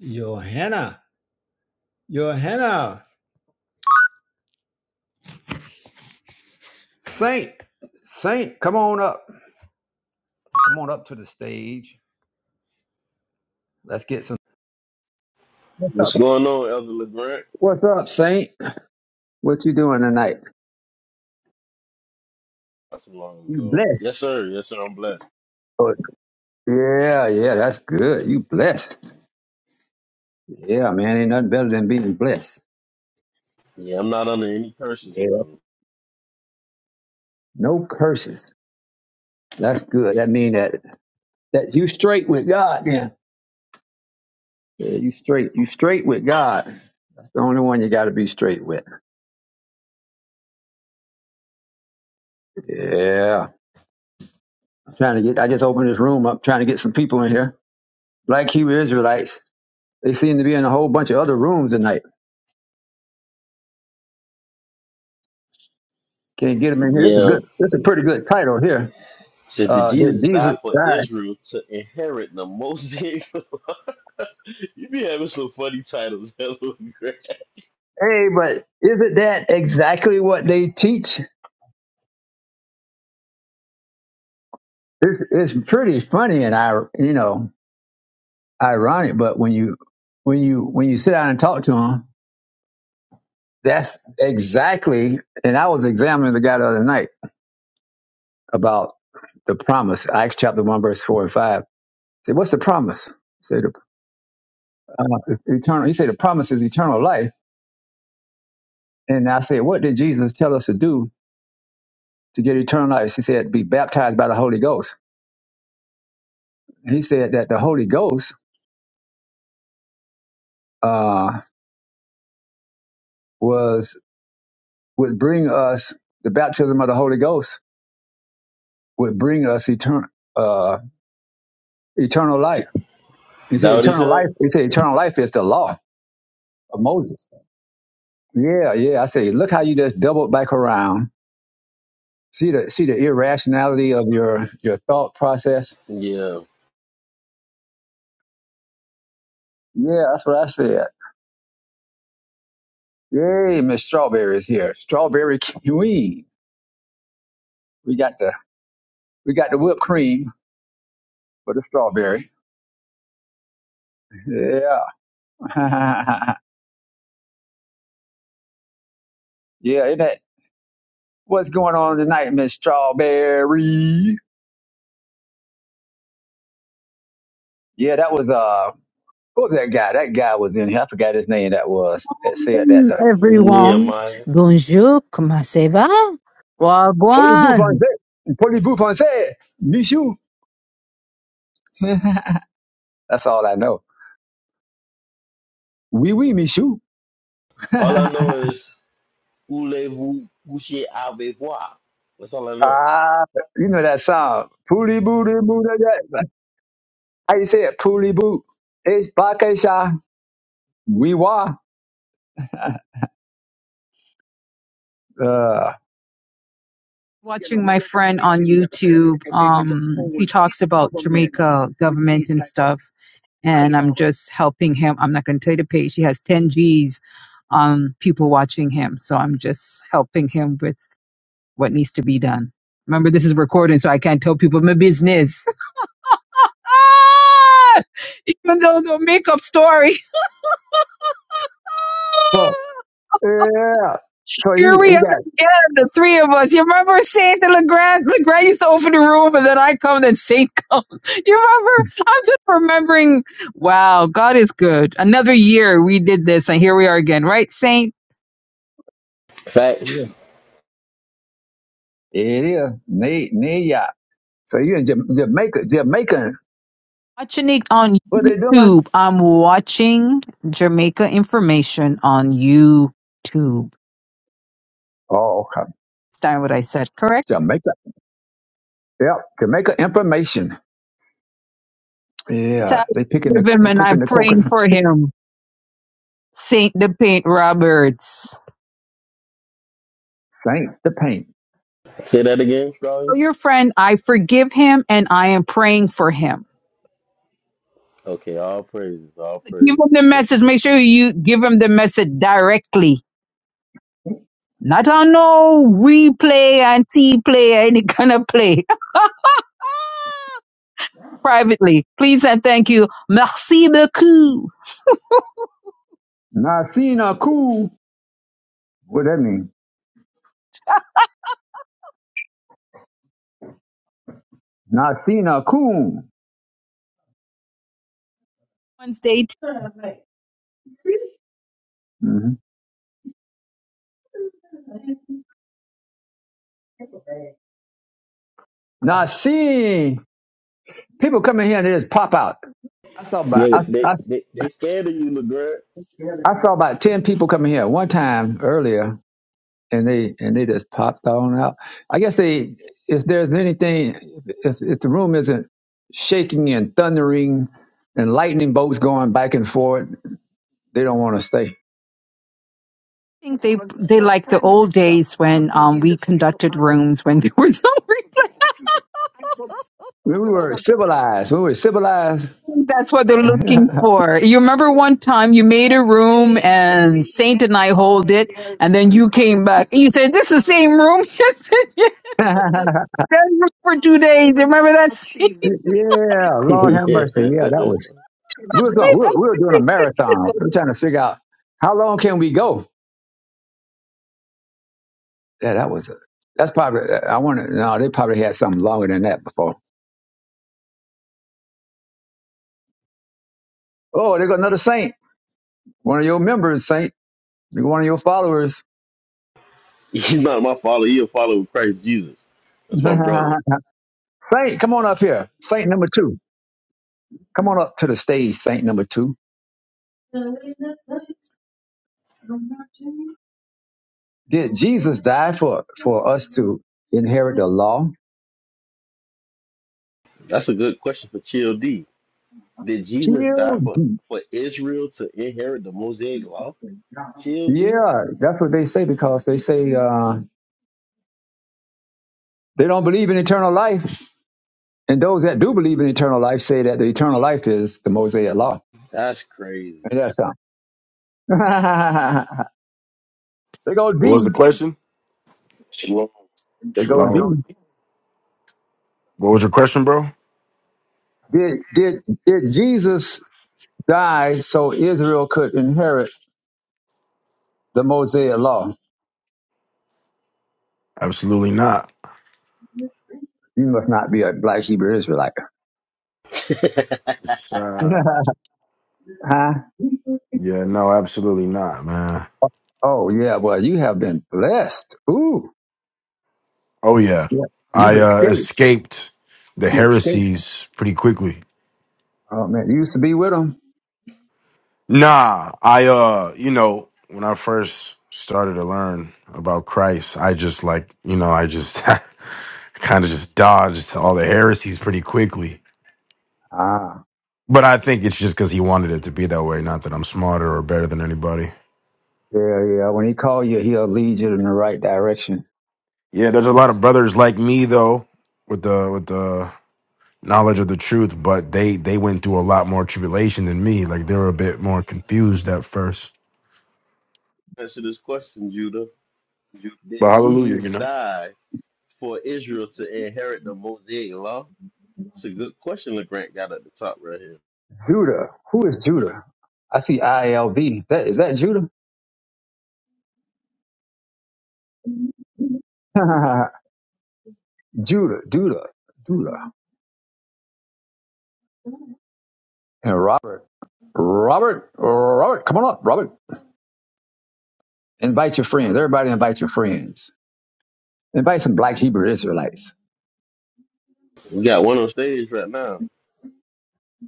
Johanna, Johanna, Saint, Saint, come on up, come on up to the stage. Let's get some. What's up? What's going on, Elder LeGrant? What's up, Saint? What you doing tonight? That's a long You ago. blessed? Yes, sir. Yes, sir. I'm blessed. Good. Yeah, yeah, that's good. You blessed? Yeah, man, ain't nothing better than being blessed. Yeah, I'm not under any curses, Yeah, brother. no curses. That's good. That mean that that you straight with God. Yeah, yeah, you straight, you straight with God. That's the only one you got to be straight with. Yeah, I'm trying to get. I just opened this room up, trying to get some people in here. Black Hebrew Israelites. They seem to be in a whole bunch of other rooms tonight. Can you get them in here? That's a Yeah. good. That's a pretty good title here. Said did Uh, that Jesus die Jesus for died. Israel to inherit the Mosaic? you be having some funny titles, Elder LeGrant. Hey, but isn't that exactly what they teach? It's, it's pretty funny and I, you know, ironic. But when you when you when you sit down and talk to them, that's exactly. And I was examining the guy the other night about the promise. Acts chapter one, verse four and five. I said, what's the promise? Say the uh, eternal. He said the promise is eternal life And I said, What did Jesus tell us to do to get eternal life? He said, Be baptized by the Holy Ghost. He said that the Holy Ghost uh, was would bring us the baptism of the Holy Ghost would bring us eternal uh, eternal life. He said That what he eternal life. said? He said eternal life is the law of Moses. Yeah, yeah. I say, look how you just doubled back around. See the see the irrationality of your your thought process. Yeah. Yeah, that's what I said. Yay, Miss Strawberry is here. Strawberry Queen. We got the We got the whipped cream for the strawberry. Yeah. yeah, isn't that what's going on tonight, Miss Strawberry? Yeah, that was uh what was that guy? That guy was in here. I forgot his name that was that said that Welcome, the everyone. Nehemiah. Bonjour, comment ça va? Polly Boo Fonse. Wagwan. Polly Boo Fonse. Michou. That's all I know. Wee wee Michou. All I know is voulez-vous coucher avec moi? That's all I know. Ah, you know that song. Pooly booty boo da da. How you say it? Pooly boo. It's bakasha. We wa. Uh, Watching my friend on YouTube, um, he talks about Jamaica government and stuff, and I'm just helping him. I'm not going to tell you the page. He has 10 G's on people watching him, so I'm just helping him with what needs to be done. Remember, this is recording, so I can't tell people my business. ah! Even though no makeup story. Yeah. So he, Here he we are got again, the three of us. You remember Saint and Legrand? Legrand used to open the room, and then I come, then Saint comes. You remember? I'm just remembering. Wow, God is good. Another year we did this, and here we are again, right, Saint? Facts. it is knee knee yacht. So you in Jam- Jamaica, Jamaican. Watching it on What they doing? YouTube. I'm watching Jamaica information on YouTube. Oh, okay. Understand what I said, correct? Jamaica. Yep, Jamaica information. So Yeah, I they picking the give him, they and I'm picking the praying coconut. for him. Saint the Paint Roberts. Paint the paint. Say that again, Scrawny. Tell your friend, I forgive him and I am praying for him. Okay, all praises, all Give praises. him the So, message. Make sure you give him the message directly. Not on no replay and T play, any kind of play. Privately. Please and thank you. Merci beaucoup. Nasina cool. What that mean? Nasina cool. Wednesday. I Mm-hmm. Nasi. People coming here and they just pop out. I saw about I, yeah, they, I, they they scared of you, LeGrant. I saw about ten people coming here one time earlier, and they and they just popped on out. I guess they if there's anything if if the room isn't shaking and thundering and lightning bolts going back and forth, they don't want to stay. think they they like the old days when um we conducted rooms when there was no We replay. were civilized. We were civilized. That's what they're looking yeah, for. You remember one time you made a room and Saint and I hold it, and then you came back and you said, "This is the same room." Yes, said, yes. That room for two days. Remember that? scene? Lord have Yeah. mercy. Yeah, that was we were going. We were, we were doing a marathon. We were trying to figure out how long can we go. Yeah, that was. That's probably. I want to. No, they probably had something longer than that before. Oh, there go another saint. One of your members, saint. You're one of your followers. He's not my follower. He a follower of Christ Jesus. That's my brother. Saint, come on up here. Saint number two. Come on up to the stage, Saint number two. Did Jesus die for, for us to inherit the law? That's a good question for Chill D. Did Jesus die Shield for, deep. for Israel to inherit the Mosaic law? Chill D? Yeah, that's what they say because they say uh, they don't believe in eternal life. And those that do believe in eternal life say that the eternal life is the Mosaic law. That's crazy. And that's something. they go What deep. was the question? Shalom. They go Shalom. deep. What was your question, bro? Did, did, did Jesus die so Israel could inherit? the Mosaic law. Absolutely not. You must not be a black Hebrew Israelite. It's, uh, huh? yeah, no, absolutely not, man. Oh yeah, well you have been blessed. Ooh, Oh yeah, yeah, you've I uh, escaped. escaped the You escaped. heresies pretty quickly. Oh man, you used to be with him. Nah, I uh, you know, when I first started to learn about Christ, I just like, you know, I just kind of just dodged all the heresies pretty quickly. Ah, But I think it's just because he wanted it to be that way, not that I'm smarter or better than anybody. yeah, yeah. When he call you, he'll lead you in the right direction. Yeah, there's a lot of brothers like me though, with the with the knowledge of the truth, but they they went through a lot more tribulation than me. Like they were a bit more confused at first. Answer this question, Judah. But Did hallelujah, Jesus you know. die for Israel to inherit the Mosaic law? It's a good question LeGrant got at the top right here. Judah, who is Judah? I see ILB. That is that Judah? Judah, Judah, Judah, and Robert, Robert, Robert. Come on up, Robert. Invite your friends. Everybody, invite your friends. Invite some black Hebrew Israelites. We got one on stage right now.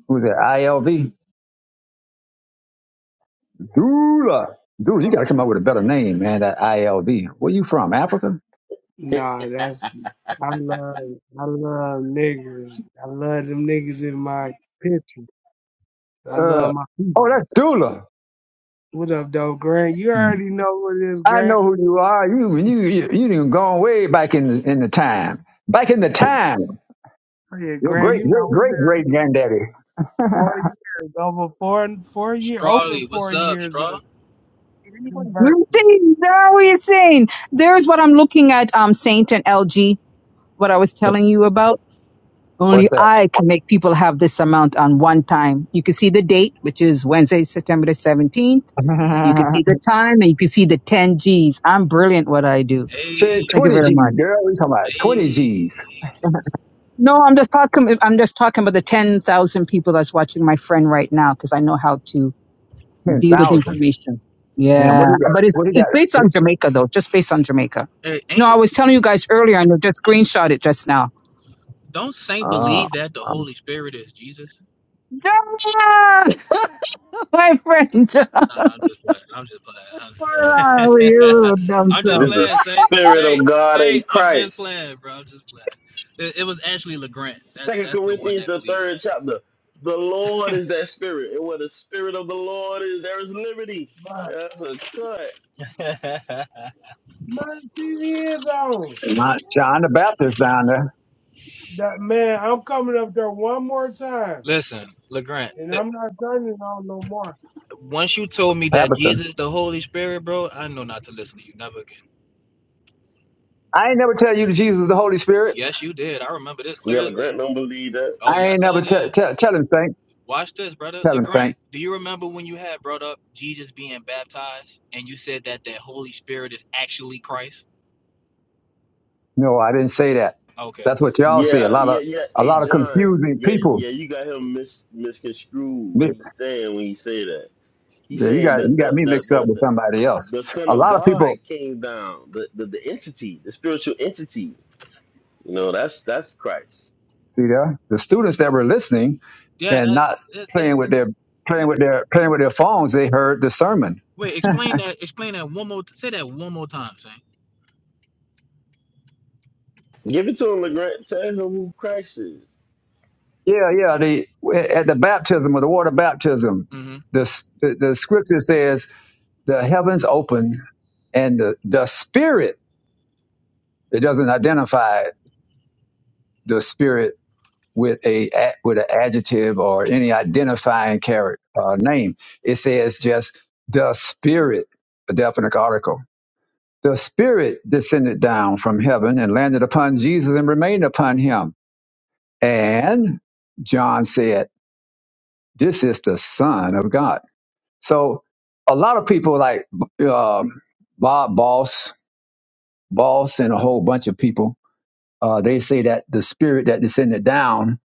Who's that? ILV? Dula. Dula, you got to come up with a better name, man. That ILV. Where you from? Africa? Nah, that's I love I love niggers. I love them niggas in my picture. I Uh, love my oh, people. that's Dula. What up, though, Grant? You already know what it is, I Grant. know who you are. You you you, you done gone way back in in the time. Back in the I'm just time. playing, Your Grant. great You know great we've great been great granddaddy. four years, over four four year, over Strawley, four what's up, years of Straw? conversing. Routine, now we're saying. There's what I'm looking at. Um, Saint and LG. What I was telling you about. What's Only that? I can make people have this amount on one time. You can see the date, which is Wednesday, September the 17th. You can see the time and you can see the 10 G's. I'm brilliant what I do. Hey, Say Thank you Twenty very G's, much. girl. We talking about twenty hey, G's, No, I'm just talking, I'm just talking about the 10,000 people that's watching my friend right now because I know how to ten deal with thousand. information. Damn, Yeah. what he got? But it's, What he it's based on got? Jamaica though, just based on Jamaica. hey, No, I ain't was telling you guys earlier and I just screenshot it just now. don't Saint Oh, believe that the um, Holy Spirit is Jesus? John! My friend John. Nah, I'm just playing. I'm just playing. Oh, I'm you just, dumb I'm just This self. is the playing. Say, Spirit say, of God say, in I'm just Christ. playing, bro. I'm just playing. It, it was actually Legrand. That Second that's the one Corinthians, that the believed third chapter. The Lord is that spirit, and where the spirit of the Lord is, there is liberty. But That's a cut. that. my TV is on. John John the Baptist down there, That man, I'm coming up there one more time, listen, Legrand. and That, I'm not turning on no more. once you told me that Tabitha. Jesus, the Holy Spirit, bro, I know not to listen to you never again. I ain't never tell you that Jesus is the Holy Spirit. Yes, you did. I remember this clear Yeah, as day. Grant don't believe that. Oh I ain't yes, I never tell did. tell tell him Saint. Watch this, brother. Tell him LeGrant, Saint. do you remember when you had brought up Jesus being baptized and you said that that Holy Spirit is actually Christ? No, I didn't say that. Okay. That's what y'all see. Yeah, A lot yeah, of yeah. a Hey, lot of John. confusing Yeah, people. yeah. You got him mis misconstrued Mi- when he's saying when he say that. He's yeah, You saying got that you got the me the mixed up the with the, somebody else. the Son A of lot of God people came down. The, the the entity, the spiritual entity. You know, that's that's Christ. see there the students that were listening Yeah, and that, not that playing with that's. their playing with their playing with their phones. They heard the sermon. Wait, explain that. Explain that one more. Say that one more time, Saint. Give it to him, Legrand. Tell him who Christ is. Yeah, yeah. The at the baptism or the water baptism, hmm the s- the, the scripture says the heavens open and the the spirit. It doesn't identify the spirit with a with an adjective or any identifying character uh, name. It says just the Spirit, a definite article. The Spirit descended down from heaven and landed upon Jesus and remained upon him. And John said, "This is the Son of God." So a lot of people like uh, Bob Boss, Boss, and a whole bunch of people. Uh, they say that the spirit that descended down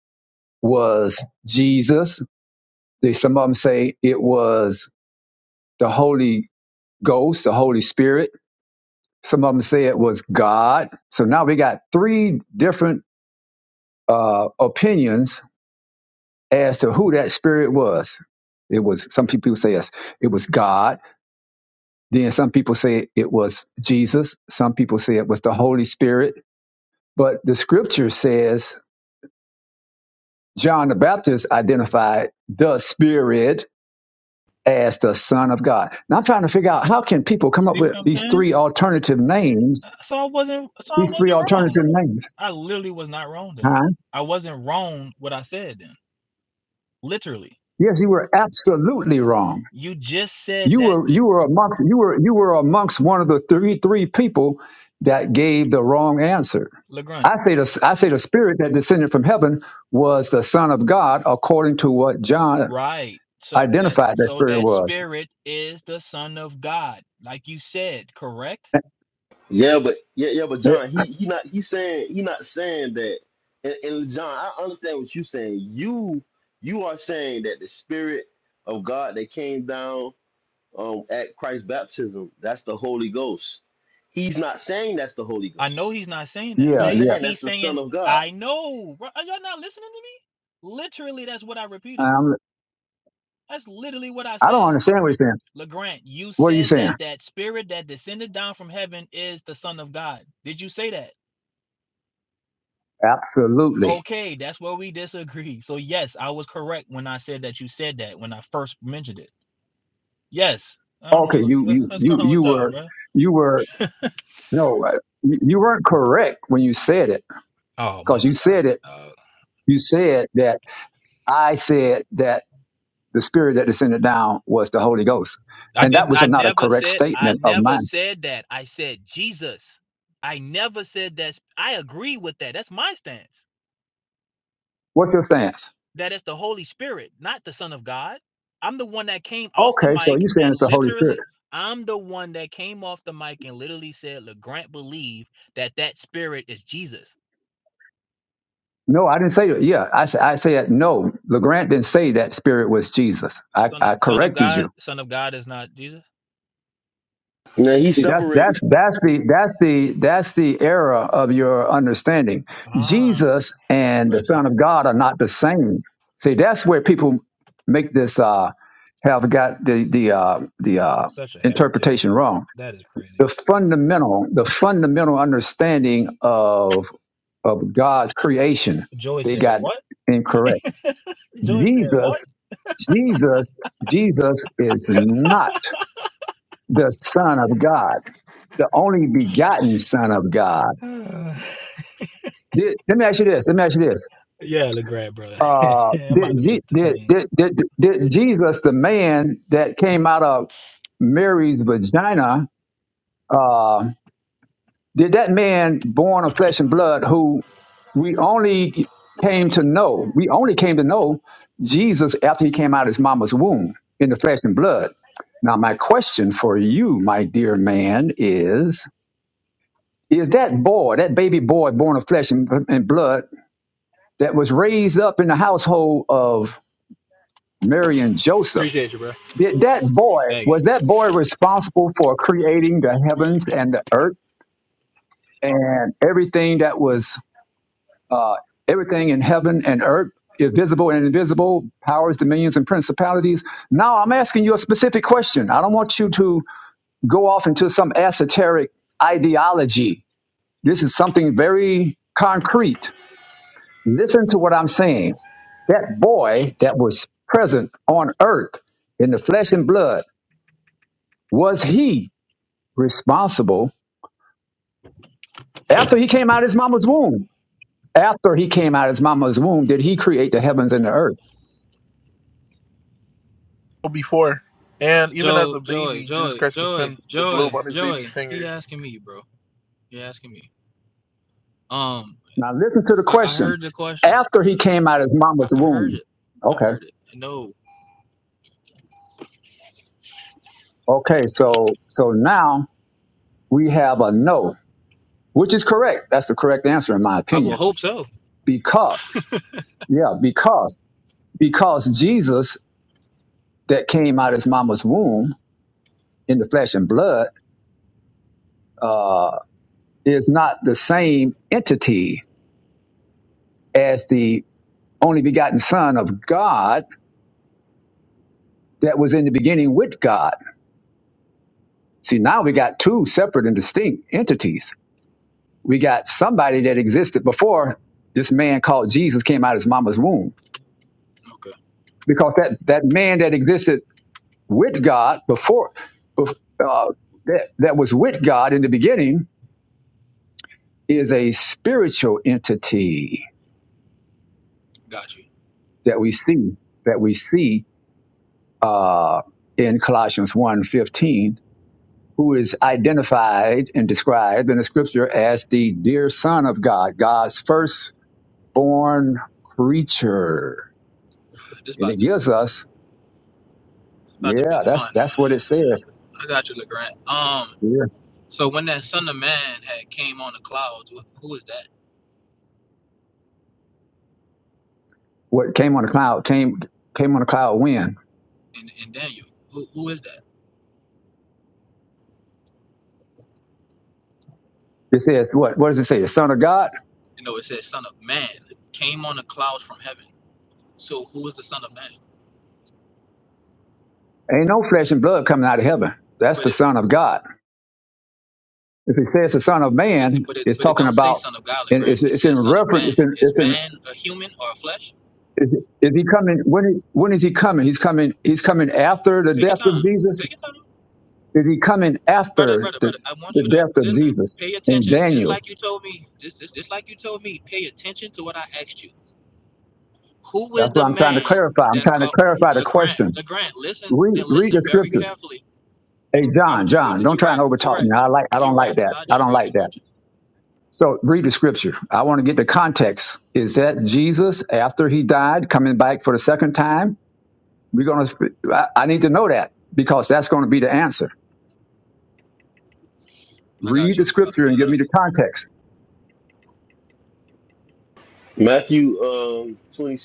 was Jesus, They, some of them say it was the Holy Ghost, the Holy Spirit. Some of them say it was God. So now we got three different uh, opinions as to who that spirit was. It was some people say it was God. Then some people say it was Jesus. Some people say it was the Holy Spirit. But the Scripture says John the Baptist identified the Spirit as the Son of God. Now I'm trying to figure out how can people come up See what with I'm these saying? three alternative names, So I wasn't. So I these three wasn't wrong. alternative names. I literally was not wrong then. Huh? I wasn't wrong what I said then. Literally, Yes, you were absolutely wrong. you just said You that, were you were amongst you were you were amongst one of the three three people that gave the wrong answer. Legrand. I say the I say the spirit that descended from heaven was the Son of God, according to what John Right. So that identified that so spirit that was. spirit is the son of God, like you said, correct? Yeah, but yeah, yeah, but It- John, he he not he saying he not saying that. And, and John, I understand what you're saying. You you are saying that the Spirit of God that came down um, at Christ's baptism, that's the Holy Ghost. He's not saying that's the Holy I know Ghost. he's not saying that. yeah, He's Saying yeah. saying that's he's the saying, Son of God. I know. Bro, are y'all not listening to me? Literally, that's what I repeated. Um, That's literally what I I said. don't understand what you're saying. LeGrant, you What are you said saying? that that spirit that descended down from heaven is the son of God. Did you say that? Absolutely. Okay, that's where we disagree. So yes, I was correct when I said that you said that when I first mentioned it. Yes. I don't Okay, know. you What's you what's you going on with you y'all, were bro? you were no, uh, you you weren't correct when you said it Oh my. because you said it. Uh, You said that I said that the spirit that descended down was the Holy Ghost, I and that didn't. was I not a never correct said. I statement of never mine. said that. I said Jesus. I never said that. I agree with that. That's my stance. What's your stance? That it's the Holy Spirit, not the Son of God. I'm the one that came off the Okay, so mic you're saying and it's the Holy Spirit. literally. I'm the one that came off the mic and literally said, "Legrand believe that that Spirit is Jesus, No, I didn't say that. Yeah, I, sa- I said no. LeGrant didn't say that spirit was Jesus. I, Son of I Son of corrected you. God. Son of God is not Jesus." Now he See, that's separated that's that's the that's the that's the error of your understanding. Ah, Jesus and the Preston, Son of God are not the same. See, that's where people make this uh, have got the the uh, the uh, such a heretic. interpretation wrong. That is The crazy. fundamental the fundamental understanding of of God's creation Joy they said, got "What?" incorrect. Joy said, Jesus Jesus Jesus is not the Son of God the only begotten Son of God. "What?" Did, let me ask you this. Let me ask you this. Yeah, LeGrand, bro. Uh, I'm did, about to do Je- the did, thing. did, did, did Jesus, the man that came out of Mary's vagina, uh, did that man born of flesh and blood who we only came to know, we only came to know Jesus after he came out of his mama's womb in the flesh and blood. Now, my question for you, my dear man, is is that boy, that baby boy born of flesh and, and blood, that was raised up in the household of Mary and Joseph. Appreciate you, bro. Did that boy, Thank you. was that boy responsible for creating the heavens and the earth and everything that was, uh, everything in heaven and earth, visible and invisible, powers, dominions, and principalities? Now I'm asking you a specific question. I don't want you to go off into some esoteric ideology. This is something very concrete. Listen to what I'm saying that boy that was present on earth in the flesh and blood, was he responsible after he came out of his mama's womb? After he came out of his mama's womb, did he create the heavens and the earth? before. And even as Joe, a Joy, baby, Jesus Joy, Christ could Joy, spin the globe Joy, on his baby Joy. He fingers. asking me, bro. He asking me. Um, Now listen to the I, I question. heard the question. After he came out of his I, mama's I heard womb. it. I Okay. heard it. No, Okay. So, so now we have a no, which is correct. That's the correct answer in my I will opinion. hope so. Because, yeah, because, because Jesus that came out of his mama's womb in the flesh and blood uh, is not the same entity as the only begotten Son of God that was in the beginning with God. See, now we got two separate and distinct entities. We got somebody that existed before this man called Jesus came out of his mama's womb, Okay, because that, that man that existed with God before, bef- uh, that, that was with God in the beginning is a spiritual entity got you. that we see, that we see uh, in Colossians one fifteen, who is identified and described in the scripture as the dear son of God, God's firstborn creature. This And it about to gives us, about to be yeah, that's fun. that's what it says. I got you, LeGrand. Um, Yeah. so when that son of man had came on the clouds, wh- who is that? What came on the cloud came came on the cloud when? In in Daniel, who who is that? It says what? What does it say? The son of God? You know, it says son of man came on the clouds from heaven. So who is the son of man? Ain't no flesh and blood coming out of heaven. That's But the it, son of God. If it says the son of it man, but it it's but it talking don't say about son of God, like, and Grant. it's, It it's in says son of reference. man. it's in Is it's in man a human or a flesh? Is, is he coming? When, is- when is he coming? He's coming. He's coming after the Take your death of time. Jesus. Take your time. Is he coming Brother, after brother, the, brother, I want the you to death of listen. Jesus Pay in attention. Just Daniel? like you told me, just, just, just like you told me, pay attention to what I asked you. Who is That's what the I'm trying to man clarify. I'm that's trying to called clarify the LeGrand? question. LeGrand, listen, Read, then read listen the very scripture. carefully. Hey, I would John, just read John, it. don't You're try and right. You're overtalk right. me. I like. I don't You're right. like that. I'll I just don't read the like that. scripture. So read the scripture. I want to get the context. Is that Jesus after he died coming back for the second time? We're gonna. I I need to know that because that's going to be the answer. I got Read you. the I'm about to scripture and pull it give up. me the context. Matthew um, 26,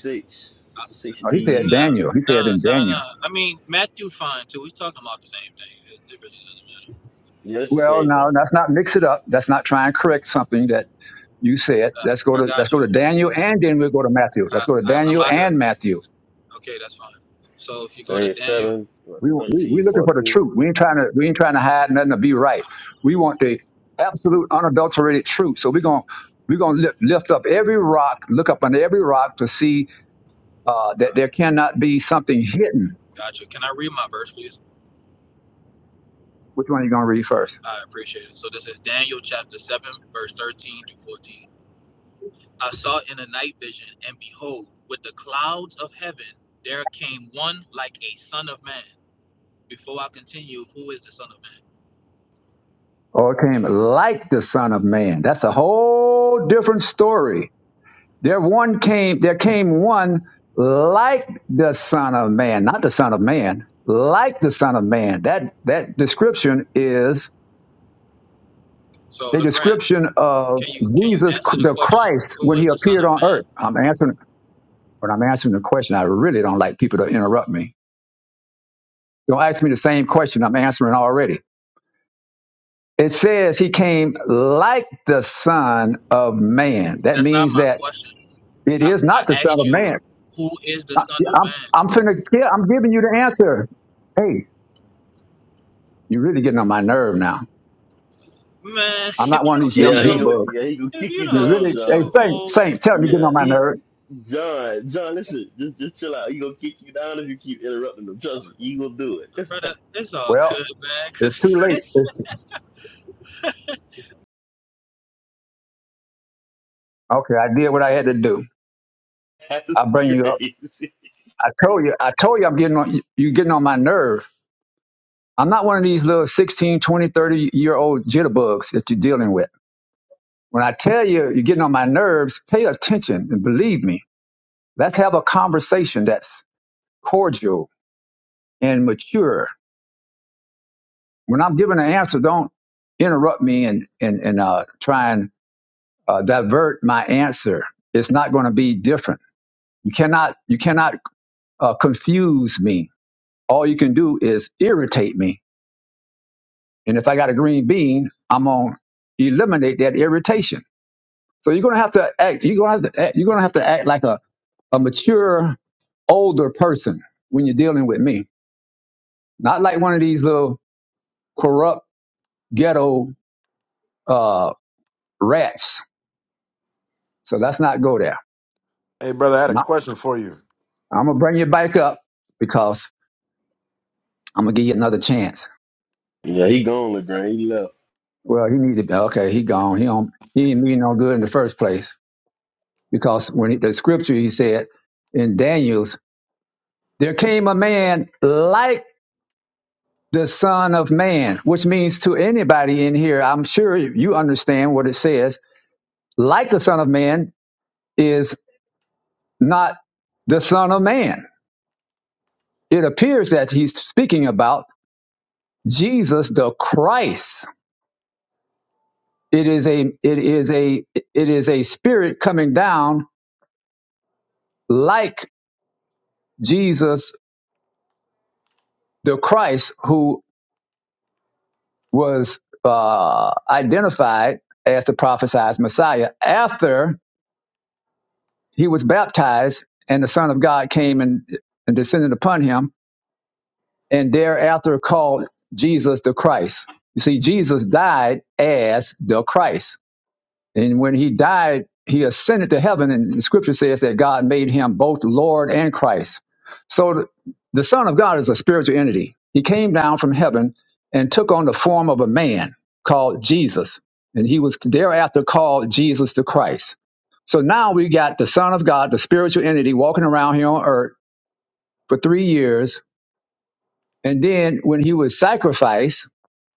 No, No, he said sixty. no, Daniel. He said in no, Daniel. no. I mean, Matthew fine too. We're talking about the same thing. It, it really doesn't matter. Yeah, it's the Well, same no, thing. let's not mix it up. Let's not try and correct something that you said. Uh, Let's go I to let's got go you. to Daniel, and then we'll go to Matthew. Let's I, go to I, I'm Daniel about to. and Matthew. Okay, that's fine. So if you go to Same Daniel, seven, what, We we 13, we looking for the fourteen. truth. We ain't trying to we ain't trying to hide nothing to be right. We want the absolute unadulterated truth. So we're gonna we're gonna lift, lift up every rock, look up under every rock to see uh, that there cannot be something hidden. gotcha. Can I read my verse, please? Which one are you gonna read first? I appreciate it. So this is Daniel chapter 7, verse 13 to 14. I saw in a night vision, and behold, with the clouds of heaven, there came one like a son of man. Before I continue, who is the son of man? Or came like the Son of Man. That's a whole different story There one came, there came one like the Son of Man, not the Son of Man, like the Son of Man. That that description is So, a LeGrand, description of can you can you Jesus answer the the question? Christ Who when is he the son appeared of on man? earth. I'm answering when I'm answering the question, I really don't like people to interrupt me. Don't ask me the same question I'm answering already. It says he came like the Son of Man. That That's not means my that question. it I, is I not the Son asked of you, Man. who is the I- Son of I'm Man? I'm finna kill. I'm giving you the answer. Hey, you're really getting on my nerve now. Man, I'm if not you one of don't these young sit Yeah, he beauty your go, bugs. yeah, he gonna if kick you you You don't down, really, sit John. your hey Saint, old Saint, tell me you're Yeah, getting on my he, nerve. John, John, listen, just just chill out. He gonna kick you down if you keep interrupting him. Trust me, he gonna do it. brother, it's all Well, good, man. it's too Cause late. It's, okay, I did what I had to do. That's I bring you up. crazy. I told you. I told you I'm getting on. You're getting on my nerve. I'm not one of these little 16, 20, 30 year old jitterbugs that you're dealing with. When I tell you you're getting on my nerves, pay attention and believe me. Let's have a conversation that's cordial and mature when I'm giving an answer, don't interrupt me and and and uh, try and uh, divert my answer. It's not going to be different. You cannot you cannot uh, confuse me. All you can do is irritate me. And if I got a green bean, I'm going to eliminate that irritation. So you're going to have to act. You're going to have to act, you're going to have to act like a, a mature older person when you're dealing with me. Not like one of these little corrupt ghetto uh, rats. So let's not go there. Hey, brother, I had a question for you. I'm gonna bring you back up because I'm gonna give you another chance. Yeah, he gone, Legrand. He left. Well, he needed okay. He gone. He don't. He didn't mean no good in the first place because when he, the scripture he said in Daniel's, there came a man like the Son of Man, which means to anybody in here, I'm sure you understand what it says. Like the Son of Man is not the Son of Man. It appears that he's speaking about Jesus the Christ It is a it is a it is a spirit coming down like Jesus the Christ who was uh, identified as the prophesied Messiah after he was baptized and the Son of God came and, and descended upon him and thereafter called Jesus the Christ. You see, Jesus died as the Christ. And when he died, he ascended to heaven, and the scripture says that God made him both Lord and Christ. So the Son of God is a spiritual entity. He came down from heaven and took on the form of a man called Jesus. And he was thereafter called Jesus the Christ. So now we got the Son of God, the spiritual entity, walking around here on earth for three years. And then when he was sacrificed,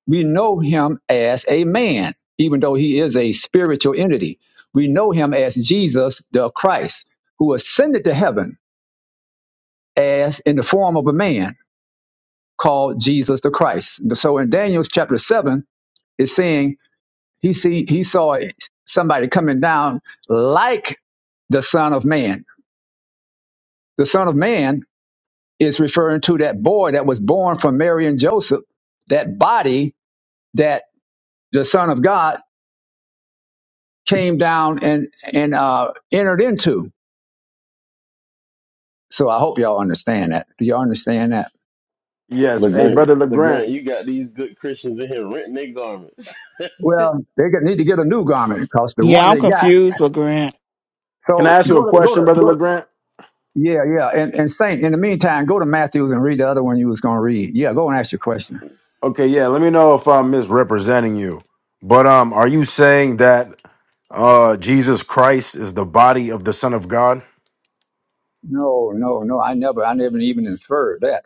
we know him as a man, even though he is a spiritual entity. We know him as Jesus the Christ, who ascended to heaven as in the form of a man called Jesus the Christ. So in Daniel's chapter 7, it's saying he see he saw somebody coming down like the Son of Man. The Son of Man is referring to that boy that was born from Mary and Joseph, that body that the Son of God came down and and uh, entered into. So I hope y'all understand that. Do y'all understand that? Yes. Hey, Legrand, brother Legrand, Legrand, you got these good Christians in here renting their garments. Well, they could need to get a new garment because the one Yeah, I'm they got. confused, LeGrant. can I So ask you a go to go question, to brother go. Legrand? Yeah, yeah. And and Saint, in the meantime, go to Matthews and read the other one you was gonna read. Yeah, go and ask your question. Okay, yeah. Let me know if I'm misrepresenting you. But um, are you saying that uh Jesus Christ is the body of the Son of God? No, no, no. I never, I never even inferred that.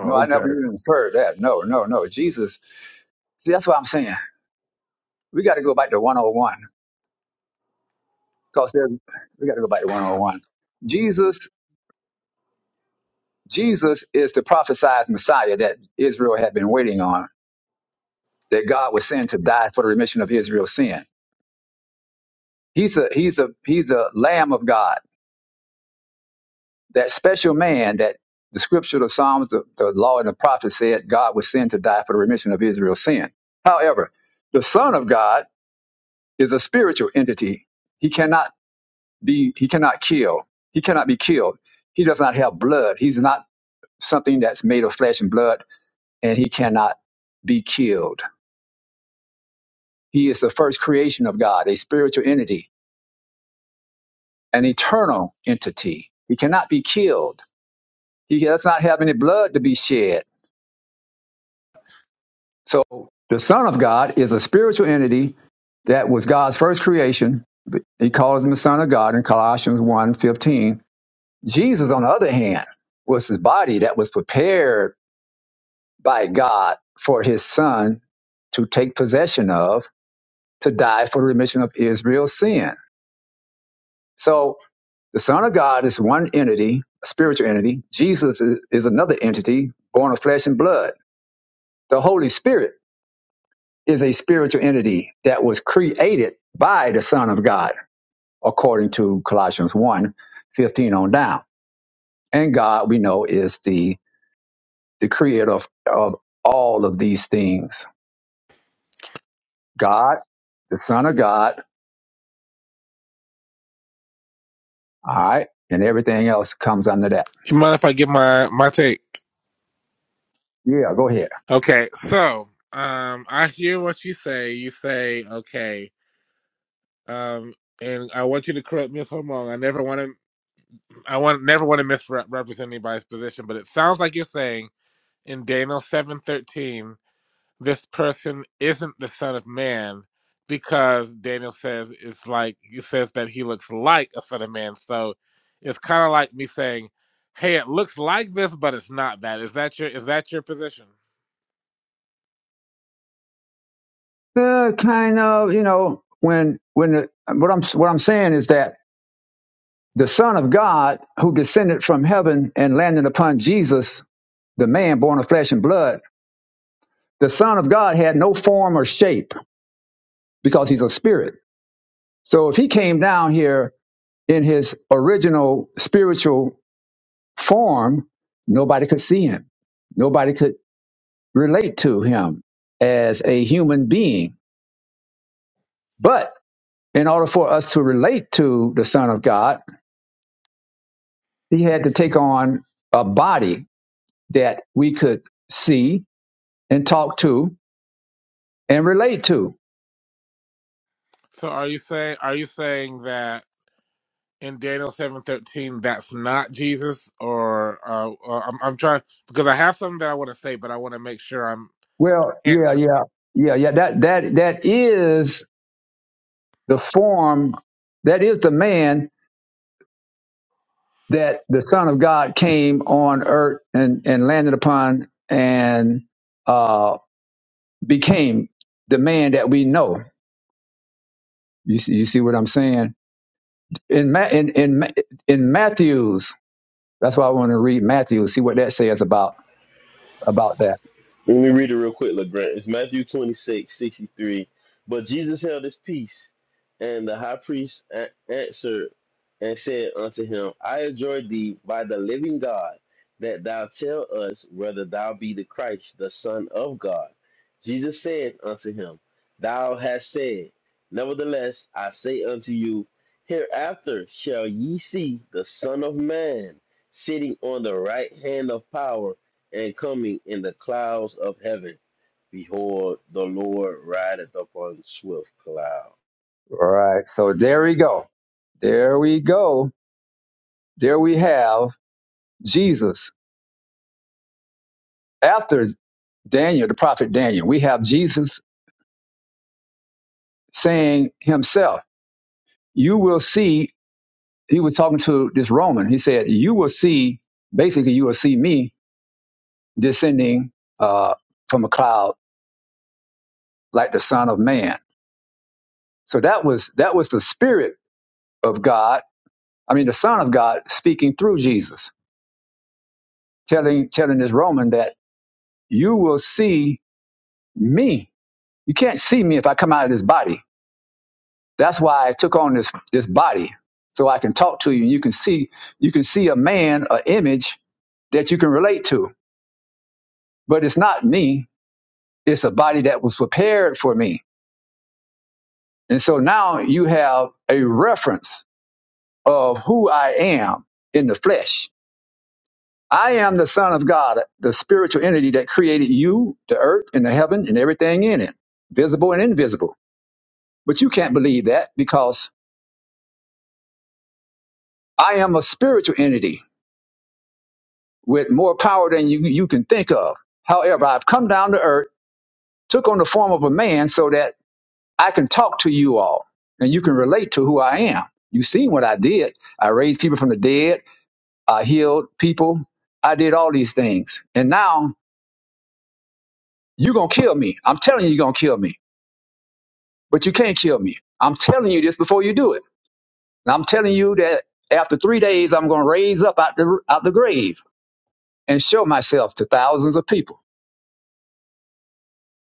No, I okay. never even inferred that. No, no, no. Jesus. See, that's what I'm saying. We got to go back to 101 because there's. we got to go back to 101. Jesus Jesus is the prophesied Messiah that Israel had been waiting on, that God would send to die for the remission of Israel's sin. He's a he's a he's a Lamb of God, that special man that the Scripture, the Psalms, the, the Law, and the Prophets said God would send to die for the remission of Israel's sin. However, the Son of God is a spiritual entity. He cannot be he cannot kill. He cannot be killed. He does not have blood. He's not something that's made of flesh and blood, and he cannot be killed He is the first creation of God, a spiritual entity, an eternal entity. He cannot be killed. He does not have any blood to be shed. So the Son of God is a spiritual entity that was God's first creation. He calls him the Son of God in Colossians one fifteen. Jesus, on the other hand, was his body that was prepared by God for his Son to take possession of to die for the remission of Israel's sin. So The Son of God is one entity, a spiritual entity. Jesus is another entity born of flesh and blood. The Holy Spirit is a spiritual entity that was created by the Son of God, according to Colossians one, 15 on down. And God, we know, is the, the creator of, of all of these things God, the Son of God, all right, and everything else comes under that. You mind if I give my my take? Yeah, go ahead. Okay, so um, I hear what you say. You say okay, um, and I want you to correct me if I'm wrong. I never want to. I want never want to misrepresent anybody's position, but it sounds like you're saying in Daniel seven thirteen, this person isn't the son of man because Daniel says it's like he says that he looks like a son of man. So it's kind of like me saying, "Hey, it looks like this, but it's not that." Is that your is that your position? Uh, kind of, you know, when when the, what I'm what I'm saying is that The Son of God, who descended from heaven and landed upon Jesus, the man born of flesh and blood, the Son of God had no form or shape because he's a spirit. So if he came down here in his original spiritual form, nobody could see him. Nobody could relate to him as a human being. But in order for us to relate to the Son of God, he had to take on a body that we could see and talk to and relate to. So are you saying are you saying that in Daniel seven thirteen that's not Jesus or uh, uh, I'm I'm trying because I have something that I want to say but I want to make sure I'm Well, yeah, answering. yeah, yeah, yeah. That that that is the form. That is the man that the Son of God came on earth and and landed upon and uh, became the man that we know. You see, you see what I'm saying? In Ma- in in Ma- in Matthew's. That's why I want to read Matthew. See what that says about about that. Let me read it real quick, LeGrand. It's Matthew 26, 63. But Jesus held his peace, and the high priest a- answered and said unto him, I adjure thee by the living God, that thou tell us whether thou be the Christ, the Son of God. Jesus said unto him, Thou hast said, Nevertheless, I say unto you, Hereafter shall ye see the Son of Man sitting on the right hand of power and coming in the clouds of heaven. Behold, the Lord rideth upon swift cloud. All right. So there we go. There we go. There we have Jesus. After Daniel, the prophet Daniel. We have Jesus saying himself, You will see, he was talking to this Roman. He said, You will see, basically, you will see me descending uh, from a cloud like the Son of Man. So that was that was the Spirit of God, I mean the Son of God speaking through Jesus, telling telling this Roman that you will see me. You can't see me if I come out of this body That's why I took on this this body so I can talk to you. You can see you can see a man, an image that you can relate to. But it's not me. It's a body that was prepared for me. And so now you have a reference of who I am in the flesh. I am the son of God, the spiritual entity that created you, the earth and the heaven and everything in it, visible and invisible. But you can't believe that because I am a spiritual entity with more power than you, you can think of. However, I've come down to earth, took on the form of a man so that I can talk to you all and you can relate to who I am. you seen what I did. I raised people from the dead. I healed people. I did all these things. And now you're going to kill me. I'm telling you, you're going to kill me, but you can't kill me. I'm telling you this before you do it. And I'm telling you that after three days, I'm going to raise up out the, out the grave and show myself to thousands of people.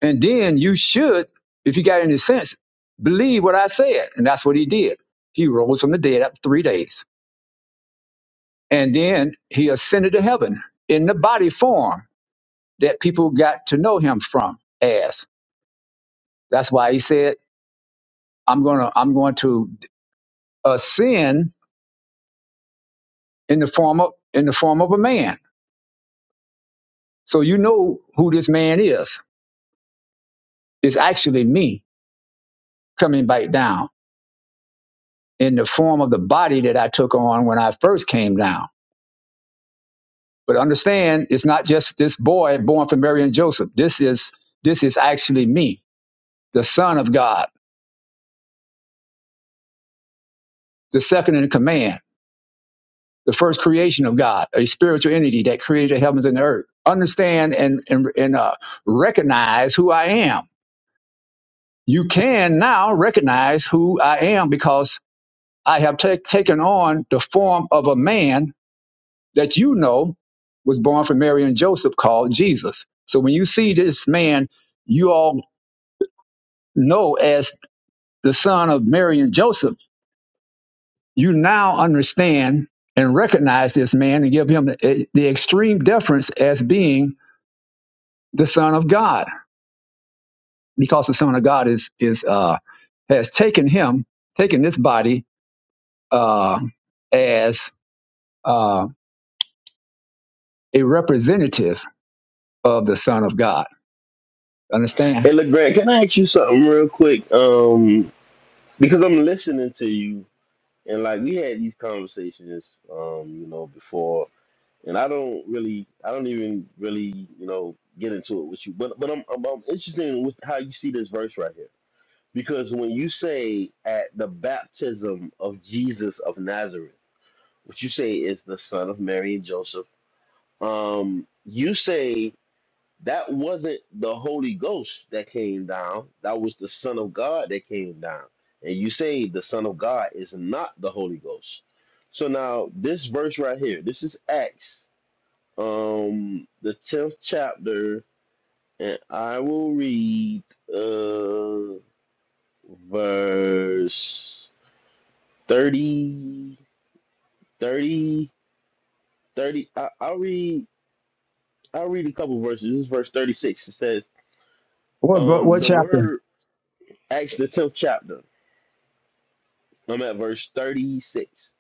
And then you should, if you got any sense, believe what I said. And that's what he did. He rose from the dead after three days. And then he ascended to heaven in the body form that people got to know him from as. That's why he said, I'm gonna I'm going to ascend in the form of in the form of a man. So you know who this man is. It's actually me coming back down in the form of the body that I took on when I first came down But understand, it's not just this boy born from Mary and Joseph. This is this is actually me, the Son of God, the second in command, the first creation of God, a spiritual entity that created the heavens and the earth. Understand and and, and uh, recognize who I am. You can now recognize who I am because I have ta- taken on the form of a man that you know was born from Mary and Joseph, called Jesus. So when you see this man, you all know as the son of Mary and Joseph, you now understand and recognize this man and give him the, eh, the extreme deference as being the son of God, because the son of God is is uh, has taken him, taken this body uh, as uh, a representative of the son of God. Understand? Hey, LeGrand, can I ask you something real quick? Um, because I'm listening to you, and like we had these conversations, um, you know, before, and I don't really, I don't even really, you know, get into it with you. But but I'm I'm, I'm interested in with how you see this verse right here, because when you say at the baptism of Jesus of Nazareth, what you say is the son of Mary and Joseph um, you say that wasn't the Holy Ghost that came down, that was the Son of God that came down. And you say the Son of God is not the Holy Ghost. So now, this verse right here, this is Acts, um, the 10th chapter, and I will read uh, verse thirty, thirty, thirty. I, I'll read. I'll read a couple verses. This is verse 36. It says, What what, Um, what the chapter? word Acts the tenth chapter. I'm at verse thirty six.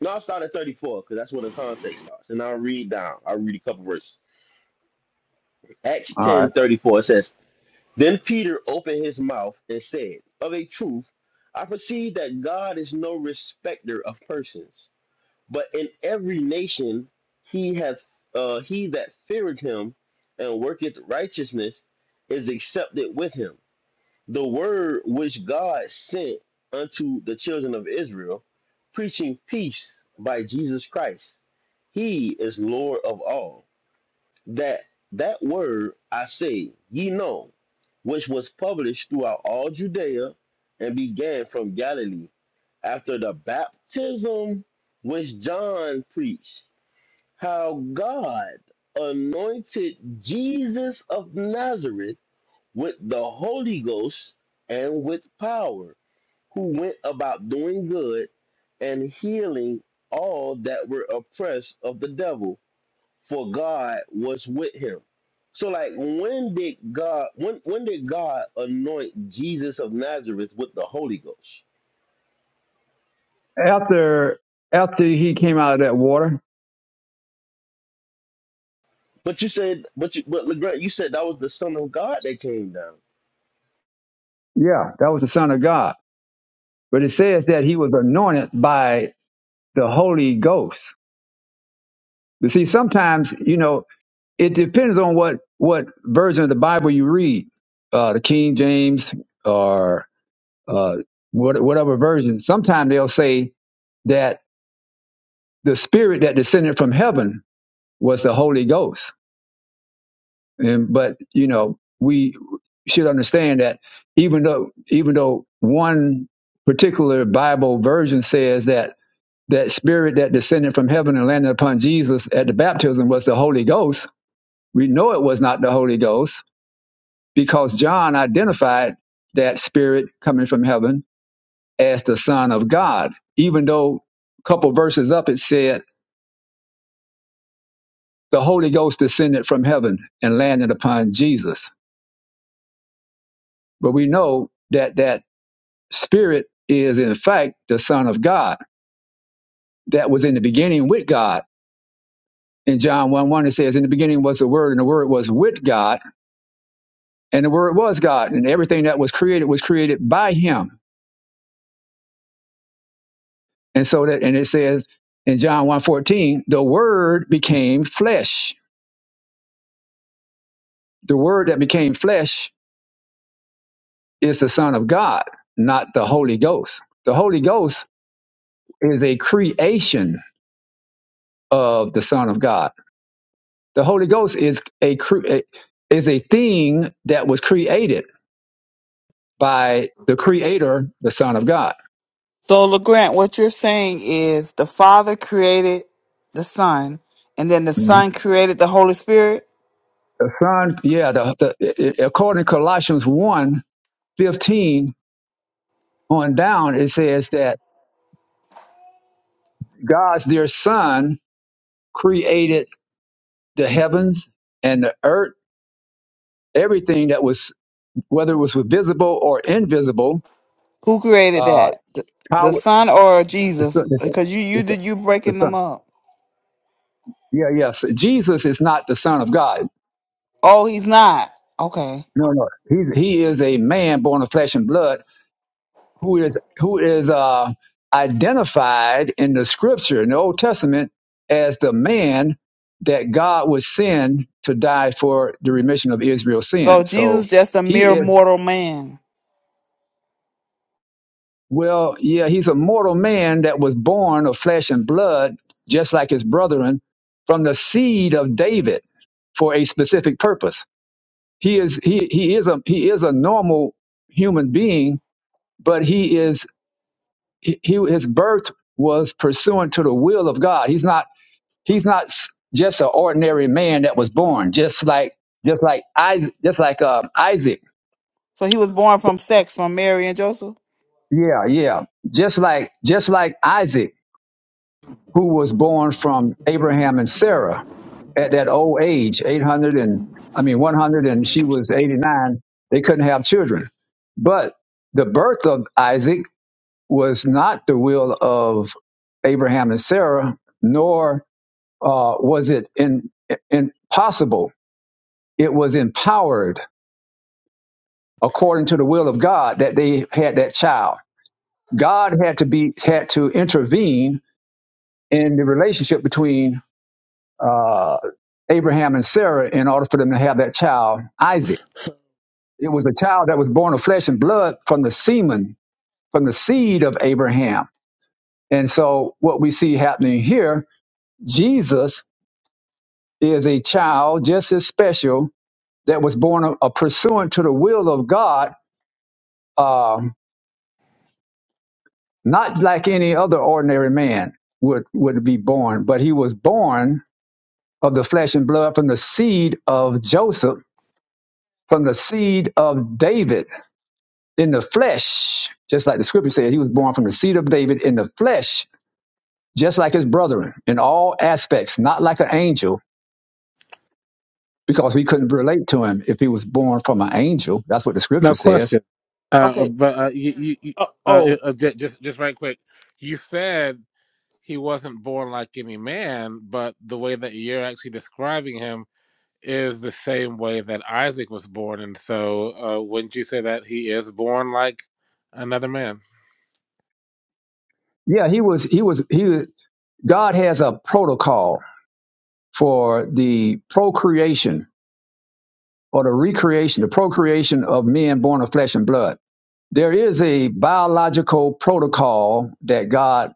No, I'll start at 34 because that's where the context starts. And I'll read down. I'll read a couple verses. Acts All ten right. 34 it says, Then Peter opened his mouth and said, Of a truth, I perceive that God is no respecter of persons, but in every nation he hath uh, he that feareth him and worketh righteousness is accepted with him. the word which God sent unto the children of Israel, preaching peace by Jesus Christ. He is Lord of all. That that word I say, ye know, which was published throughout all Judea and began from Galilee after the baptism which John preached, how God anointed Jesus of Nazareth with the Holy Ghost and with power, who went about doing good and healing all that were oppressed of the devil, for God was with him. So, like, when did God when when did God anoint Jesus of Nazareth with the Holy Ghost? After after he came out of that water, But you said, but you, but Legrand, you said that was the Son of God that came down. Yeah, that was the Son of God. But it says that he was anointed by the Holy Ghost. You see, sometimes, you know, it depends on what, what version of the Bible you read, uh, the King James or uh, what, whatever version. Sometimes they'll say that the spirit that descended from heaven was the Holy Ghost. And, but, you know, we should understand that even though, even though one particular Bible version says that that spirit that descended from heaven and landed upon Jesus at the baptism was the Holy Ghost. We know it was not the Holy Ghost because John identified that spirit coming from heaven as the Son of God, even though a couple verses up it said the Holy Ghost descended from heaven and landed upon Jesus. But we know that that spirit is in fact the Son of God that was in the beginning with God. In John 1 1, it says, In the beginning was the Word, and the Word was with God and the word was God, and everything that was created was created by him. And so that and it says in John one fourteen, the word became flesh. The word that became flesh is the Son of God, not the Holy Ghost. The Holy Ghost is a creation of the Son of God. The Holy Ghost is a cre- a- is a thing that was created by the creator, the Son of God. So, LeGrant, what you're saying is the Father created the Son, and then the Mhm. Son created the Holy Spirit. The Son, yeah, the, the, according to Colossians one fifteen. on down, it says that God's dear Son created the heavens and the earth, everything that was, whether it was visible or invisible, Who created uh, that? The, power, the Son or the Jesus? Son, the Son, Because you the you Son. did you the breaking Son. them up. Yeah, yes. Jesus is not the Son of God. Oh, he's not. Okay. No, no. He's, he is a man born of flesh and blood who is who is uh, identified in the scripture in the Old Testament as the man that God would send to die for the remission of Israel's sin. So So Jesus just a he mere is mortal man. well, yeah, he's a mortal man that was born of flesh and blood, just like his brethren, from the seed of David for a specific purpose. He is he he is a he is a normal human being, but he is he, he- his birth was pursuant to the will of God. He's not he's not just an ordinary man that was born, just like just like I just like uh, Isaac. So he was born from sex from Mary and Joseph. Yeah, yeah. Just like just like Isaac, who was born from Abraham and Sarah at that old age, eight hundred and I mean one hundred, and she was eighty nine. They couldn't have children, but the birth of Isaac was not the will of Abraham and Sarah, nor uh, was it in, impossible. It was empowered according to the will of God that they had that child. God had to be had to intervene in the relationship between uh, Abraham and Sarah in order for them to have that child, Isaac. So, It was a child that was born of flesh and blood from the semen, from the seed of Abraham. And so, what we see happening here, Jesus is a child just as special that was born a, a pursuant to the will of God, um, not like any other ordinary man would would be born, but he was born of the flesh and blood from the seed of Joseph, from the seed of David in the flesh, just like the scripture said, he was born from the seed of David in the flesh, just like his brethren in all aspects, not like an angel, because we couldn't relate to him if he was born from an angel. That's what the scripture now says. question, uh, Okay. but uh, you, you, you Uh, uh, oh. it- uh, ju- just just right quick, you said he wasn't born like any man, but the way that you're actually describing him is the same way that Isaac was born, and so uh, wouldn't you say that he is born like another man? Yeah, he was he was he was, God has a protocol for the procreation or the recreation, the procreation of men born of flesh and blood. There is a biological protocol that God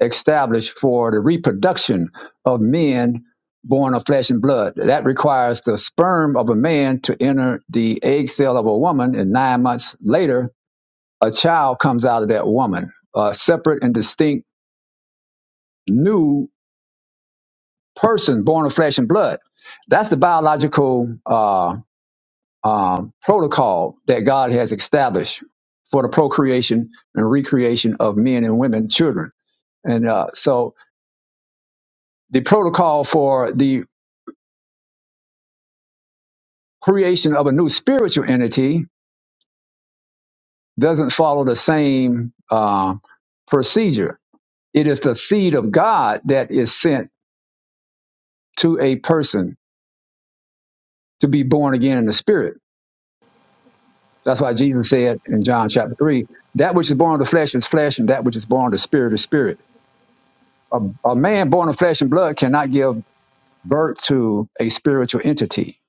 established for the reproduction of men born of flesh and blood. That requires the sperm of a man to enter the egg cell of a woman, and nine months later, a child comes out of that woman, a separate and distinct new person born of flesh and blood. That's the biological uh, um, protocol that God has established for the procreation and recreation of men and women, children. And uh, so the protocol for the creation of a new spiritual entity doesn't follow the same uh, procedure. It is the seed of God that is sent to a person to be born again in the spirit. That's why Jesus said in John chapter 3 that which is born of the flesh is flesh, and that which is born of the spirit is spirit. A, a man born of flesh and blood cannot give birth to a spiritual entity.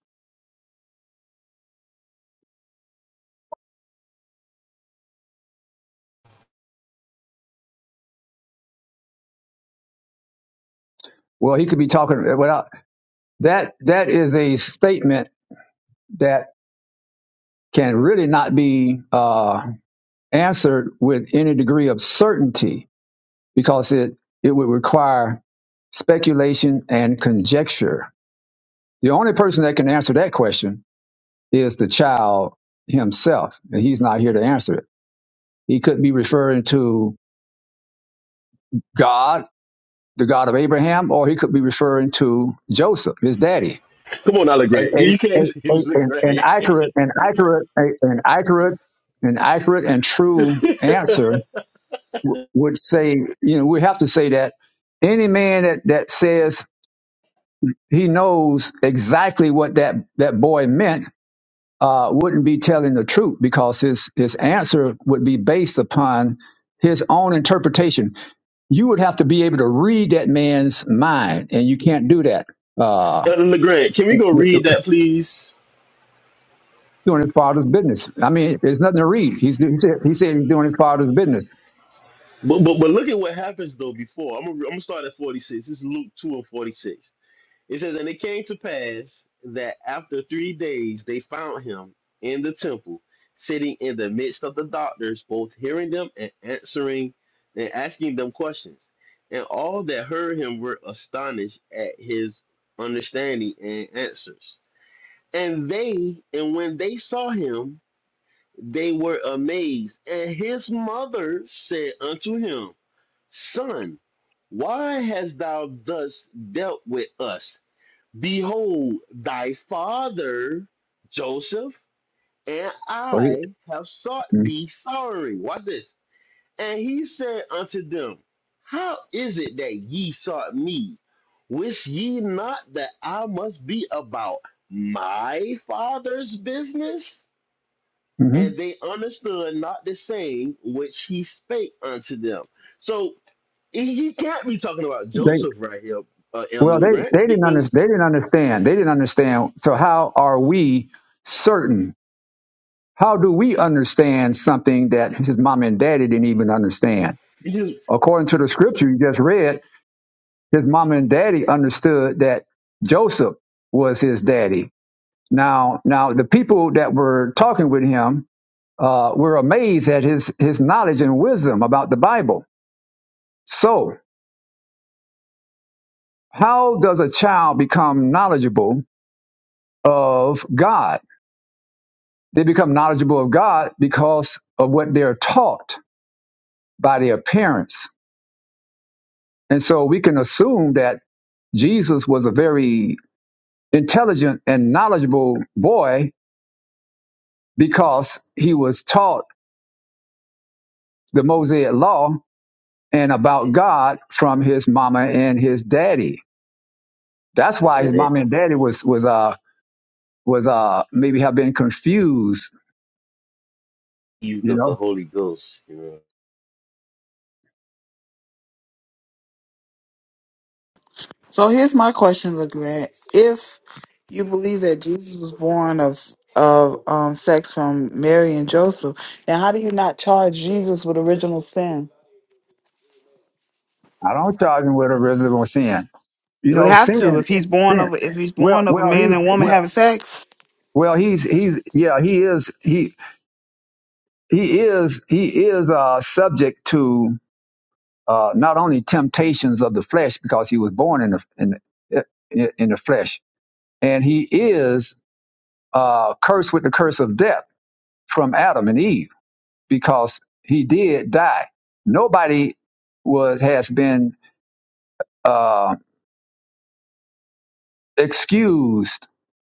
Well, he could be talking without that. That is a statement that can really not be uh, answered with any degree of certainty because it it would require speculation and conjecture. The only person that can answer that question is the child himself, and he's not here to answer it. He could be referring to God, the God of Abraham, or he could be referring to Joseph, his daddy Come on, now, Legrand, a, you a, you can't a, a- an, an Legrand. accurate, an accurate, a, an accurate, an accurate and true answer would say, you know, we have to say that any man that, that says he knows exactly what that, that boy meant uh, wouldn't be telling the truth because his, his answer would be based upon his own interpretation. You would have to be able to read that man's mind, and you can't do that. Uh, Elder Legrand, can we go read that, please? doing his father's business. I mean, there's nothing to read. He's he said he said he's doing his father's business. But, but but look at what happens though before. I'm gonna, I'm gonna start at 46. This is Luke 2 and 46. It says, And it came to pass that after three days they found him in the temple, sitting in the midst of the doctors, both hearing them and answering and asking them questions. And all that heard him were astonished at his understanding and answers. And they, and when they saw him, they were amazed. And his mother said unto him, Son, why hast thou thus dealt with us? Behold, thy father Joseph and Or he- I have sought thee sorry. Watch this. And he said unto them, How is it that ye sought me? Wist ye not that I must be about my father's business? and Mhm. they understood not the saying which he spake unto them. So he he can't be talking about They, Joseph right here, uh, Elder well, they Legrand, they didn't under, because they didn't understand. They didn't understand. So how are we certain? How do we understand something that his mom and daddy didn't even understand? you According to the scripture you just read, his mom and daddy understood that Joseph was his daddy. Now, now the people that were talking with him uh, we're amazed at his, his knowledge and wisdom about the Bible. So, how does a child become knowledgeable of God? They become knowledgeable of God because of what they're taught by their parents. And so we can assume that Jesus was a very intelligent and knowledgeable boy because he was taught the Mosaic law and about God from his mama and his daddy. That's why his And it mama and daddy was was uh, was uh maybe have been confused, heaved you of the know. Holy Ghost, you know. So here's my question, LeGrand. If you believe that Jesus was born of of um, sex from Mary and Joseph, then how do you not charge Jesus with original sin? I don't charge him with original sin. You You would know, have sin to if he's born sin. of if he's Well born of a well man he's and woman well having sex. well he's he's yeah, he is he he is he is uh subject to uh not only temptations of the flesh because he was born in the in the, in the flesh and he is uh cursed with the curse of death from Adam and Eve because he did die. Nobody was has been Um, excused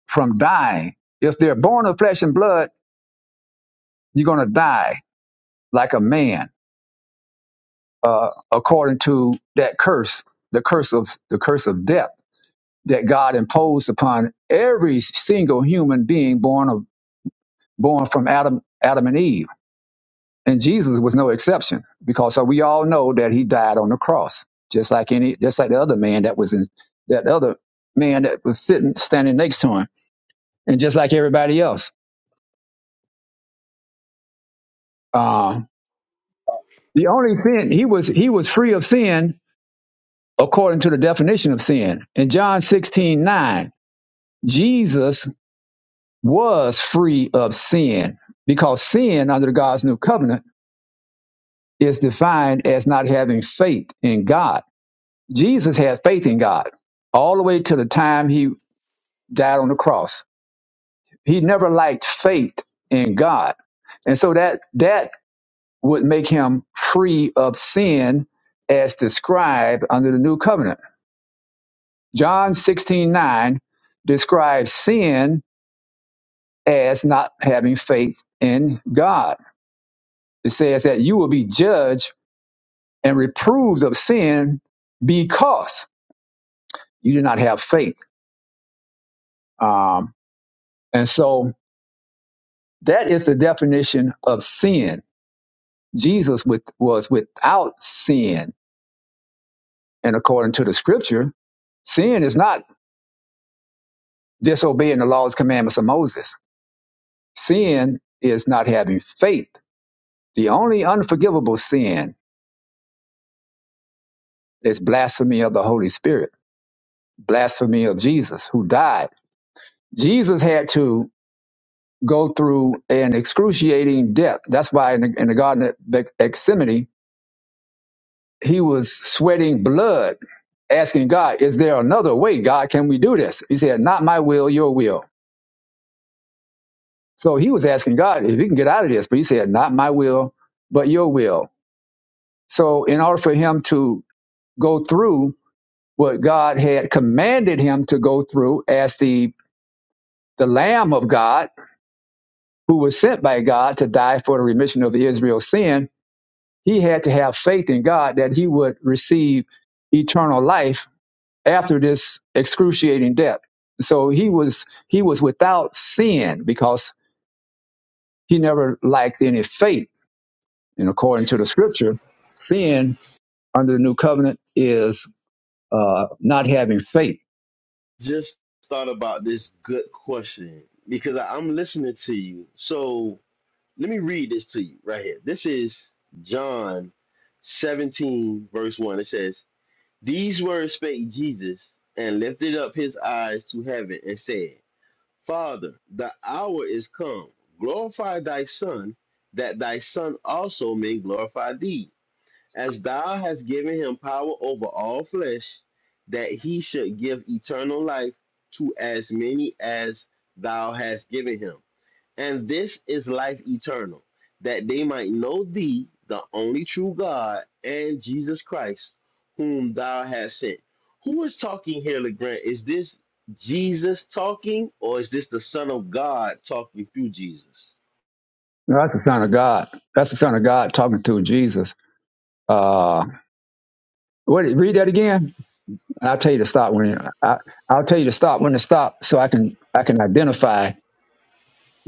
from dying. If they're born of flesh and blood, you're going to die like a man, uh, according to that curse, the curse of the curse of death that God imposed upon every single human being born of born from Adam, Adam and Eve. And Jesus was no exception because so we all know that he died on the cross, just like any, just like the other man that was in that other man that was sitting, standing next to him. And just like everybody else. Uh, The only sin he was he was free of sin according to the definition of sin. In John 16 9. Jesus was free of sin because sin under God's new covenant is defined as not having faith in God. Jesus had faith in God all the way to the time he died on the cross. He never lacked faith in God. And so that that would make him free of sin as described under the new covenant. John 16 9 describes sin as not having faith in God. It says that you will be judged and reproved of sin because you do not have faith. Um, and so that is the definition of sin. Jesus with, was without sin. And according to the scripture, sin is not disobeying the laws, and commandments of Moses. Sin is not having faith. The only unforgivable sin It's blasphemy of the Holy Spirit, blasphemy of Jesus who died. Jesus had to go through an excruciating death. That's why in the, in the Garden of Gethsemane, he was sweating blood, asking God, Is there another way? God, can we do this? He said, Not my will, your will. So he was asking God if he can get out of this, but he said, Not my will, but your will. So in order for him to go through what God had commanded him to go through as the the Lamb of God, who was sent by God to die for the remission of Israel's sin, he had to have faith in God that he would receive eternal life after this excruciating death. So he was he was without sin because he never lacked any faith. And according to the scripture, sin under the new covenant is uh, not having faith. just thought about this good question because I, I'm listening to you. So let me read this to you right here. This is John 17, verse 1. It says, These words spake Jesus and lifted up his eyes to heaven and said, Father, the hour is come. Glorify thy Son, that thy Son also may glorify thee, as thou hast given him power over all flesh, that he should give eternal life to as many as thou hast given him. And this is life eternal, that they might know thee, the only true God, and Jesus Christ, whom thou hast sent. Who is talking here, LeGrand? Is this Jesus talking, or is this the Son of God talking through Jesus? No, that's the Son of God. That's the Son of God talking to Jesus. Uh, what? Read that again. I'll tell you to stop when I, I'll tell you to stop when to stop, so I can I can identify,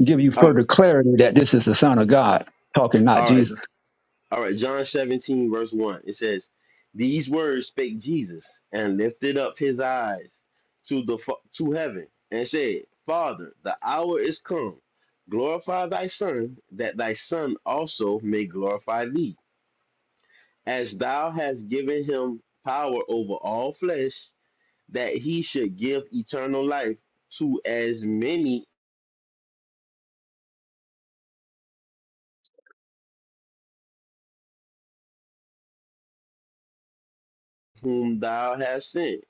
give you Um, further clarity that this is the Son of God talking, not All right. Jesus. All right, John 17, verse 1. It says, These words spake Jesus and lifted up his eyes to the fa- to heaven and said, Father, the hour is come. Glorify thy son, that thy son also may glorify thee, as thou hast given him power over all flesh, that he should give eternal life to as many whom thou hast sent.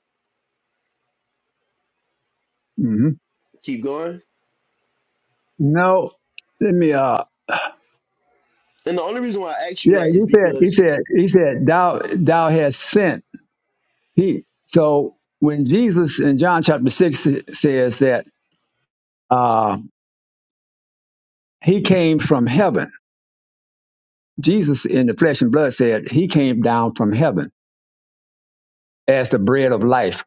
hmm Keep going. No, let me. Uh, And the only reason why I ask you yeah, that is you said he because, said he said thou thou hast sent. He so when Jesus in John chapter six says that uh, he came from heaven Jesus in the flesh and blood said he came down from heaven as the bread of life.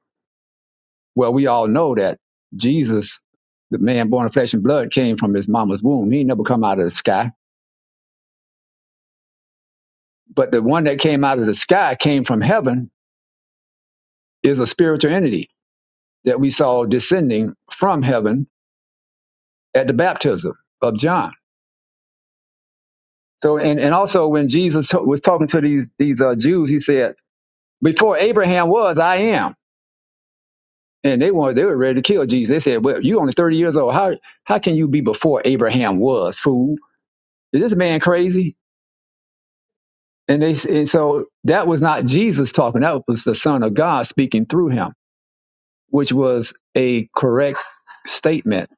Well, we all know that Jesus, the man born of flesh and blood, came from his mama's womb. He never come out of the sky. But the one that came out of the sky came from heaven is a spiritual entity that we saw descending from heaven at the baptism of John. So, and, and also when Jesus was talking to these, these uh, Jews, he said, before Abraham was, I am. and they wanted they were ready to kill Jesus. They said, "Well, you only thirty years old. How how can you be before Abraham was? Fool, is this man crazy?" And they and so that was not Jesus talking. That was the Son of God speaking through him, which was a correct statement.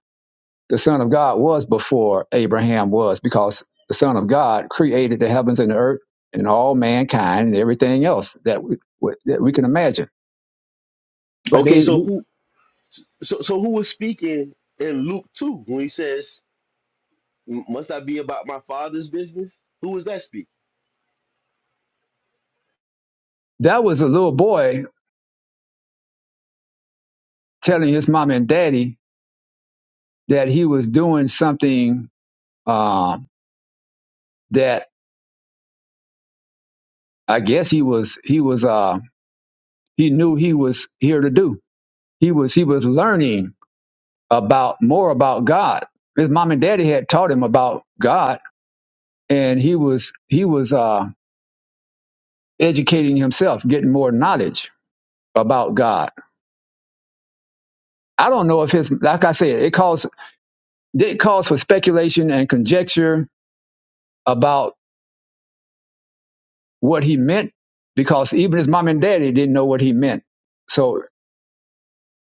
The Son of God was before Abraham was because the Son of God created the heavens and the earth and all mankind and everything else that we, that we can imagine. But okay, they so who So, so who was speaking in Luke 2 when he says, Must I be about my father's business? Who was that speaking? that was a little boy telling his mom and daddy that he was doing something uh, that I guess he was he was uh, he knew he was here to do. He was he was learning about more about God. His mom and daddy had taught him about God, and he was he was uh, educating himself, getting more knowledge about God. I don't know if his like I said, it calls it calls for speculation and conjecture about what he meant because even his mom and daddy didn't know what he meant. So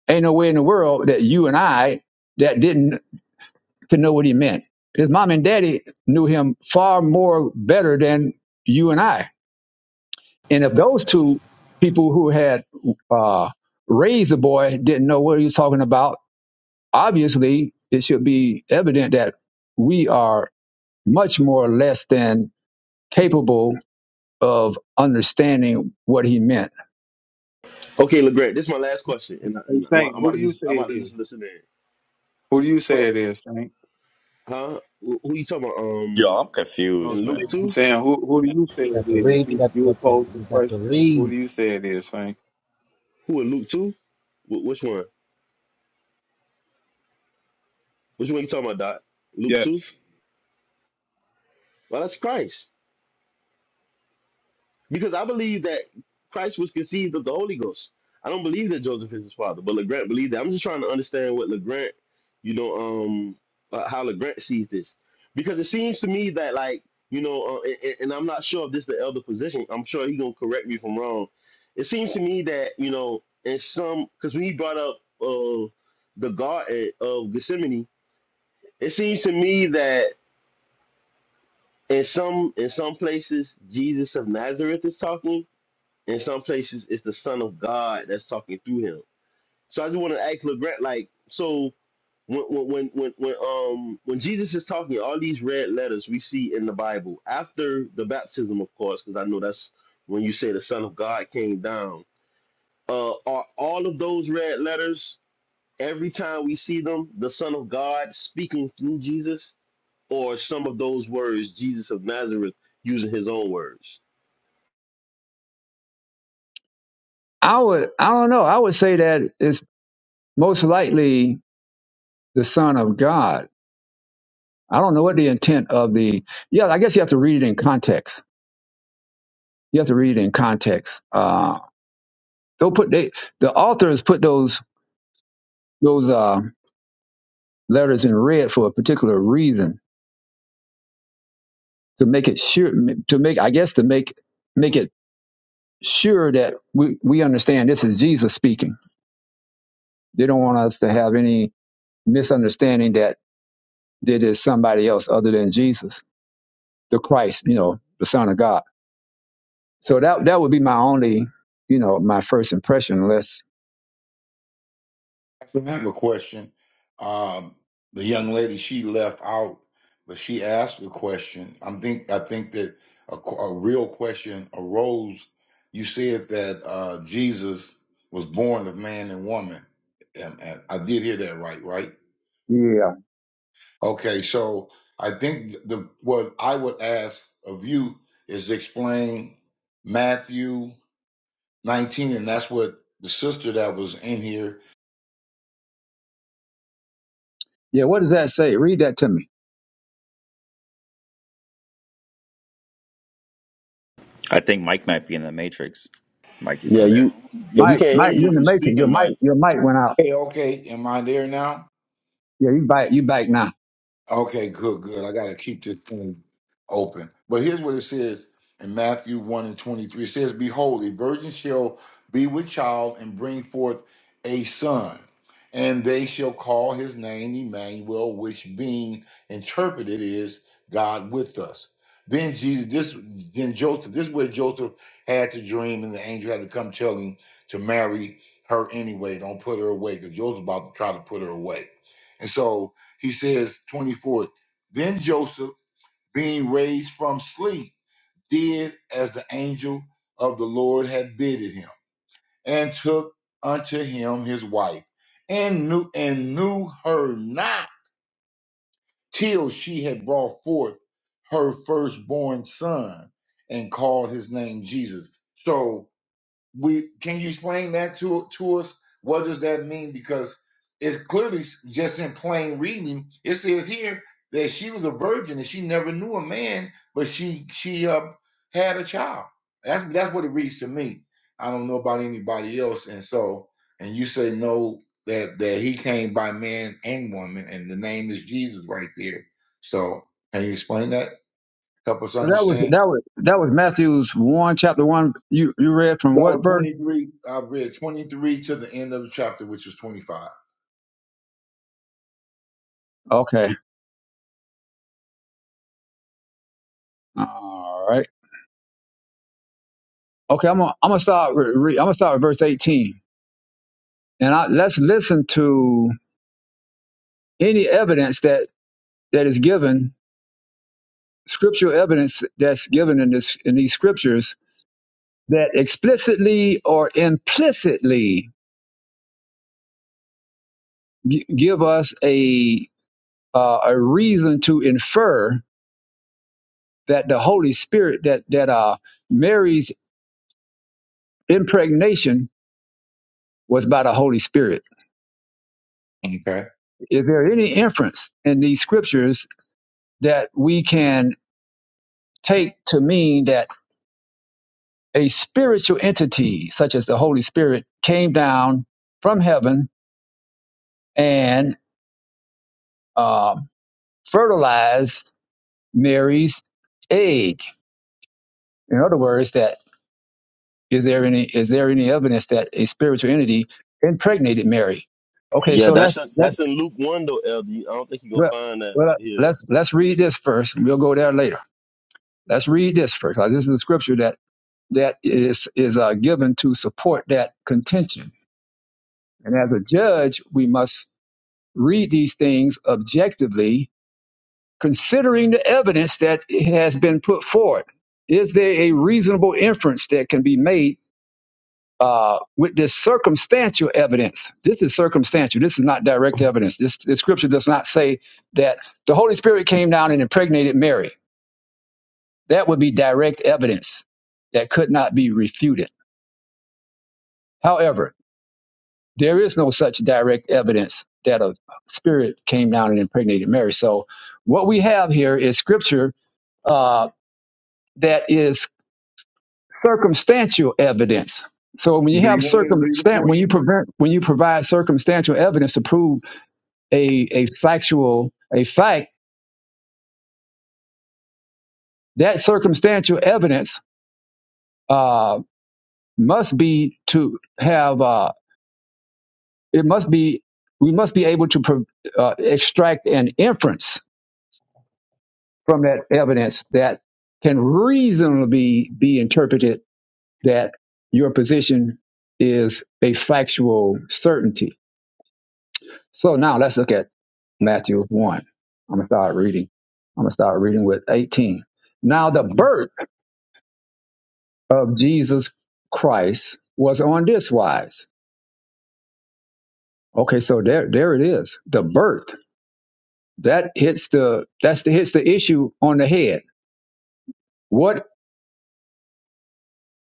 Ain't no way in the world that you and I that didn't could know what he meant. His mom and daddy knew him far more better than you and I. And if those two people who had uh, raised the boy didn't know what he was talking about, obviously it should be evident that we are much more or less than capable of understanding what he meant. Okay, LeGrand, this is my last question. And, I, Hey, and I'm, Saint, I'm, who about do to you just, say I'm about it to just is? listen in. Who do you Oh, say it is, Saint? huh? Who who you talking about? Yo, Um, I'm No, in confused, Luke man. I'm 2? saying who who do you say it Got to is? read. You, Got to, you got to, posed the got to question. Who read. Can do you say it is, Saint? Who in Luke 2? Wh- Which one? Which one you talking about, Doc? Luke 2? Yes. Well, that's Christ. Because I believe that Christ was conceived of the Holy Ghost. I don't believe that Joseph is his father, but LeGrant believed that. I'm just trying to understand what LeGrant, you know, um, uh, how LeGrant sees this. Because it seems to me that, like, you know, uh, and, and I'm not sure if this the elder position. I'm sure he going to correct me if I'm wrong. It seems to me that, you know, in some, because when he brought up uh, the Garden of Gethsemane, it seems to me that in some in some places Jesus of Nazareth is talking in some places, it's the Son of God that's talking through him. So I just want to ask LeGrant, like, so when when when when when, um when Jesus is talking, all these red letters we see in the Bible after the baptism, of course, because I know that's when you say the Son of God came down. Uh, are all of those red letters every time we see them the Son of God speaking through Jesus, or some of those words Jesus of Nazareth using his own words? I would, I don't know. I would say that it's most likely the son of God I don't know what the intent of the. Yeah, I guess you have to read it in context. You have to read it in context. Uh, they'll put they the authors put those those uh, letters in red for a particular reason to make it sure to make I guess to make make it sure that we we understand this is Jesus speaking. They don't want us to have any misunderstanding that there is somebody else other than Jesus, the Christ, you know, the Son of God. So that that would be my only, you know, my first impression. Unless So I have a question. Um, the young lady she left out, but she asked a question. I am think I think that a, qu- a real question arose. You said that uh, Jesus was born of man and woman, and, and I did hear that right, right? yeah. Okay, so I think the what I would ask of you is to explain Matthew 19, and that's what the sister that was in here. Yeah, what does that say? Read that to me. I think Mike might be in the Matrix. Mike, you Yeah, still there? you. Yeah, we Mike, can't hear Mike, you you're in if the you're matrix. Your speaking, Mike. mic, your mic went out. Hey, okay, am I there now? Yeah, you back, you back now. Okay, good, good. I got to keep this thing open. But here's what it says in Matthew 1 and 23. It says, Behold, a virgin shall be with child and bring forth a son, and they shall call his name Emmanuel, which being interpreted is God with us. Then Jesus, this then Joseph, this is where Joseph had to dream, and the angel had to come tell him to marry her anyway. Don't put her away, because Joseph's about to try to put her away. And so he says, 24, then Joseph, being raised from sleep, did as the angel of the Lord had bidden him, and took unto him his wife, and knew and knew her not till she had brought forth her firstborn son, and called his name Jesus. So we can you explain that to to us what does that mean because it's clearly just in plain reading it says here that she was a virgin and she never knew a man but she she uh, had a child that's that's what it reads to me i don't know about anybody else and so and you say no that that he came by man and woman and the name is jesus right there so can you explain that help us So that was understand that was that was Matthew's one chapter one. You you read from That what was verse? 23. I read 23 to the end of the chapter, which is 25. Okay, all right. Okay, I'm gonna I'm gonna start. Re, re, I'm gonna start with verse 18, and I, let's listen to any evidence that that is given, scriptural evidence that's given in this in these scriptures that explicitly or implicitly gi- give us a. uh, a reason to infer that the Holy Spirit, that that uh, Mary's impregnation was by the Holy Spirit. Okay. Is there any inference in these scriptures that we can take to mean that a spiritual entity, such as the Holy Spirit, came down from heaven and um fertilized Mary's egg? In other words, that Is there any is there any evidence that a spiritual entity impregnated Mary? Okay, Yeah, so let's that's a, let that's in Luke one though, LD. I don't think you gonna well, find that well here. let's let's read this first. and We'll go there later. Let's read this first. 'cause This is the scripture that that is is uh, given to support that contention. And as a judge, we must read these things objectively, considering the evidence that has been put forward. Is there a reasonable inference that can be made? uh, with this circumstantial evidence. This is circumstantial. This is not direct evidence. This, this scripture does not say that the Holy Spirit came down and impregnated Mary. That would be direct evidence that could not be refuted. However, there is no such direct evidence that a spirit came down and impregnated Mary. So, what we have here is scripture uh, that is circumstantial evidence. So when you Do have you want me to read it circumstan for when you you? prevent when you provide circumstantial evidence to prove a a factual a fact that circumstantial evidence uh, must be to have uh, it must be we must be able to pro- uh, extract an inference from that evidence that can reasonably be interpreted that your position is a factual certainty. So now let's look at Matthew 1. I'm going to start reading. I'm going to start reading with 18. Now the Mhm. birth of Jesus Christ was on this wise. Okay, so there there it is. The birth. That hits the that's the hits the issue on the head. What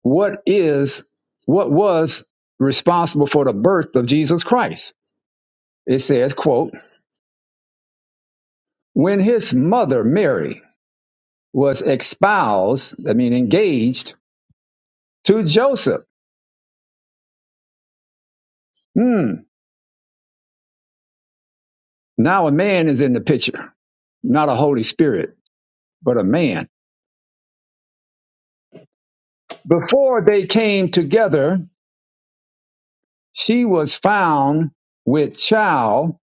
what is what was responsible for the birth of Jesus Christ? It says, quote, when his mother Mary was espoused, I mean engaged to Joseph. Hmm. Now a man is in the picture, not a Holy Spirit, but a man. Before they came together, she was found with child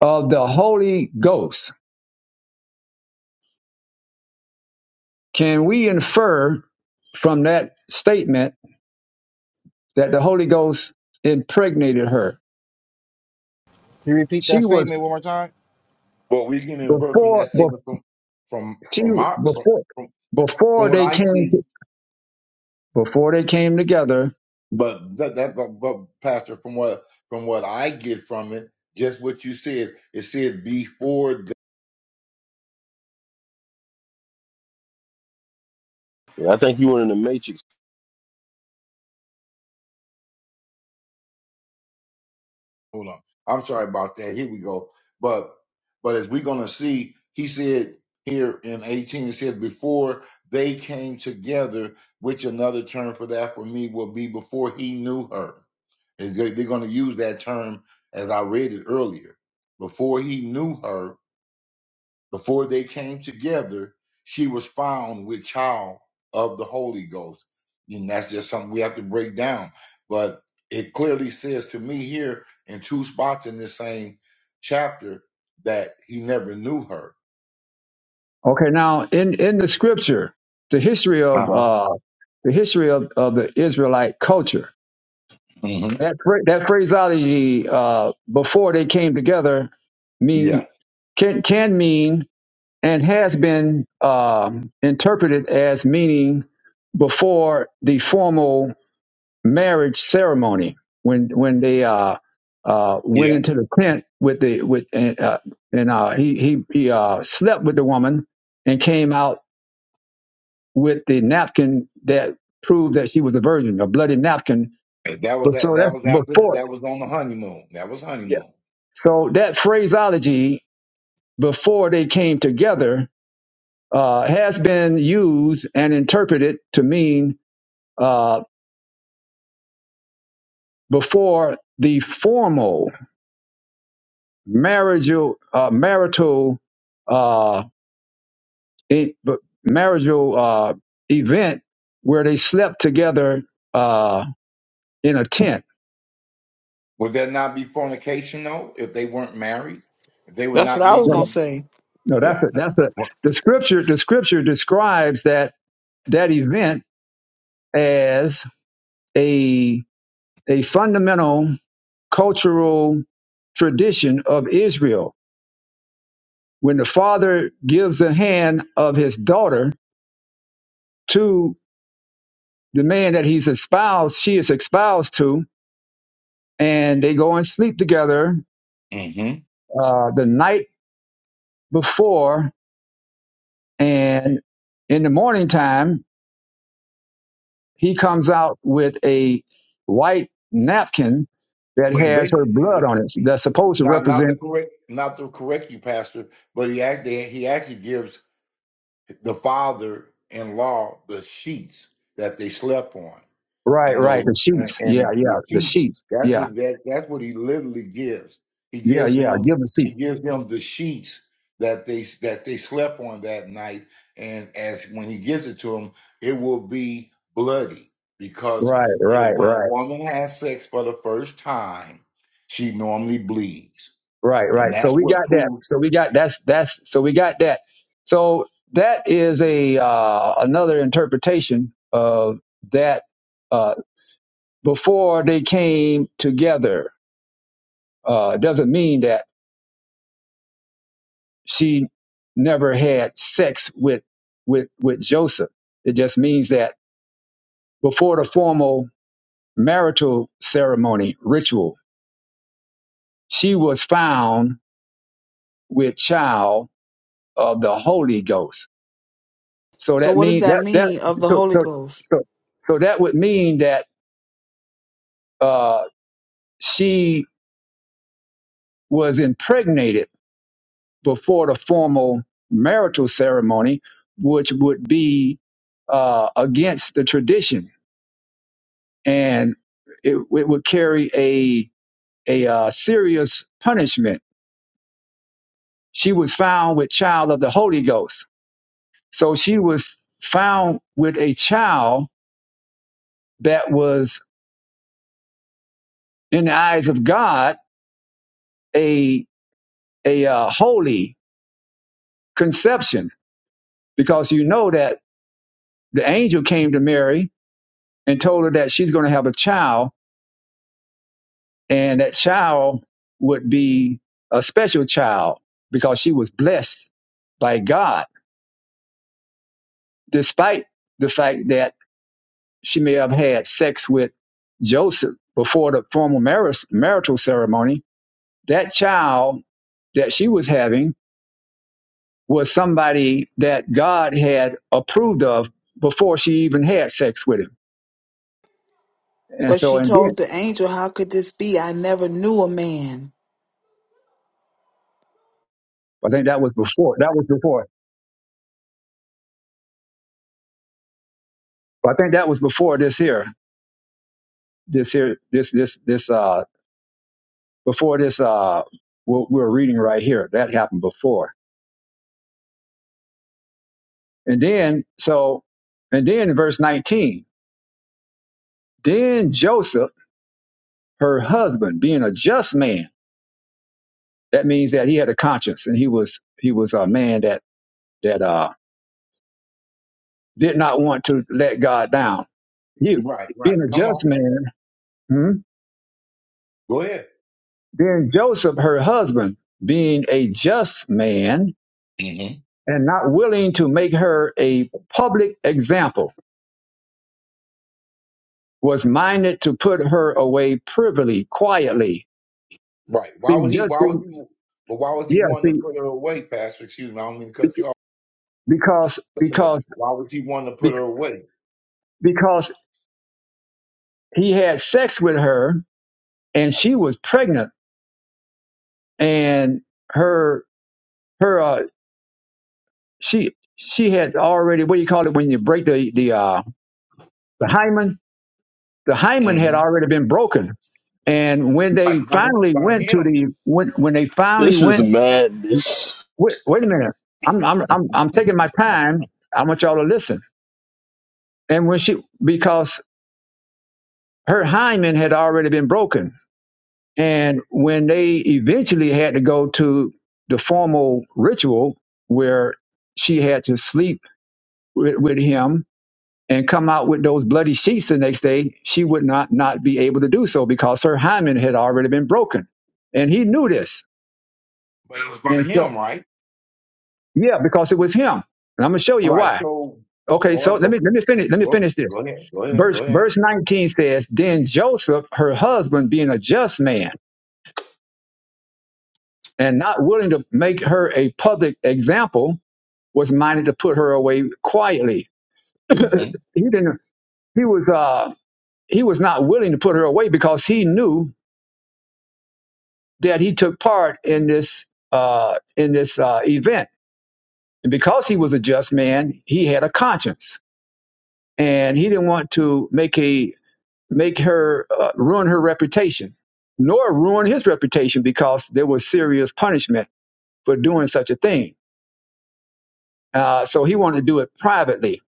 of the Holy Ghost. Can we infer from that statement that the Holy Ghost impregnated her? you repeat She that was statement one more time? Well, we can invert from before, that before statement from from she from my from, before, from before what they I came see, to, before they came together. but that, that but, but Pastor, from what from what I get from it, just what you said, it said before I think you were in the Matrix. hold on. I'm sorry about that. Here we go. But but as we're gonna see, he said here in 18, it said, before they came together, which another term for that for me will be before he knew her. And they- They're gonna use that term as I read it earlier. Before he knew her, before they came together, she was found with child of the Holy Ghost. And that's just something we have to break down. But it clearly says to me here in two spots in this same chapter that he never knew her. Okay, now in in the scripture, the history of Uh-huh. uh the history of, of the Israelite culture. hmm That phra- that phraseology uh before they came together means. Yeah. can can mean and has been um, interpreted as meaning before the formal marriage ceremony when when they uh, uh, went Yeah. into the tent with the with and, uh, and uh, he he he uh, slept with the woman and came out with the napkin that proved that she was a virgin, a bloody napkin. That was But that so that that's was after before. that was on the honeymoon. That was Yeah. honeymoon. So that phraseology before they came together uh, has been used and interpreted to mean uh, before the formal marital uh, marital uh, in, marital uh, event where they slept together uh, in a tent. Would that not be fornication though, if they weren't married? If they were That's what not I was No, gonna legally say. no, Yeah. that's a, that's a the scripture. The scripture describes that that event as a a fundamental cultural tradition of Israel when the father gives the hand of his daughter to the man that he's espoused, she is espoused to, and they go and sleep together uh, the night before, and in the morning time, he comes out with a white napkin that Well, he has her blood basically, on it. he, That's supposed to not not the represent correct, not to correct you, Pastor, but he actually he actually gives the father in law the sheets that they slept on right, and right, those the and, sheets. Yeah, and the yeah, the sheep. sheets. That's Yeah, what that that's what he literally gives. He yeah, gives yeah. them Give the sheep. he gives them the sheets that they that they slept on that night, and as when he gives it to them, it will be bloody because Right, if, right, when a right. woman has sex for the first time, she normally bleeds, Right, and right. So that's we what got that. proves. So we got that's that's so we got that. So that is a uh, another interpretation of that. Uh, before they came together, uh, it doesn't mean that she never had sex with with with Joseph. It just means that before the formal marital ceremony ritual, she was found with child of the Holy Ghost So So that what does mean that that that mean of the so Holy so Ghost? so so that would mean that uh, she was impregnated before the formal marital ceremony, which would be uh, against the tradition, and it, it would carry a a uh, serious punishment. She was found with child of the Holy Ghost, so she was found with a child that was, in the eyes of God, a a uh, holy conception because you know that the angel came to Mary and told her that she's going to have a child and that child would be a special child because she was blessed by God despite the fact that she may have had sex with Joseph before the formal marriage, marital ceremony that child that she was having was somebody that God had approved of before she even had sex with him And But so, she and then told the angel, "How could this be? I never knew a man." I think that was before. That was before. I think that was before this here. This here. This this this. Uh, before this. Uh, what we're reading right here. That happened before. And then so, and then in verse nineteen. Then Joseph, her husband, being a just man, that means that he had a conscience and he was he was a man that that uh did not want to let God down. He Right, being right. a Come on, just man. hmm? go ahead. Then Joseph, her husband, being a just man hmm and not willing to make her a public example, was minded to put her away privily, quietly. Right. Why See, would he? just Why was see, he? But why was he yeah, wanting to see, put her away, Pastor? Excuse me. I don't mean to be- cut you off. because listening. because Why was he wanting to be- put her away? because he had sex with her and she was pregnant, and her her uh, she she had already what do you call it when you break the the uh the hymen the hymen had Mhm. already been broken. And when they Right, by, who? finally by went to him. the when when they finally This is went madness. wait, wait a minute I'm I'm I'm I'm taking my time I want y'all to listen and when she because her hymen had already been broken and when they eventually had to go to the formal ritual where she had to sleep with, with him and come out with those bloody sheets the next day, she would not not be able to do so because her hymen had already been broken, and he knew this. But it was by And so, him, right? yeah, because it was him. And I'm gonna show you Right. why. So Okay, go so on, let go, me let me finish let me go, finish go this. ahead, go ahead, go Verse ahead. verse 19 says, "Then Joseph, her husband, being a just man and not willing to make her a public example, was minded to put her away quietly. hmm He didn't. He was uh he was not willing to put her away because he knew that he took part in this uh, in this uh, event. And because he was a just man, he had a conscience, and he didn't want to make a make her uh, ruin her reputation, nor ruin his reputation because there was serious punishment for doing such a thing. Uh, so he wanted to do it privately.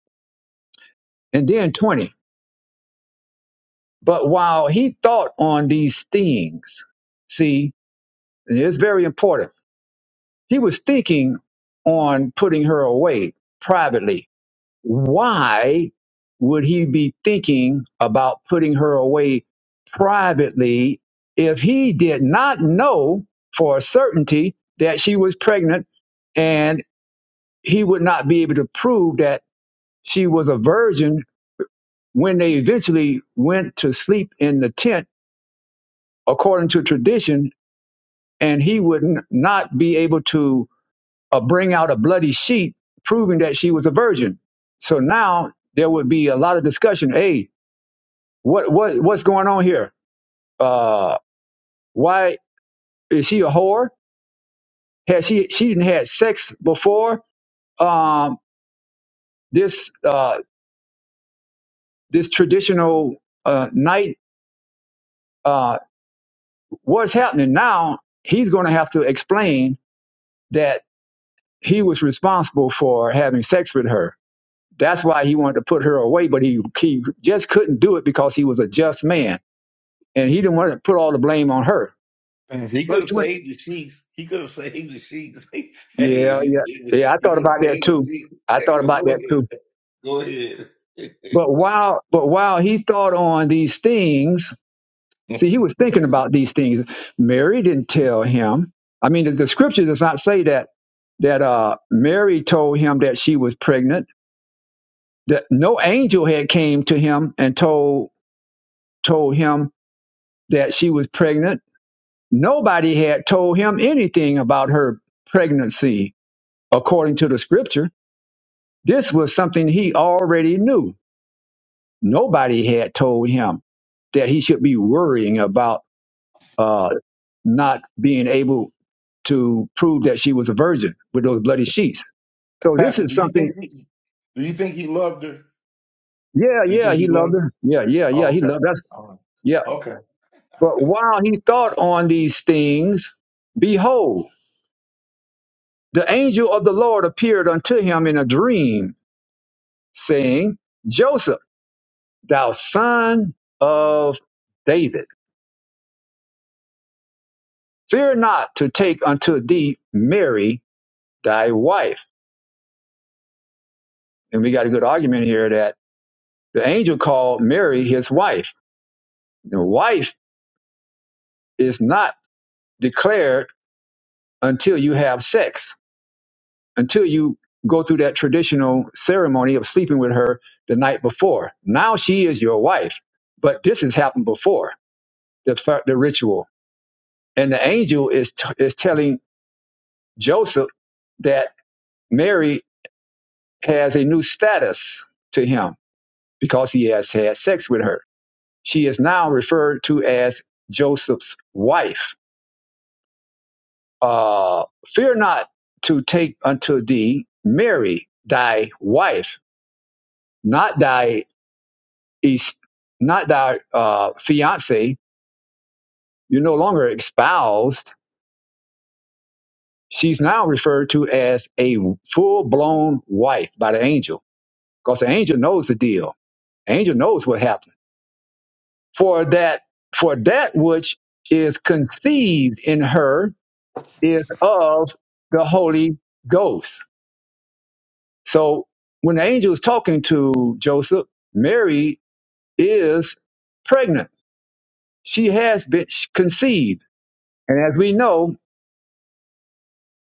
And then twenty. But while he thought on these things, see, and it's very important. He was thinking on putting her away privately why would he be thinking about putting her away privately if he did not know for a certainty that she was pregnant and he would not be able to prove that she was a virgin when they eventually went to sleep in the tent according to tradition and he would n- not be able to uh, bring out a bloody sheet proving that she was a virgin so now there would be a lot of discussion hey What what what's going on here? Uh, why is she a whore? Has she she didn't had sex before? Um, this uh this traditional uh night uh what's happening now? He's going to have to explain that he was responsible for having sex with her. That's why he wanted to put her away, but he he just couldn't do it because he was a just man and he didn't want to put all the blame on her. And he could Verse have twenty. saved the sheets. He could have saved the sheets. hey, Yeah, if he yeah, did, yeah. I he thought could have about that saved the too. sheets. I Hey, thought well, about go that ahead, too. go ahead. But while but while he thought on these things, see, he was thinking about these things. Mary didn't tell him. I mean, the, the scripture does not say that that uh, Mary told him that she was pregnant. That no angel had came to him and told told him that she was pregnant. Nobody had told him anything about her pregnancy, according to the scripture. This was something he already knew. Nobody had told him that he should be worrying about uh, not being able to prove that she was a virgin with those bloody sheets. So this Pastor, is do you something. think he, do you think he loved her? Yeah, Do you yeah, think he he loved loved her? her. Yeah, yeah, yeah, Oh, he okay, loved us. All right. Yeah. okay, I But got while he thought on these things, behold, the angel of the Lord appeared unto him in a dream, saying, Joseph, thou son of David, fear not to take unto thee Mary, thy wife. And we got a good argument here that the angel called Mary his wife The wife is not declared until you have sex, until you go through that traditional ceremony of sleeping with her the night before. Now she is your wife, but this has happened before the the ritual, and the angel is t- is telling Joseph that Mary has a new status to him because he has had sex with her. She is now referred to as Joseph's wife uh, fear not to take unto thee Mary thy wife, not thy es- not thy uh, fiance. You're no longer espoused. She's now referred to as a full blown wife by the angel, because the angel knows the deal. The angel knows what happened. For that for that which is conceived in her is of the Holy Ghost So when the angel is talking to Joseph, Mary is pregnant. She has been conceived. And as we know,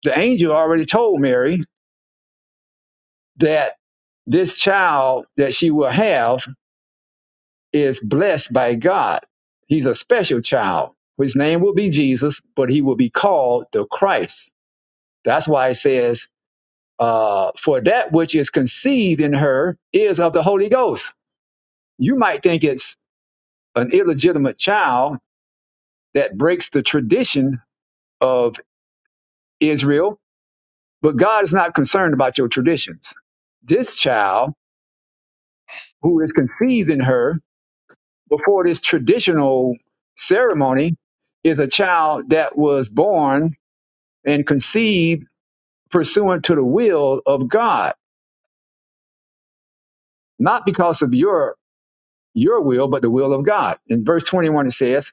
the angel already told Mary that this child that she will have is blessed by God. He's a special child. His name will be Jesus, but he will be called the Christ. That's why it says, uh, for that which is conceived in her is of the Holy Ghost. You might think it's an illegitimate child that breaks the tradition of Israel, but God is not concerned about your traditions. This child who is conceived in her before this traditional ceremony is a child that was born and conceived pursuant to the will of God, not because of your your will, but the will of God. In verse 21 it says,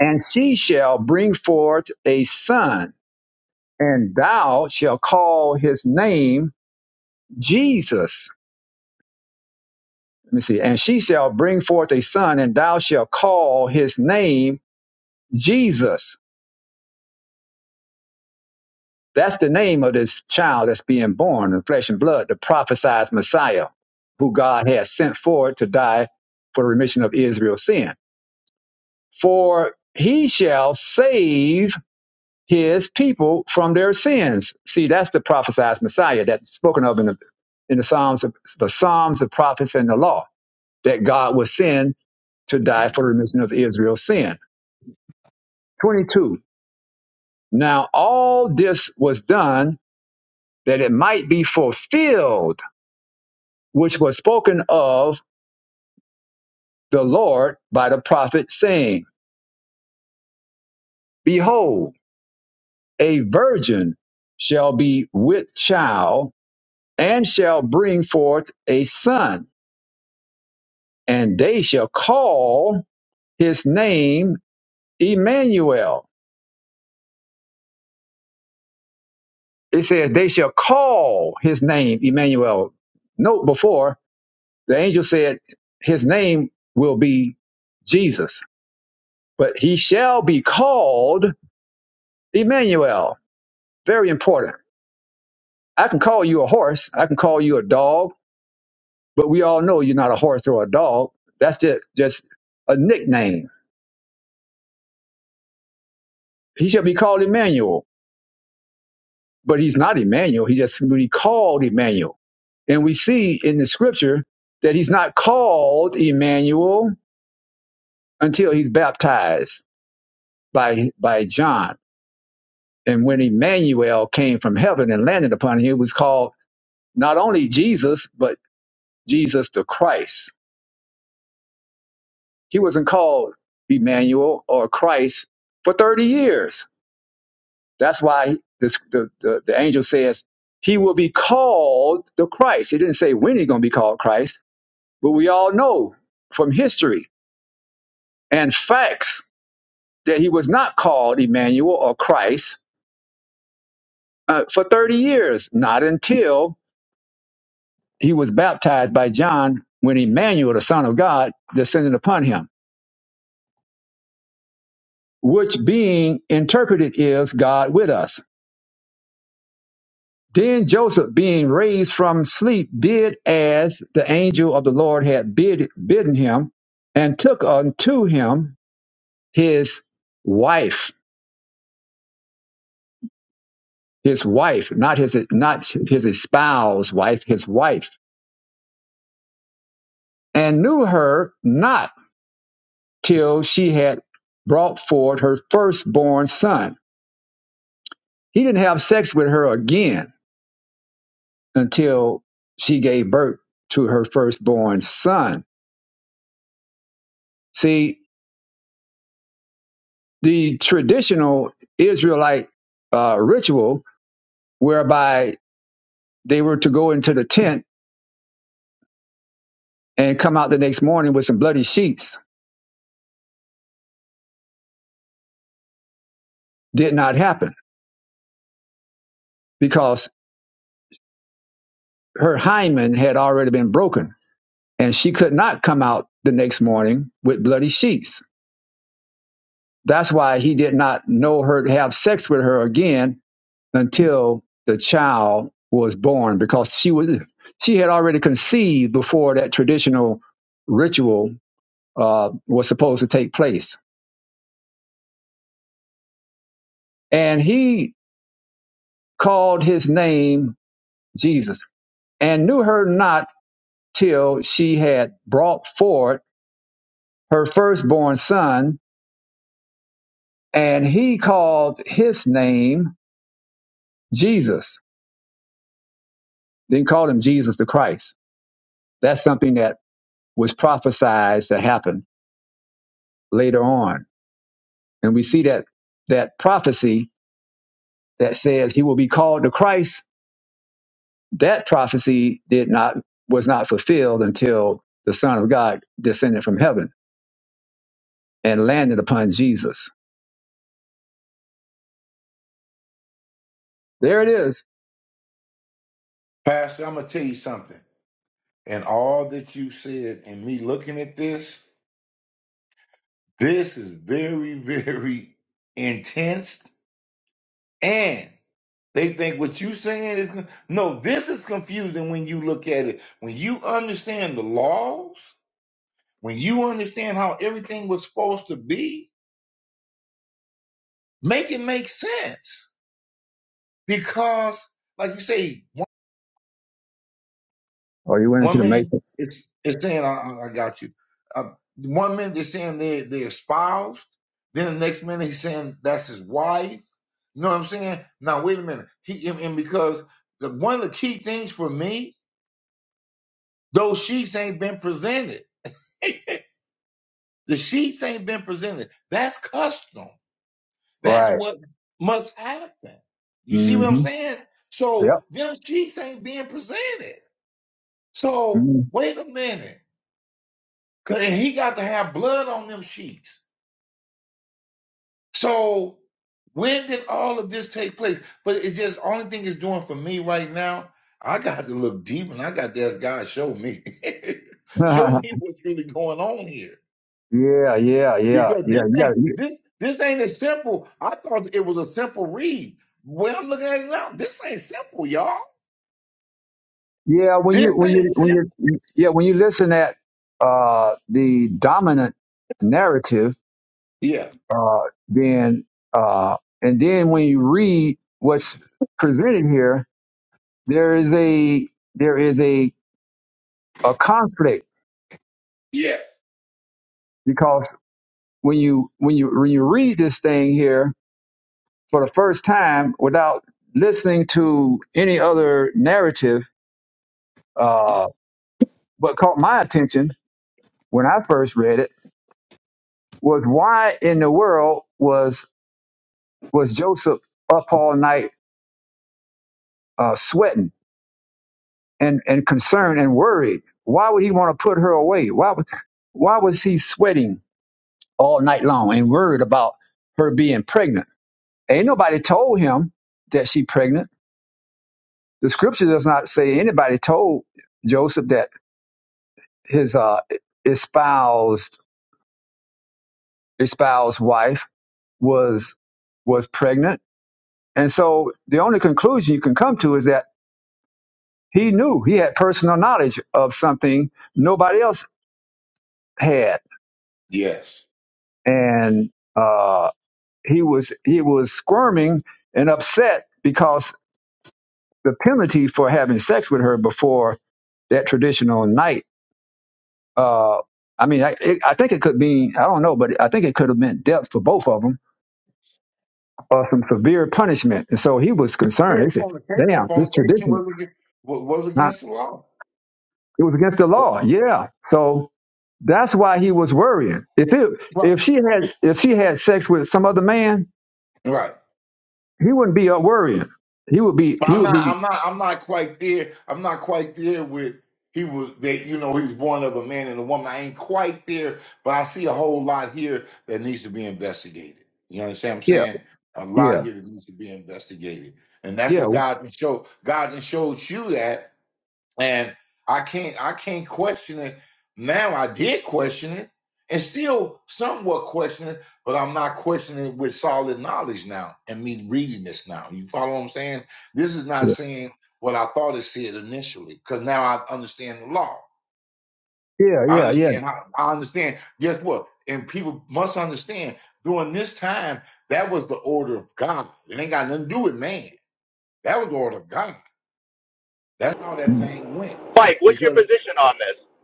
"And she shall bring forth a son, and thou shalt call his name Jesus." Let me see. And she shall bring forth a son, and thou shalt call his name Jesus. That's the name of this child that's being born in flesh and blood, the prophesied Messiah, who God has sent forward to die for the remission of Israel's sin. For he shall save his people from their sins. See, that's the prophesied Messiah that's spoken of in the, in the Psalms, the Psalms, the prophets, and the law that God will send to you. die Okay. for the remission of Israel's sin. 22. Now all this was done that it might be fulfilled, which was spoken of the Lord by the prophet, saying, Behold, a virgin shall be with child and shall bring forth a son, and they shall call his name Emmanuel. It says, They shall call his name Emmanuel. Note before, the angel said, His name will be Jesus but he shall be called Emmanuel. Very important. I can call you a horse, I can call you a dog, but we all know you're not a horse or a dog. That's just, just a nickname. He shall be called Emmanuel, but he's not Emmanuel. He just simply called Emmanuel. And we see in the scripture that he's not called Emmanuel until he's baptized by, by John. And when Emmanuel came from heaven and landed upon him, it was called not only Jesus, but Jesus the Christ. He wasn't called Emmanuel or Christ for 30 years. That's why this, the, the, the angel says he will be called the Christ. He didn't say when he's going to be called Christ, but we all know from history and facts that he was not called Emmanuel or Christ uh, for 30 years, not until he was baptized by John when Emmanuel, the Son of God, descended upon him, which being interpreted is God with us Then Joseph, being raised from sleep, did as the angel of the Lord had bid, bidden him, and took unto him his wife, his wife, not his not his espoused wife, his wife, and knew her not till she had brought forth her firstborn son. He didn't have sex with her again until she gave birth to her firstborn son. See, the traditional Israelite uh, ritual whereby they were to go into the tent and come out the next morning with some bloody sheets did not happen because her hymen had already been broken and she could not come out the next morning with bloody sheets. That's why he did not know her to have sex with her again until the child was born because she was she had already conceived before that traditional ritual uh, was supposed to take place. And he called his name Jesus and knew her not till she had brought forth her firstborn son. And he called his name Jesus. Didn't call him Jesus the Christ. That's something that was prophesied to happen later on. And we see that, that prophecy that says he will be called the Christ that prophecy did not was not fulfilled until the Son of God descended from heaven and landed upon Jesus. There it is. Pastor, I'm gonna tell you something. and all that you said and me looking at this, this is very, very intense. And they think what you saying is con- no, this is confusing when you look at it. When you understand the laws, when you understand how everything was supposed to be, make it make sense. Because, like you say, Oh, you went into One the minute matrix, it's it's saying I, I I got you. Uh, one minute they're saying they they're espoused. Then the next minute he's saying that's his wife. You know what I'm saying? Now wait a minute. He and, and because the, one of the key things for me, those sheets ain't been presented. The sheets ain't been presented. That's custom. That's right? what must happen. You see what I'm Mm-hmm. saying? So Yep. them sheets ain't being presented. So Mhm. wait a minute. 'Cause- he got to have blood on them sheets. So when did all of this take place? But it just only thing it's doing for me right now, I got to look deep and I got to ask God, show me. show me what's really going on here. yeah, yeah, yeah, yeah. Because this You got ain't to this this ain't as simple. I thought it was a simple read. When I'm looking at it now, this ain't simple, y'all. yeah. When This you when you ain't when simple. you yeah when you listen at uh, the dominant narrative, Yeah, uh, then uh, and then when you read what's presented here, there is a there is a a conflict yeah, because when you when you when you read this thing here for the first time without listening to any other narrative, uh, what caught my attention when I first read it was why in the world was was Joseph up all night uh, sweating and and concerned and worried? Why would he want to put her away? Why would why was he sweating all night long and worried about her being pregnant? Ain't nobody told him that she pregnant The scripture does not say anybody told Joseph that his uh, espoused espoused wife was was pregnant, and so the only conclusion you can come to is that he knew he had personal knowledge of something nobody else had, yes. and uh, he was he was squirming and upset because the penalty for having sex with her before that traditional night Uh, I mean, I, it, I think it could mean, I don't know, but I think it could have meant death for both of them or some severe punishment. And so he was Yeah, concerned. He said, Fornication, damn, this fornication tradition, was against, was huh? against the law. it was against the law. Yeah. So that's why he was worrying. If it, Right, if she had, if she had sex with some other man, right. he wouldn't be up worrying. He would be, But he I'm would not. be, I'm not. I'm not quite there. I'm not quite there with he was that. You know, he was born of a man and a woman. I ain't quite there, but I see a whole lot here that needs to be investigated. You understand what I'm yeah, saying? A yeah, lot here that needs to be investigated, and that's yeah, what God can show. God can shows you that and I can't I can't question it. Now I did question it and still somewhat question it, but I'm not questioning it with solid knowledge now and me reading this now. You follow what I'm saying? This is not yeah, saying what I thought it said initially, because now I understand the law. I yeah, yeah. understand how I understand. Guess what? And people must understand during this time, that was the order of God. It ain't got nothing to do with man. That was the order of God. That's how Yeah, that thing went Mike, what's your because. position on this?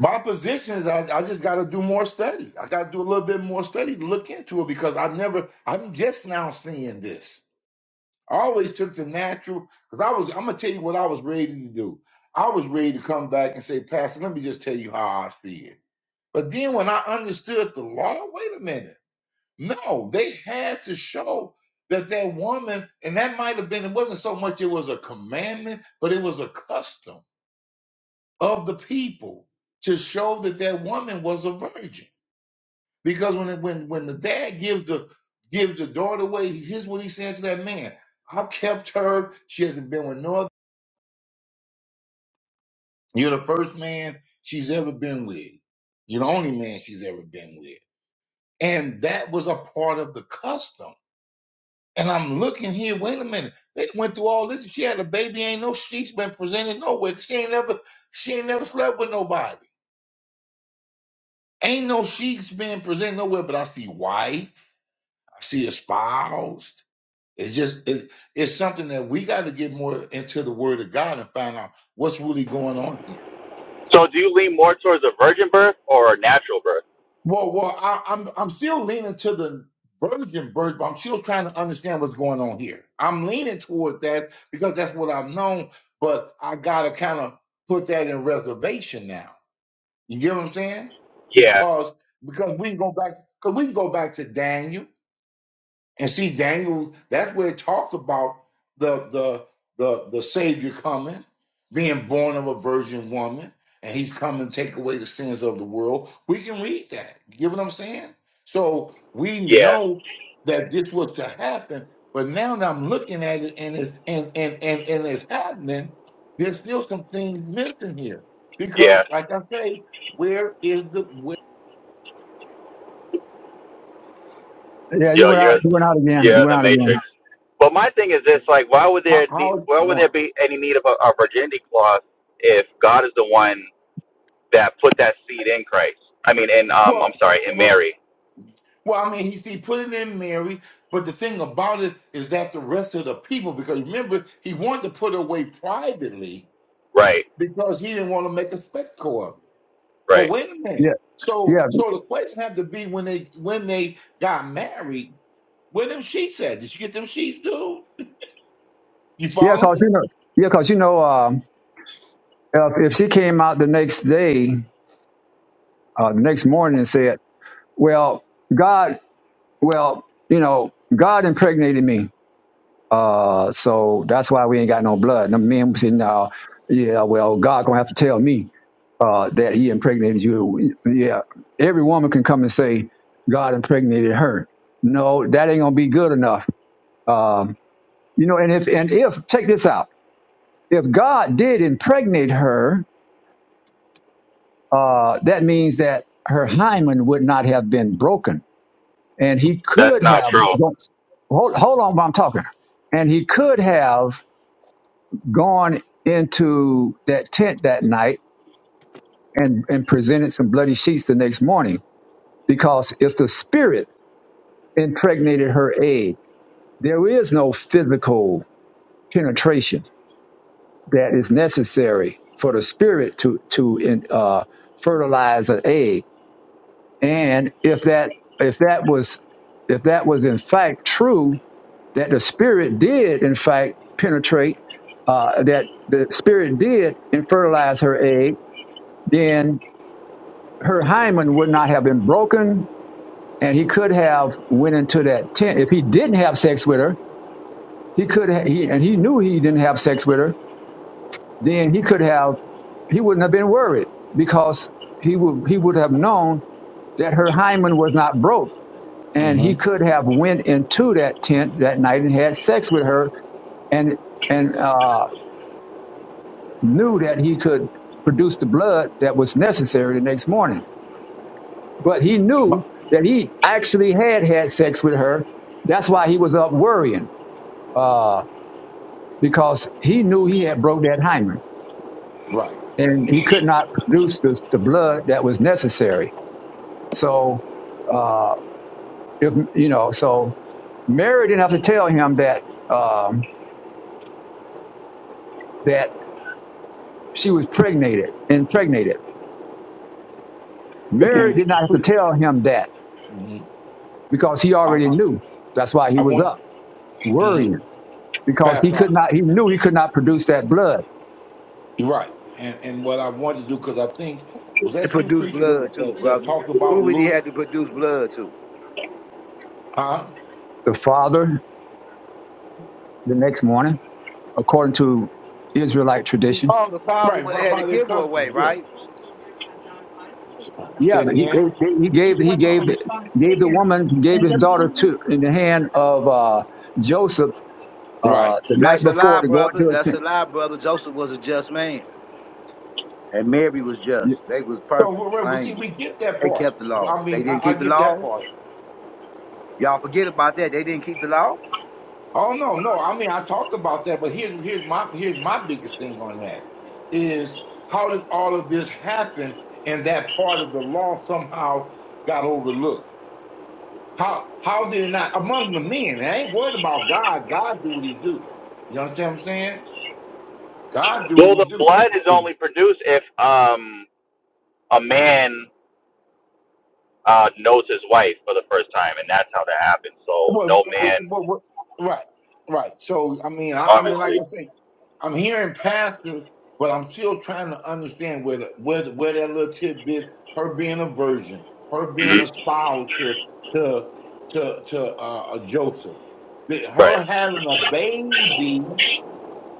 My position is I, I just got to do more study. I got to do a little bit more study to look into it because I never, I'm just now seeing this. I always took the natural because I was, I'm going to tell you what I was ready to do. I was ready to come back and say, Pastor, let me just tell you how I feel. But then when I understood the law, wait a minute. No, they had to show that that woman, and that might have been, it wasn't so much it was a commandment, but it was a custom of the people to show that that woman was a virgin. Because when it, when when the dad gives the gives the daughter away, here's what he said to that man: "I've kept her. She hasn't been with no other. You're the first man she's ever been with. You're the only man she's ever been with." And that was a part of the custom. And I'm looking here. Wait a minute. They went through all this. She had a baby. Ain't no she's been presented nowhere. She ain't never she ain't never slept with nobody. Ain't no she's being presented nowhere, but I see wife, I see espoused. It's just it, it's something that we got to get more into the Word of God and find out what's really going on here. So, do you lean more towards a virgin birth or a natural birth? Well, well, I, I'm I'm still leaning to the virgin birth, but I'm still trying to understand what's going on here. I'm leaning toward that because that's what I've known, but I got to kind of put that in reservation now. You get what I'm saying? Yeah, Because because we can go back because we can go back to Daniel And see, Daniel, that's where it talks about the the the the Savior coming, being born of a virgin woman, and he's coming to take away the sins of the world. We can read that. You get what I'm saying? So we yeah, know that this was to happen, but now that I'm looking at it and it's and and and, and it's happening, there's still some things missing here. Because yeah. like I say, where is the where, Yeah, you Yo, went out, you're you went out again, you you're went the out Matrix. again. But my thing is this: like, why would how, there need, how is it why would there going? be any need of a, a virginity clause if God is the one that put that seed in Christ? I mean, in um, I'm Well, sorry, in well, Mary. Well, I mean, he he put it in Mary, but the thing about it is that the rest of the people, because remember, he wanted to put it away privately Right, because he didn't want to make a spectacle of it. But right. wait a Yeah, minute. So, yeah, so the question had to be when they when they got married, where them sheets at? Did you get them sheets, dude? You yeah, follow cause you me? know, yeah, cause you know, um, If, if she came out the next day, uh, the next morning, and said, "Well, God, well, you know, God impregnated me, uh, so that's why we ain't got no blood." And the men said, "No, yeah, well, God gonna have to tell me uh, that He impregnated you." Yeah, every woman can come and say, "God impregnated her." No, that ain't gonna be good enough. Um, you know, and if and if take this out, if God did impregnate her, uh, that means that her hymen would not have been broken, and he That's could not have. true. Hold, hold on, while I'm talking. And he could have gone into that tent that night and and presented some bloody sheets the next morning, because if the spirit impregnated her egg, there is no physical penetration that is necessary for the spirit to to uh, fertilize an egg And if that if that was if that was in fact true, that the spirit did in fact penetrate, uh, that the spirit did infertilize her egg, then her hymen would not have been broken, and he could have went into that tent. If he didn't have sex with her, he could ha- he and he knew he didn't have sex with her. Then he could have he wouldn't have been worried because he would he would have known that her hymen was not broke and he Mm-hmm. could have went into that tent that night and had sex with her and and uh, knew that he could produce the blood that was necessary the next morning but he knew that he actually had had sex with her that's why he was up worrying uh, because he knew he had broke that hymen Right. and he could not produce this, the blood that was necessary so uh, if you know so mary didn't have to tell him that um, that she was pregnated, impregnated. Mary And did the not have to pre- tell him that mhm. because he I, already I, knew. That's why he I was want, up mhm. worrying because he Pastor. could not, he knew he could not produce that blood. You're right. And and what I wanted to do, because I think, was It that you produced preacher blood that, too, that, that brother. talked about Who would he Luke? had to produce blood to? Huh? The father, the next morning, according to Israelite tradition, Oh, the father Right, would by, have had to by their give her away, customs, yeah. right? So, say yeah, it he, again. he gave, he Uh, gave, gave the woman, he gave his daughter to in the hand of uh, Joseph right. uh, the night That's a before lie, to go brother. into a That's a tent. lie, brother. Joseph was a just man. And Mary was You- just. They was So, perfect, we- we- well, see, we blameless. get that They part. kept the law. Well, I They mean, didn't I, I keep the get that law. part. Y'all forget about that. They didn't keep the law. Oh no, no. I mean, I talked about that, but here's here's my here's my biggest thing on that is how did all of this happen, and that part of the law somehow got overlooked How how did it not among the men? I ain't worried about God. God do what he do. You understand what I'm saying? God do what Well, he the do. blood is only produced if um a man uh, knows his wife for the first time, and that's how that happened. So Well, no eh, eh, man, well, well, right, right. So I mean, I, I mean, like obviously. I say, I'm hearing pastors, but I'm still trying to understand where the, where the, where that little tidbit, her being a virgin, her being a hmm spouse to to to to uh, Joseph, that her Right. having a baby.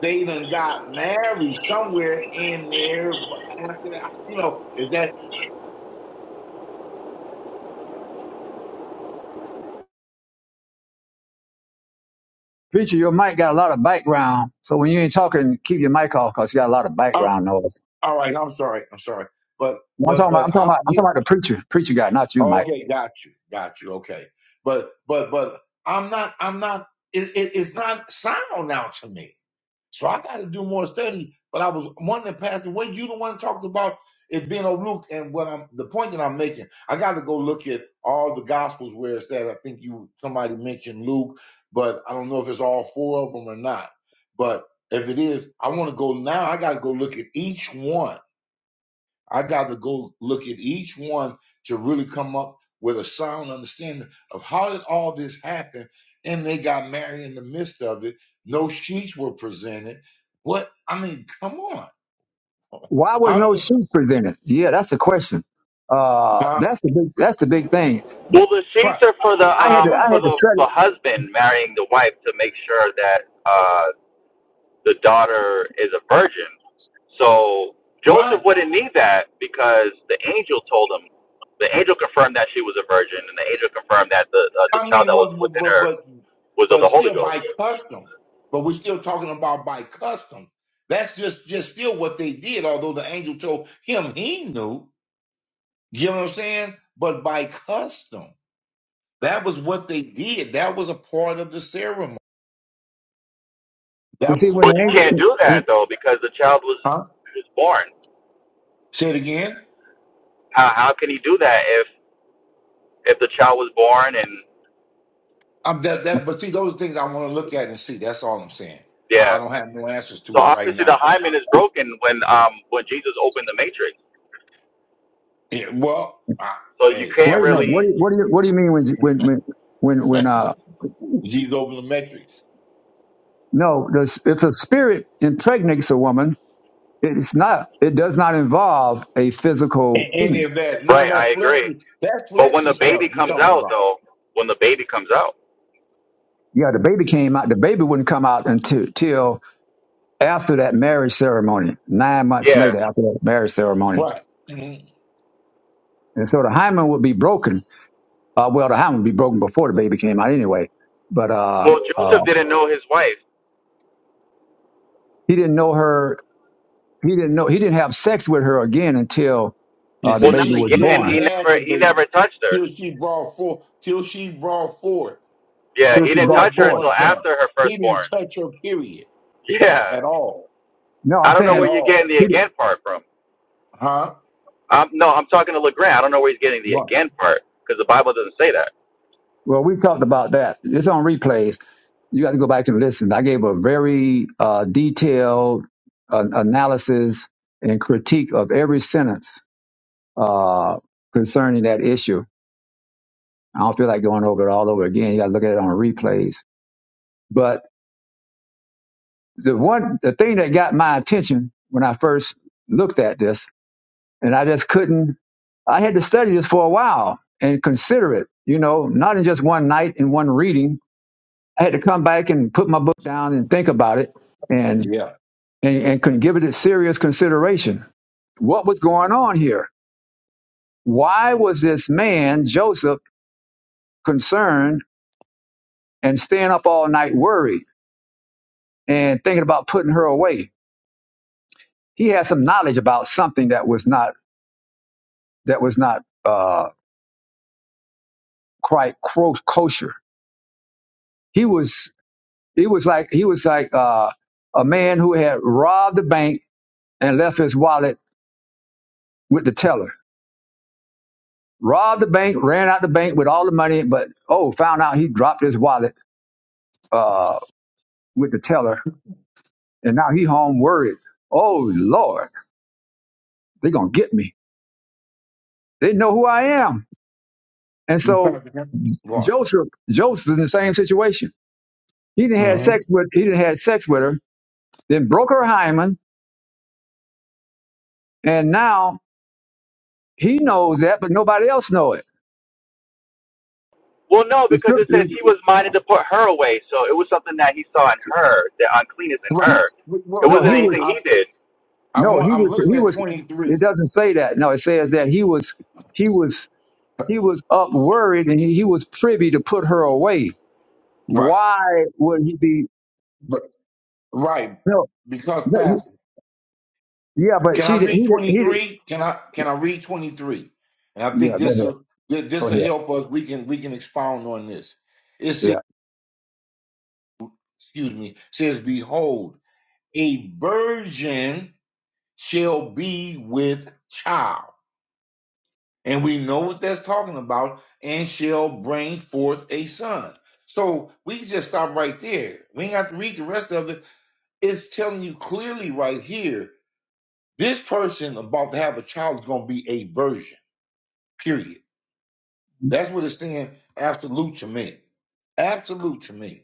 They even got married somewhere in there. But after that, you know, is that Preacher, your mic got a lot of background, so when you ain't talking, keep your mic off because you got a lot of oh, background noise. all right? I'm sorry. I'm sorry. But No, I'm but talking about, but I'm talking I'm about, I'm you. talking about the preacher, preacher guy, not you, Mike. Okay, got you. Got you. Okay. But but but I'm not. I'm not. It, it, it's not sound now to me. So I got to do more study. But I was wondering, Pastor, was you the one talked about it being overlooked? And what I'm the point that I'm making, I got to go look at all the gospels where it's that. I think you somebody mentioned Luke, but I don't know if it's all four of them or not. But if it is, I want to go now. I got to go look at each one I got to go look at each one to really come up with a sound understanding of how did all this happen, and they got married in the midst of it. No sheets were presented. What I mean, come on. Why was How no do sheets presented? Yeah, that's the question. Uh, uh, that's the big, that's the big thing. Well, the sheets right? are for the I had You're to, um right. I for had to the study the husband marrying the wife to make sure that uh the daughter is a virgin. So Joseph Right. wouldn't need that because the angel told him. The angel confirmed that she was a virgin, and the angel confirmed that the uh, the I child mean, that was well, but within but her but was of the but Holy still Ghost. by custom. But we're still talking about by custom. That's just just still what they did. Although the angel told him he knew. You know what I'm saying? But by custom. That was what they did. That was a part of the ceremony. That to see was a when But the you part of can't angel. do it. that though because the child was Huh? was born. Say it again. How how can he do that if if the child was born and I'm that that but see those are things I want to look at and see. That's all I'm saying. I, I yeah? don't have no answers to So it right obviously now. the hymen is broken when um when Jesus opened the matrix. Yeah, well, I, So you hey, Wait can't a got to minute. look What really do you, what do you, what do you mean when, when, when, when, when at uh, these over the metrics. no, the, if a spirit impregnates a woman, it's not, it does not involve a physical And any of penis. that, none right. of I that agree. fleshy that But when fleshy the stuff baby you're comes talking out about. though, when the baby comes out, Yeah, the baby came out. The baby wouldn't come out until till after that marriage ceremony, nine months yeah. later after that marriage ceremony Right. Mhm. And so the hymen would be broken. Uh, well, the hymen would be broken before the baby came out anyway. But uh, Well, Joseph uh, didn't know his wife. he didn't know her. He didn't know. He didn't have sex with her again until uh, the Well, Until not baby she was again. literally born. He had never the he baby. never touched her. Till she brought forth till she brought forth. Yeah, her he Until she didn't brought touch her forth. until firstborn son. after her He didn't firstborn. touch her period Yeah. at all, No, I I'm don't know at where saying. you're all. getting the He, again part from. Huh? Um, no, I'm talking to LeGrand. I don't know where he's getting the What? again part because the Bible doesn't say that. well, we talked about that. It's on replays. You got to go back and listen. I gave a very uh, detailed uh, analysis and critique of every sentence uh, concerning that issue. I don't feel like going over it all over again. You got to look at it on replays But the one, the thing that got my attention when I first looked at this, and I just couldn't, I had to study this for a while and consider it, you know, not in just one night and one reading. I had to come back and put my book down and think about it and, Yeah. and, and could give it a serious consideration. What was going on here? Why was this man, Joseph, concerned and staying up all night worried and thinking about putting her away? He had some knowledge about something that was not that was not uh quite kosher. He was he was like he was like uh, a man who had robbed the bank and left his wallet with the teller. Robbed the bank, ran out the bank with all the money, but oh, found out he dropped his wallet uh, with the teller, and now he home worried. Oh Lord, they're gonna get me. They know who I am, and You so talking Joseph Joseph in the same situation. He didn't had hmm sex with he didn't had sex with her, then broke her hymen, and now He knows that, but nobody else know it. Well, no, The because it says scriptures, he was minded to put her away, so it was something that he saw in her, the uncleanness in Right. her. It Well, no, wasn't he well, was, anything he I, did. I no, want. he I'm was, looking he at was. It 23. doesn't say that. No, it says that he was, he was, he was up worried, and he, he was privy to put her away. Right. Why would he be? But right No, because no, he- pastor, yeah, but can she I did. He read did. He did. 23? Can I? Can I read 23? And I Yeah, think go this ahead. will thi- Go this will ahead. help us. We can we can expound on this. It says, Yeah, excuse me, says, behold, a virgin shall be with child. And we know what that's talking about, and shall bring forth a son. So we can just stop right there. We ain't got to read the rest of it. It's telling you clearly right here this person about to have a child is going to be a virgin, period. That's what it's saying, absolute to me. Absolute to me.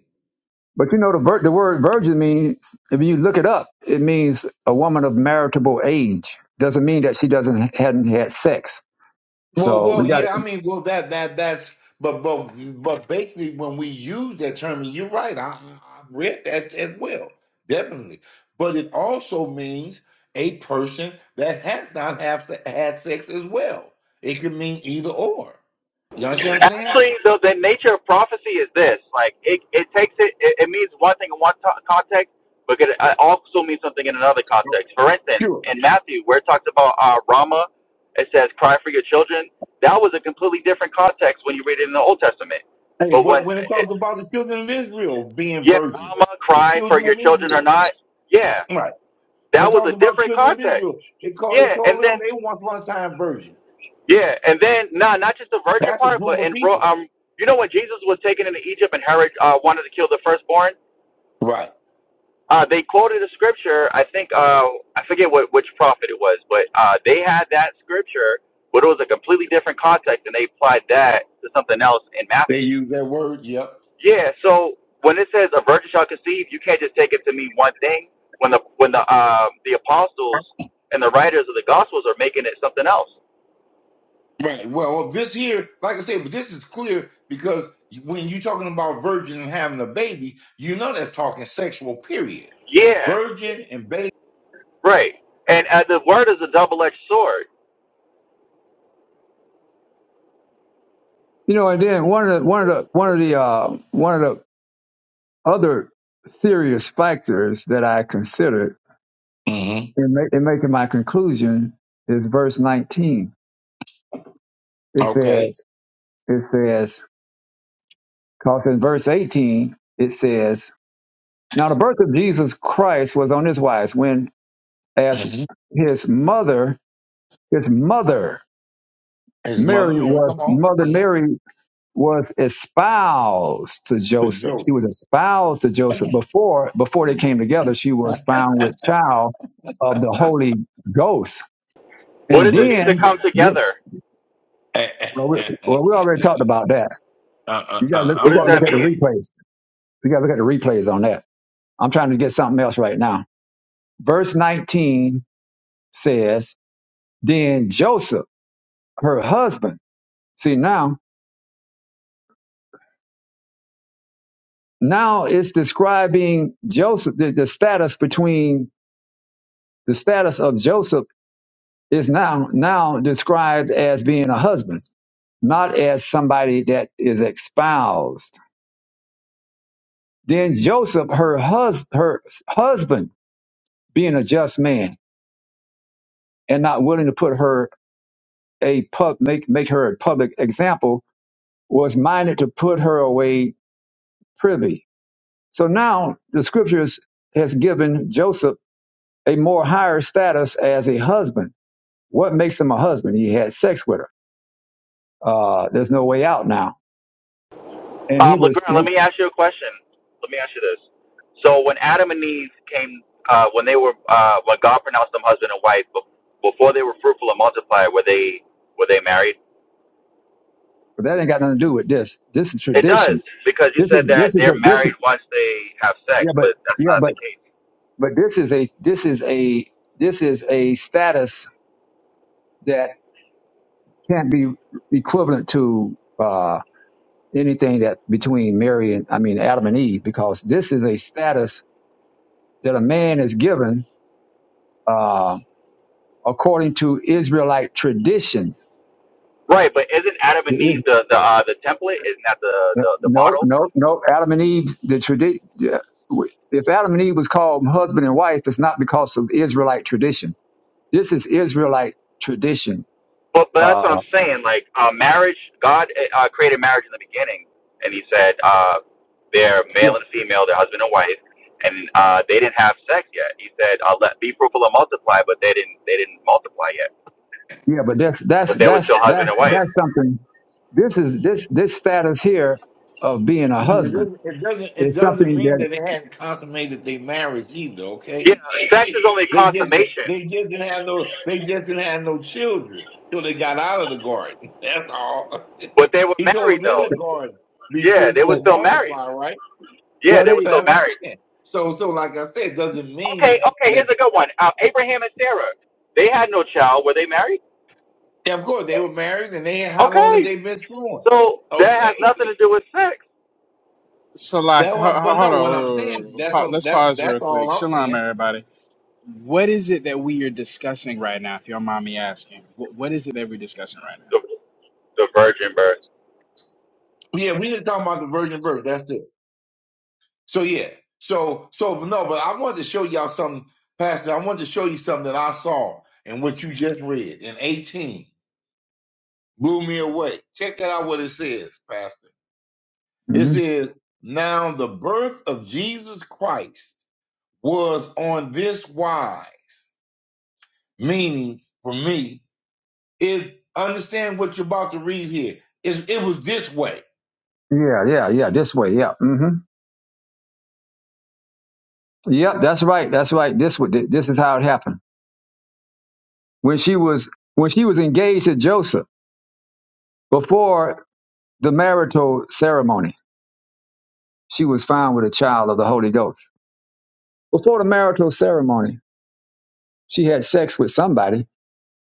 but you know the vir- the word virgin means if you look it up, it means a woman of marriageable age. Doesn't mean that she doesn't hadn't had sex. Well, So we well, got yeah. I mean, well, that that that's but but but basically, when we use that term, and you're right. I, I read that as well, definitely. But it also means a person that has not have se- had sex as well. It could mean either or. You understand what I'm saying? Actually, the, the nature of prophecy is this: like it, it takes it, it, it means one thing in one to context, but it uh, also means something in another context. For instance, Sure. in Matthew, where it talks about uh, Rama, it says, "Cry for your children." That was a completely different context when you read it in the Old Testament. Hey, But when, what when it it, talks about the children of Israel being yeah, virgins, Rama, the cry for children your of children or Israel, not, yeah, right? When that it was a talks about different children of context. Israel, it called it Yeah, and told them then they once upon a time virgin. yeah, and then nah, not just the virgin That's a part, group but of and bro, people, um, you know when Jesus was taken into Egypt and Herod uh, wanted to kill the firstborn, right? uh, they quoted a scripture. I think uh, I forget what which prophet it was, but uh, they had that scripture, but it was a completely different context, and they applied that to something else in They Matthew. use that word. Yep. Yeah, so when it says a virgin shall conceive, you can't just take it to mean one thing. When the when the um the apostles and the writers of the gospels are making it something else. Right. Well, well, this here, like I said, but this is clear because when you're talking about virgin and having a baby, you know that's talking sexual. Period. Yeah, Virgin and baby. Right. And uh, the word is a double-edged sword. You know, and then one of the one of the one of the uh, one of the other serious factors that I considered hmm in, ma- in making my conclusion is verse 19. It Okay. says, it says, because in verse 18 it says, "Now the birth of Jesus Christ was on this wise when, as hmm his mother, his mother His mother Mary Mary. was Come on. mother hmm Mary was espoused to The Joseph. She joke. was espoused to Joseph before before they came together. She was found with child of the I'm Holy Ghost, What and does gonna it let mean you to then come finish. yes, together? uh, well, we, well, we uh, already talked about that. uh. You got to look. What You I'm got does to about to look that at the tell. mean? replays. You got to look at the replays on that. I'm trying to get something else right now. Verse 19 says, "Then Joseph, her husband." See now, now it's describing Joseph the, the status between the status of Joseph is now now described as being a husband, not as somebody that is espoused. Then Joseph, her hus- her husband, being a just man and not willing to put her a pub make make her a public example, was minded to put her away privy. So now the scriptures has given Joseph a more higher status as a husband. What makes him a husband? He had sex with her. Uh, there's no way out now, and he Um, was. LeGrand, let me ask you a question. Let me ask you this. So when Adam and Eve came, uh, when they were, uh, when God pronounced them husband and wife, bef- before they were fruitful and multiplied, were they were they married? But that ain't got nothing to do with this. This is It does tradition. because you This is said that this is they're a this is married once they have sex, yeah, but but that's yeah, not but the case. but this is a this is a this is a status that can't be equivalent to uh anything that between Mary and I mean Adam and Eve, because this is a status that a man is given uh according to Israelite tradition. Right, but isn't Adam and It is- Eve the the uh, the template? Isn't that the the, the no, model? no, no. Adam and Eve, the tradition. If Adam and Eve was called husband and wife, it's not because of Israelite tradition This is Israelite tradition. But, but Uh, that's what I'm saying. Like uh, marriage, God uh, uh, created marriage in the beginning, and He said uh, they're yeah, male and female, they're husband and wife, and uh, they didn't have sex yet. He said, uh, "Let be fruitful and multiply," but they didn't. They didn't multiply yet. yeah, but that's that's But they were that's still husband that's and wife. that's something. This is this this status here of being a But It husband doesn't, it doesn't. It is doesn't something mean that that they hadn't consummated their marriage either. Yeah, Okay, sex is only they just consummation. they just didn't have no they just didn't have no children till they got out of the garden. That's all. But they were he told married them in though. the garden, be Yeah, they fruitful were that- and still married. multiply. Right. Yeah, well they were they. So still that's what I'm married. saying. So so like I said, it doesn't Okay, mean okay. that. Here's a good one. Uh, Abraham and Sarah. They had no child. Were they married? yeah, Of course, they were married, and they how long have Okay. they been screwing? So that has Okay, nothing to do with sex. So like, that ho- one. ho- But hold no, on, what wait, I'm wait, saying wait, wait. that's Pa- what let's that's pause that's real quick. all I'm Shalom, saying. everybody. What is it that we are discussing right now? If your mommy asking, what, what is it that we're discussing right now? the virgin birth. Yeah, we just talking about the virgin birth. That's it. So yeah. So so no, but I wanted to show y'all something, Pastor. I wanted to show you something that I saw in what you just read in 18. Blew me away. Check that out what it says, Pastor. It mhm. says, Now the birth of Jesus Christ was on this wise, meaning for me, is understand what you're about to read here. It's, it was this way. Yeah, yeah, yeah. This way, yeah. hmm Yep, that's right, that's right. This wa- thi- this is how it happened when she was when she was engaged to Joseph before the marital ceremony. She was found with a child of the Holy Ghost before the marital ceremony. She had sex with somebody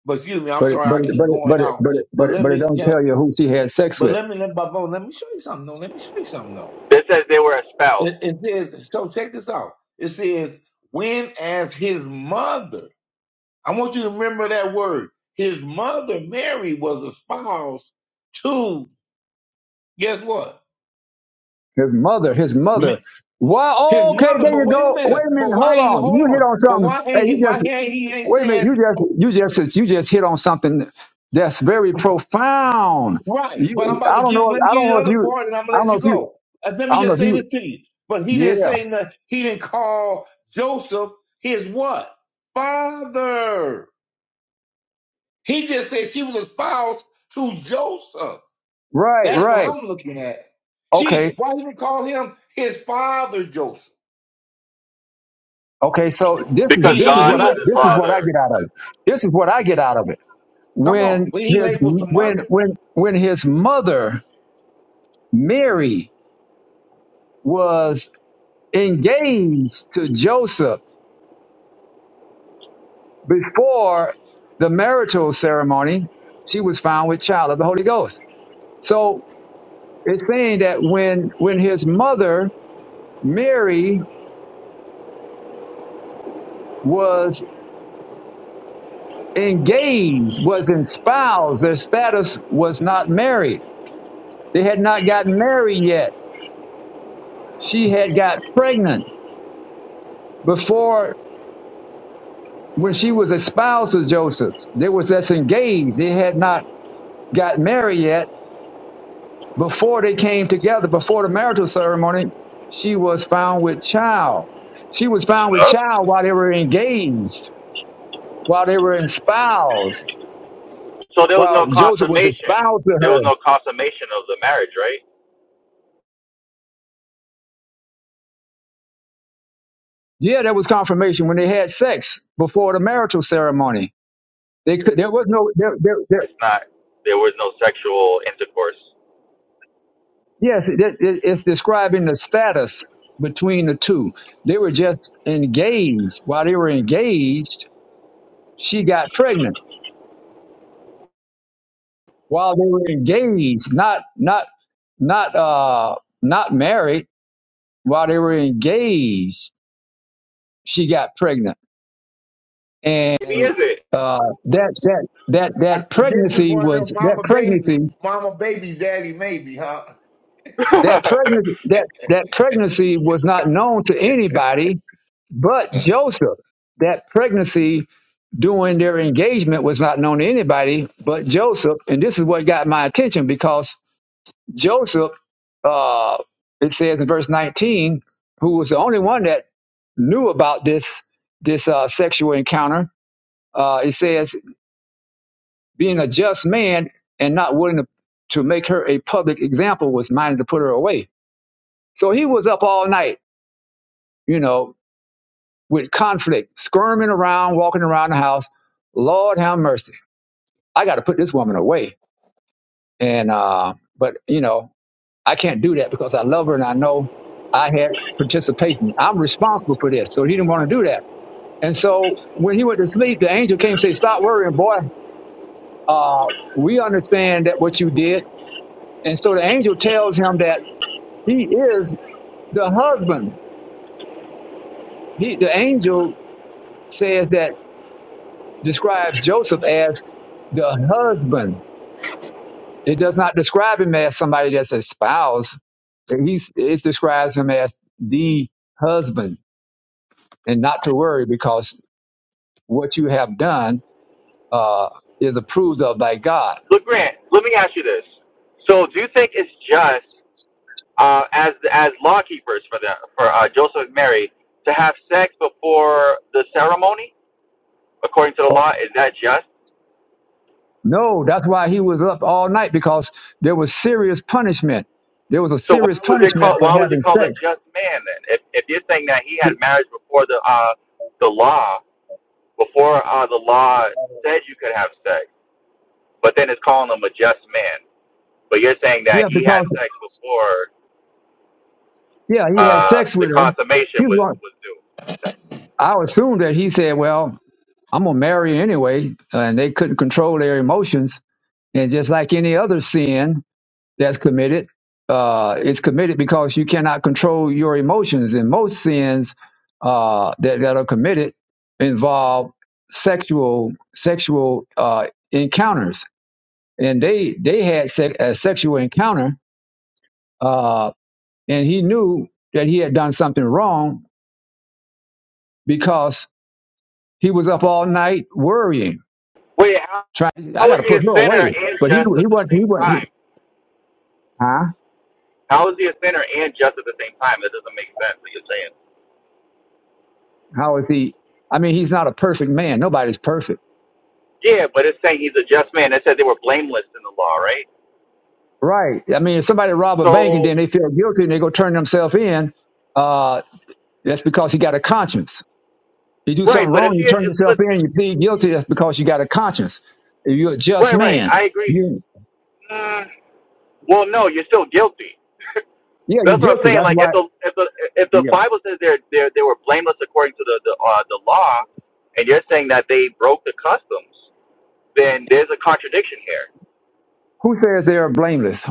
But excuse me, I'm But it, sorry but I it, keep but it, going but it, out. but it, but But it, let but it me don't can, tell you who she had sex but with. let me let, but let me show you something though. Let me show you something though It says they were espoused It, it says, so check this out. It says, when as his mother, I want you to remember that word. His mother, Mary, was a spouse to, guess what? His mother, his Ma- mother. Why? His Okay, mother, there but you wait a go. Wait minute. a minute. But why Hold ain't he, on. hold You hit on. on But something. why Hey, ain't he, you why just ain't he ain't wait a minute. saying, You just oh, you just you just hit on something that's very profound. right, but I'm You, about I to don't give, know. let me I give don't you the know if other you. part and I'm I going to don't let know you if you. go. Uh, let I me don't know just if say you. this to you. But he didn't Yeah. say, nothing. he didn't call Joseph his what? Father. He just said she was espoused to Joseph. Right. That's what Right. I'm looking at. She Okay. why did he call him his father Joseph? Okay. So this is He because this is he what God I was he his this is what I father. get out of it. This is what I get out of it. come on. When But he his labeled the when mother. when when his mother Mary was engaged to Joseph before the marital ceremony. She was found with child of the Holy Ghost. So it's saying that when when his mother Mary was engaged, was espoused, their status was not married. They had not gotten married yet. She had got pregnant before when she was espoused to Joseph. They was that's engaged. They had not got married yet Before they came together, before the marital ceremony, she was found with child. She was found with Huh? child while they were engaged, while they were espoused, So there was no while Joseph was consummation. espoused to There was her. no consummation of the marriage, right? Yeah, that was confirmation when they had sex before the marital ceremony. They could, there was no there, there, there, It's not. There was no sexual intercourse. yes, it, it, it's describing the status between the two. They were just engaged. While they were engaged, she got pregnant while they were engaged, not not not uh not married, while they were engaged, she got pregnant. Maybe is And it? uh that that that I that suggest this pregnancy one of them was that mama baby pregnancy mama baby daddy maybe, huh? that pregnancy that that pregnancy was not known to anybody but Yeah. Joseph. That pregnancy during their engagement was not known to anybody but Joseph. And this is what got my attention because Joseph, uh, it says in verse 19, who was the only one that knew about this this uh, sexual encounter. Uh, it says, being a just man and not willing to, to make her a public example was minded to put her away. So he was up all night, you know, with conflict, skirming around, walking around the house. Lord have mercy. I got to put this woman away. And, uh, but, you know, I can't do that because I love her and I know I had participation. I'm responsible for this. So he didn't want to do that. And so when he went to sleep, the angel came and said, Stop worrying, boy. Uh, we understand that what you did. And so the angel tells him that he is the husband. He, the angel says that describes Joseph as the husband. It does not describe him as somebody that's a spouse he's it describes him as the husband and not to worry because what you have done uh, is approved of by God. Look, Grant. Let me ask you this. So, do you think it's just uh, as as lawkeepers for them for uh, Joseph and Mary to have sex before the ceremony, according to the Oh, law? Is that just? No, that's why he was up all night because there was serious punishment. There was a So why serious was it punishment called? for Why was he having called a sex. just man then? If if you're saying that he had marriage before the uh the law, before uh the law said you could have sex, but then it's calling him a just man. But you're saying Yeah, that he had because sex before yeah, he had uh sex the with her. He consummation was was. was due. I assume that he said, "Well, I'm gonna marry her anyway," and they couldn't control their emotions. And just like any other sin, that's committed. Uh, it's committed because you cannot control your emotions, and most sins uh, that that are committed involve sexual sexual uh, encounters, and they they had se- a sexual encounter, uh, and he knew that he had done something wrong because he was up all night worrying. Wait, how, Trying, I how got is to he put a her sinner away, and but he just he at the wasn't. He same wasn't. time? Huh? How is he a sinner and just at the same time? That doesn't make sense. That you're saying. How is he? I mean, he's not a perfect man. Nobody's perfect Yeah, but it's saying he's a just man. It said they were blameless in the law, right? Right. I mean, if somebody rob a bank and So then they feel guilty and they go turn themselves in, uh, that's because he got a conscience. You do right, something but if wrong, you you, turn yourself but in, you plead guilty. That's because you got a conscience. If you're a just Right, right. man, I agree. you Mm, well, no, you're still guilty. yeah, you're That's what I'm guilty. saying. That's Like why. if the if the if You the Bible says they're they are they were blameless according to the the, uh, the law, and you're saying that they broke the customs, then there's a contradiction here. Who says they're blameless?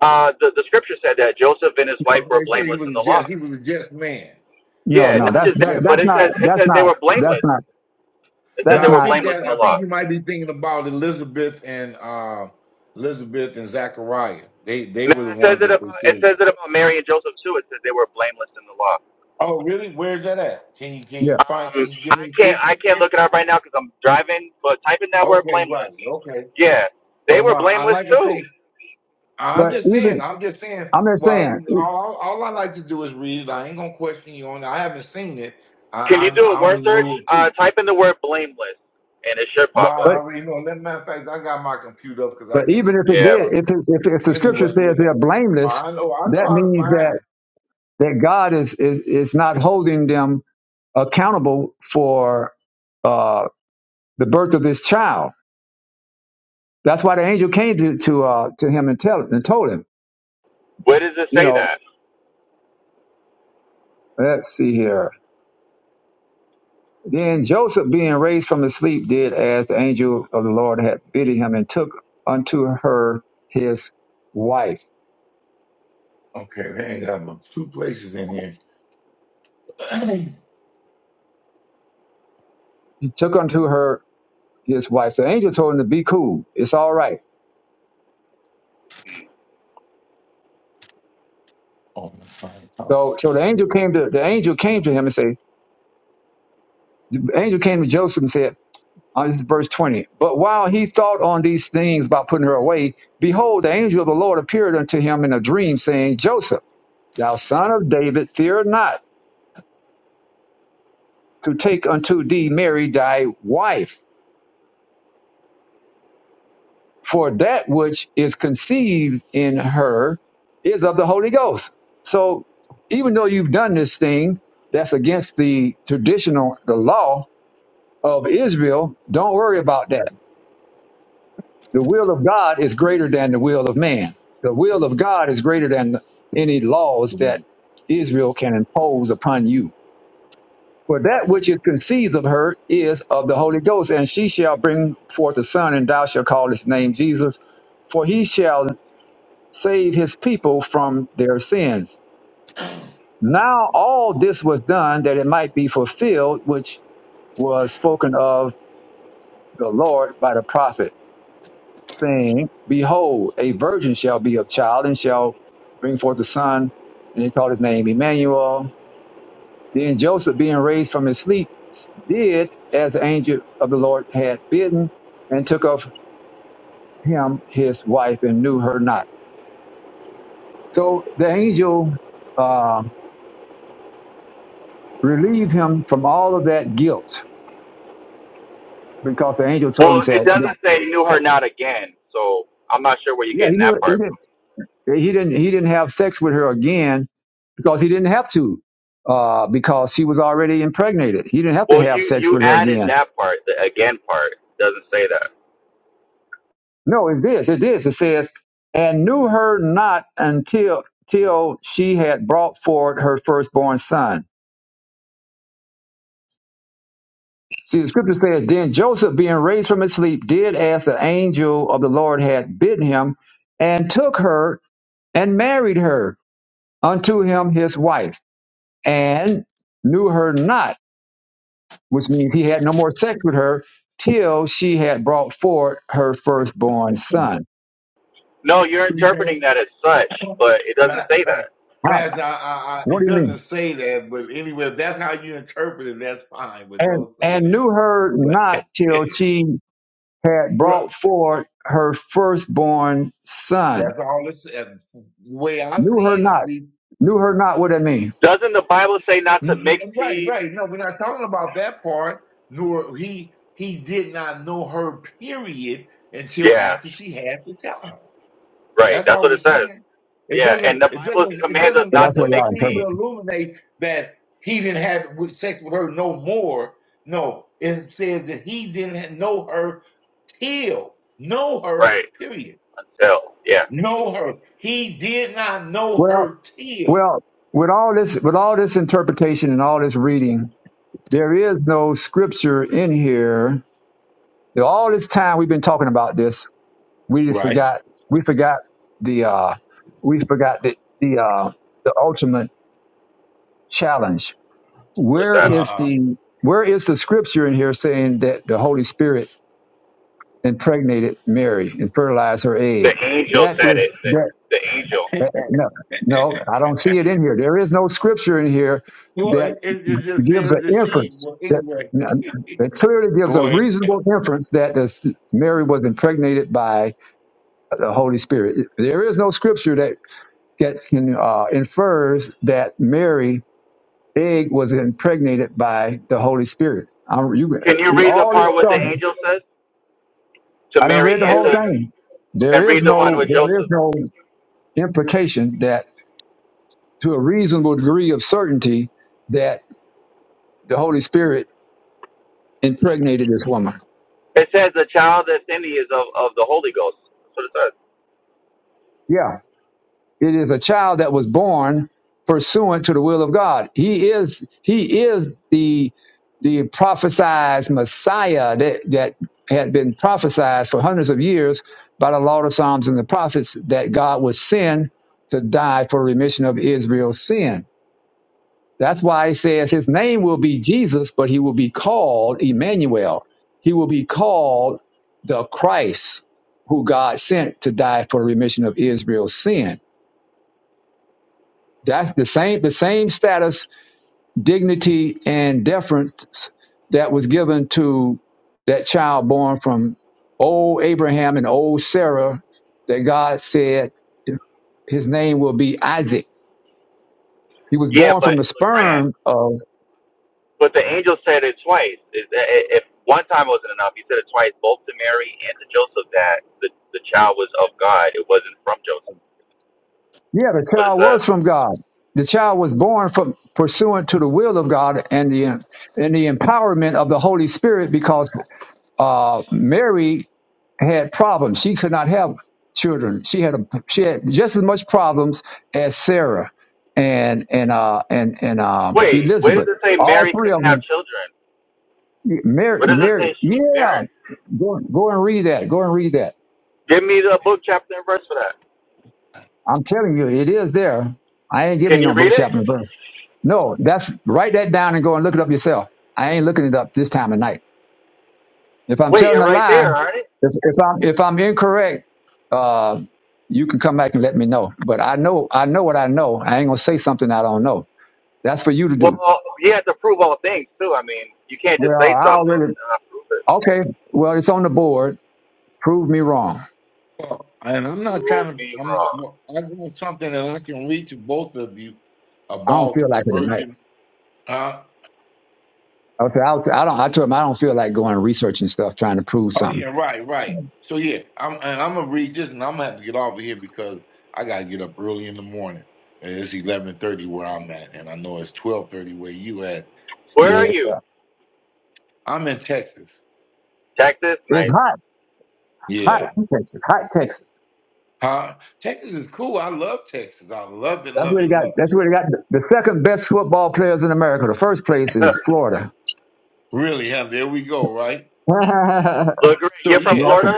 Uh, the the scripture said that Joseph and his wife know, were They said he blameless was a in the law. just he was a just man. No, Yeah, no, Joseph not that's was just a that, that, just but that's it man. not says it that's says they not were that's blameless. not It says that's they Now I were not think blameless in that the I think law. you might be thinking about Elizabeth and uh, Elizabeth and Zachariah. They they Now were the it says ones it that they about it said. says it about Mary and Joseph too. It says they were blameless in the law. Oh, really? Where's that at? Can you can you yeah. find? Can Um, you give I me a can't scripture I can't for look it up right now because I'm driving. But type in it? that word Okay, right. blameless. Okay, Yeah, they but no, were I blameless like I too. say, I'm But just saying. even I'm just saying. I'm just saying, Well, all, all I like to do is read. it. I ain't gonna question you on it. I haven't seen it. Can I you I'm, do a I word only search? knew it Uh, too. type in the word blameless, and it should Well, pop I but up. already know. As a matter of fact, I got my computer up because I but can't even if it use Yeah. did, about it if it, if if the scripture anyway. says Yeah, they're blameless, I know. I know that how to means find that it. that God is is is not holding them accountable for uh, the birth of this child. That's why the angel came to to, uh, to him and tell and told him, Where does it you say know, that? let's see here. Then Joseph, being raised from the sleep, did as the angel of the Lord had bidden him, and took unto her his wife. Okay, they ain't got no two places in here. He took unto her his wife. The angel told him to be cool. It's all right. oh, my God. So, so the angel came to the angel came to him and said, the angel came to Joseph and said, Uh, this is verse 20. But while he thought on these things about putting her away, behold, the angel of the Lord appeared unto him in a dream, saying, Joseph, thou son of David, fear not to take unto thee Mary thy wife, for that which is conceived in her is of the Holy Ghost. So even though you've done this thing that's against the traditional, the law of Israel, don't worry That's about that The will of God is greater than the will of man. The will of God is greater than any laws that pretty Israel can impose upon you. For that which is conceived of her is of the Holy Ghost, and she shall bring forth a son, and thou shalt call his name Jesus, for he shall save his people from their sins. Now all this was done that it might be fulfilled, which was spoken of the Lord by the prophet. saying, Behold, a virgin shall be of child and shall bring forth a son. And they called his name Emmanuel. Then Joseph, being raised from his sleep, s- did as the angel of the Lord had bidden and took of him his wife and knew her not. So the angel uh, relieved him from all of that guilt because the angel told him, Well, it said, No. doesn't say knew her not again. So I'm not sure where you're Yeah, he, getting knew, that he part. from. didn't. He didn't. He didn't have sex with her again because he didn't have to, uh, because she was already impregnated. He didn't have to Well, have you sex you with her added again. that part, the again part. It Doesn't say that. No, it is. It is. It says, and knew her not until till she had brought forward her firstborn son. See, the scripture says, then Joseph, being raised from his sleep, did as the angel of the Lord had bidden him, and took her and married her unto him his wife, and knew her not which means he had no more sex with her till she had brought forth her firstborn son. No, you're damn interpreting that as such, but it doesn't Pa- say pa- that. How? Pastor, I, I, I, What it do you mean? doesn't say that, but anyway, if that's how you interpret it, that's fine, but And don't say and that. knew her But not till she had right, brought forth her firstborn son. that's all it's uh, the way I Knew see her it. I not. believe, Knew her not. What that mean? Doesn't the Bible say not to n- mix n- right, seed? right. No, we're not talking about that part. Nor he he did not know her period until Yeah. after she had the child. Right. That's That's all what we're it says. saying. It Yeah. And doesn't. the It Bible doesn't. It commands us doesn't. Well, not It that's to what mix doesn't y'all seem to interpret. seed. illuminate that he didn't have with- sex with her no more. No, it says that he didn't know her till know her. Right. Period. Until. Yeah. Know her. He did not know Well, her till. well, with all this, with all this interpretation and all this reading, there is no scripture in here. All this time we've been talking about this We just Right. forgot. We forgot the. Uh, we forgot the the uh, the ultimate challenge. What's Where that? is Uh the Where is the scripture in here saying that the Holy Spirit impregnated Mary and fertilized her The egg? angel That said is it. The, that. the angel. that huh. no, no, I don't see it in here. There is no scripture in here Well, that it, it it just gives says an that she. inference Well, that anyway. that clearly gives a Go ahead. reasonable inference that this Mary was impregnated by the Holy Spirit. There is no scripture that. get, can, uh, infers that Mary egg was impregnated by the Holy Spirit. I'm, you, Can you read the all this part what stuff. the angel says to I didn't Mary read the and whole to, thing. and There read is the one no with there is Joseph? no implication that to a reasonable degree of certainty that the Holy Spirit impregnated this woman. It says the child that's in thee is of, of the Holy Ghost. That's what it says. Yeah. It is a child that was born pursuant to the will of God. He is he is the the prophesied Messiah that, that had been prophesied for hundreds of years by the Law of Psalms and the prophets that God would send to die for remission of Israel's sin. That's why he says his name will be Jesus, but he will be called Emmanuel. He will be called the Christ who God sent to die for remission of Israel's sin that's the same the same status, dignity, and deference that was given to that child born from old Abraham and old Sarah that God said his name will be Isaac. He was Yeah, born from but the Legrand. sperm of But the angel said it twice. Is that- i- If one time wasn't enough, he said it twice, both to Mary and to Joseph, that the, the child was of God. It wasn't from Joseph. yeah, the That's what it child says. was from God. The child was born from pursuant to the will of God and the and the empowerment of the Holy Spirit because uh, Mary had problems. She could not have children. She had a she had just as much problems as Sarah and and uh and and um Wait, where does Elizabeth. it say All Mary three couldn't of have them. children? Where Mary, does it Mary, say she was yeah. barren? Go go and read that. Go and read that. Give me the book, chapter, and verse for that. I'm telling you, it is there. I ain't giving Can you you no book read it? chapter and verse. No, that's write that down and go and look it up yourself. I ain't looking it up this time of night. If I'm Wait, telling you're a right lie, there, aren't it? If, if I'm if I'm incorrect, uh, you can come back and let me know. But I know I know what I know. I ain't gonna say something I don't know. That's for you to do. Well, you have to prove all things, too. I mean, you can't just Well, say I something already and not prove it. okay. Well, it's on the board. Prove me wrong. Well, And I'm not Prove trying to. me I'm. wrong. well, I want something that I can read to both of you I don't feel about the like it tonight. virgin Uh, Okay, I, I don't. I told him I don't feel like going and researching stuff, trying to prove oh yeah, something. right, right. So yeah, I'm and I'm gonna read this, and I'm gonna have to get off of here because I gotta get up early in the morning. And It's eleven thirty where I'm at, and I know it's twelve thirty where you at, Where are Yeah, Pastor. you? I'm in Texas. Texas? it's Nice. hot, hot Yeah, Texas, hot Texas. huh? Texas is cool. I love Texas. I love it, That's love where it, they got. love. That's where they got the, the second best football players in America. The first place Huh. is Florida. It. Really, huh? There we go. Right. no, I'm Look, great. So you're from yeah. from, Florida?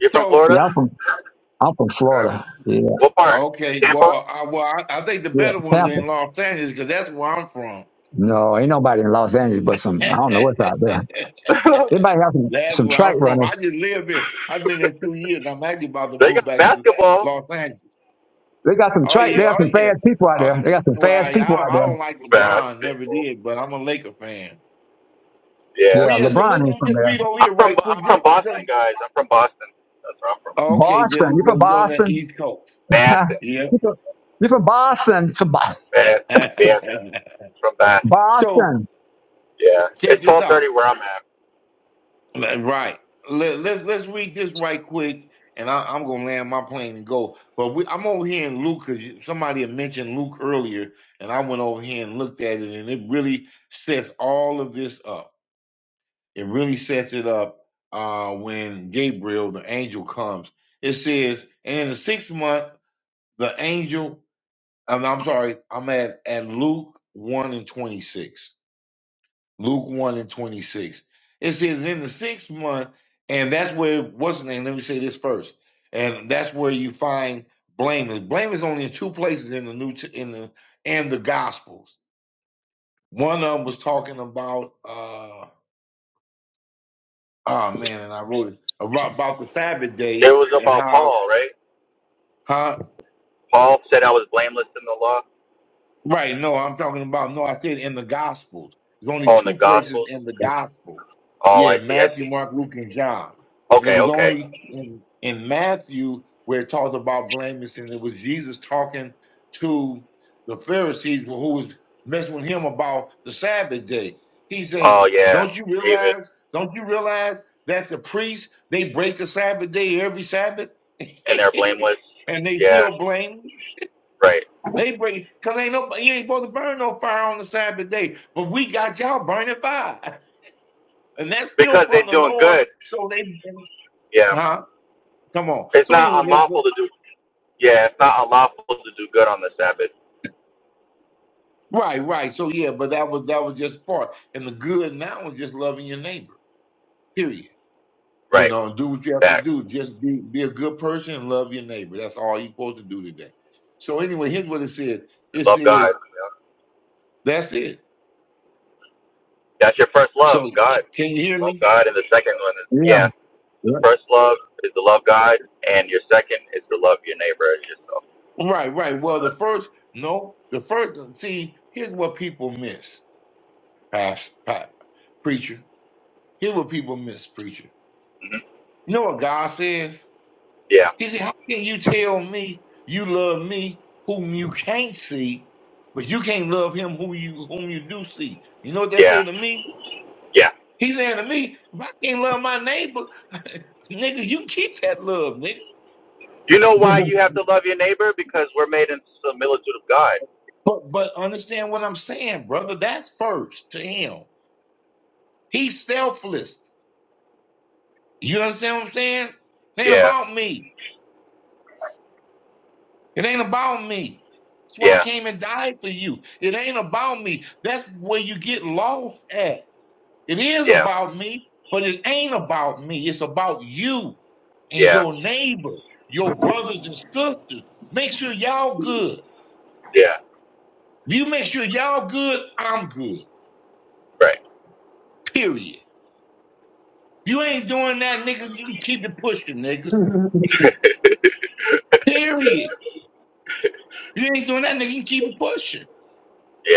You're from So Florida? yeah, I'm from I'm from Okay. Florida. Yeah, What part? okay. Tampa? Well, I well I, I think the yeah, better ones are Tampa. in Los Angeles because that's where I'm from. No, ain't nobody in Los Angeles but some. I don't know what's out there. They might have some That's some where track I'm from. I runners. just live here. I've been here two years. I'm actually about to they move got back to basketball. Los Angeles. They got some Oh track. They yeah, got oh some yeah. fast people out Oh, there. They got some well, I, fast I people don't out I there. don't like Fast LeBron, never people. did, but I'm a Laker fan. Yeah. But Yeah, yeah, so LeBron let's ain't from just there. read over I'm here from right I'm quick. Just, from just Boston, guys. I'm from Boston. That's where I'm from. oh, okay, there Boston. we You from go. You're on that Boston? East Coast. Boston, Yeah. you from you from Boston? From Bo- Boston, Boston. From Boston. so Boston. Yeah, check it's this out. 12:30 where I'm at. Like, Right. Let, let, let's read this right quick, and I, I'm going to land my plane and go. But we, I'm over here in Luke because somebody had mentioned Luke earlier, and I went over here and looked at it, and it really sets all of this up. It really sets it up uh, when Gabriel, the angel, comes. It says, and in the sixth month, the angel, I'm, I'm sorry, I'm at, at Luke 1 and 26. Luke 1 and 26. It says, in the sixth month, and that's where, what's the name? Let me say this first. And that's where you find blameless. Blameless is only in two places in the New, T- in the, in the Gospels. One of them was talking about, uh, oh man, and I wrote it, about, about the Sabbath It day was and about how, Paul, right? huh. Paul said I was blameless in the law. Right. No, I'm talking about no, I said in the Gospels. There's only Oh, in the two places Gospels. in the Gospels. Oh, Yeah, I see. I Matthew, see. Mark, Luke, and John. And it Okay, was okay. only in, in Matthew where it talked about blameless, and it was Jesus talking to the Pharisees who was messing with him about the Sabbath day. He say, Oh yeah, Don't you David, realize, don't you realize that the priests they break the Sabbath day every Sabbath? and they're blameless. and they Yeah, feel blameless? right. They bring because ain't no you ain't supposed to burn no fire on the Sabbath day, but we got y'all burning fire, and that's still Because they're from the doing Lord. good. So they, Yeah, huh? Come on. it's So not anyway, that's good. unlawful to do. Yeah, it's not unlawful to do good on the Sabbath. right, right. So yeah, but that was that was just part, and the good now is just loving your neighbor. Period. You Right. know, do what you have to Facts. do. Just be be a good person and love your neighbor. That's all you're supposed to do today. So anyway, here's what it says. It Love God. says that's it. That's your first love, So God. c- can you hear Love me? God, and the second one is Yeah. yeah. yeah. The first love is to love God, and your second is to love your neighbor as yourself. Right, right. Well, the first, no, the first, see, here's what people miss, past, past, preacher. Here's what people miss, preacher. hmm You know what God says? Yeah, He said, How can you tell me you love me whom you can't see, but you can't love him who you whom you do see? You know what that yeah, say to me? yeah. He's saying to me, if I can't love my neighbor, nigga, you can keep that love, nigga. You know why you have to love your neighbor? Because we're made in the similitude of God. But but understand what I'm saying, brother. That's first to him. He's selfless. You understand what I'm saying? It ain't Yeah, about me. It ain't about me. That's why I yeah, came and died for you. It ain't about me. That's where you get lost at. It is yeah, about me, but it ain't about me. It's about you and yeah, your neighbor, your brothers and sisters. Make sure y'all good. yeah. If you make sure y'all good, I'm good. Right. Period. If you ain't doing that, nigga, you can keep it pushing, nigga. Period. If you ain't doing that, nigga, you can keep it pushing.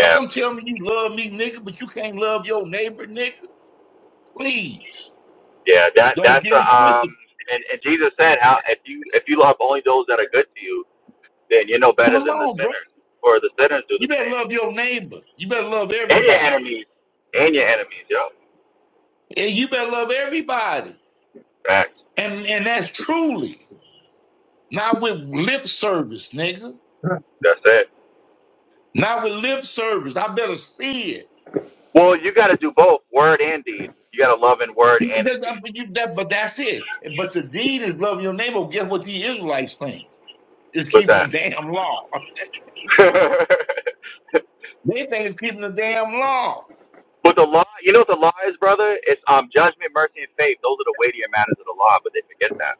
Don't come tell me you love me, nigga, but you can't love your neighbor, nigga. Please yeah. That don't that's get a it um. twisted. And and Jesus said, how if you if you love only those that are good to you, then you know better Come than the on, bro. sinners, for the sinners do the You better same. love your neighbor. You better love And your everybody. enemies. And your enemies, yo. And you better love everybody. Facts. And and that's truly not with lip service, nigga. That's it. Not with lip service. I better see it. Well, you got to do both, word and deed. You got to love in word That's- and in that's- deed. but you- that- but that's it. But the deed is love your neighbor. Guess what the Israelites think? It's What's keeping the that? damn law. They think it's keeping the damn law. but the law, you know what the law is, brother? It's um judgment, mercy, and faith. Those are the weightier matters of the law, but they forget that.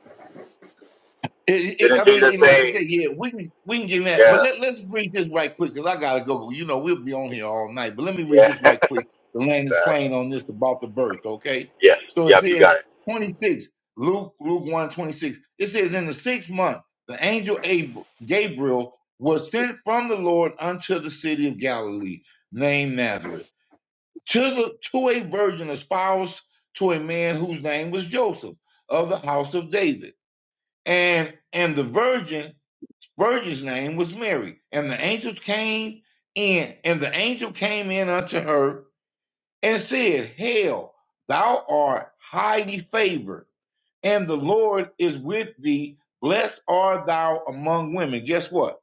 It, it, Didn't I mean, Jesus it, like I say, said, yeah, we can we can get that, but yeah, let let's read this right quick because I gotta go. You know, we'll be on here all night. But let me read yeah. this right quick. The land is Facts. plain on this about the birth. Okay, yes, so it yep, you says got it. twenty six Luke Luke one twenty six. It says in the sixth month the angel Abr- Gabriel was sent from the Lord unto the city of Galilee named Nazareth to the to a virgin espoused to a man whose name was Joseph of the house of David and and the virgin virgin's name was mary and the angels came in and the angel came in unto her and said hail thou art highly favored and the lord is with thee blessed art thou among women guess what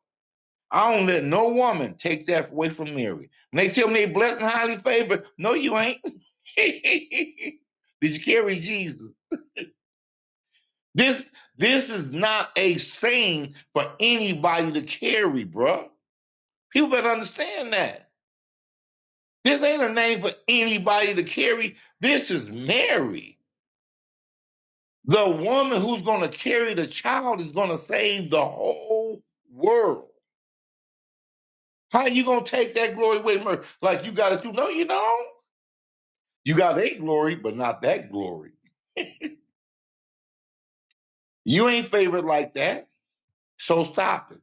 I don't let no woman take that away from Mary. When they tell me they blessed and highly favored, no, you ain't. Did you carry Jesus? This this is not a saying for anybody to carry, bruh. People better understand that. This ain't a name for anybody to carry. This is Mary. The woman who's gonna carry the child is gonna save the whole world. How you gonna take that glory away, Mary? Like you got it too? No, you don't. You got a glory, but not that glory. You ain't favored like that. So stop it.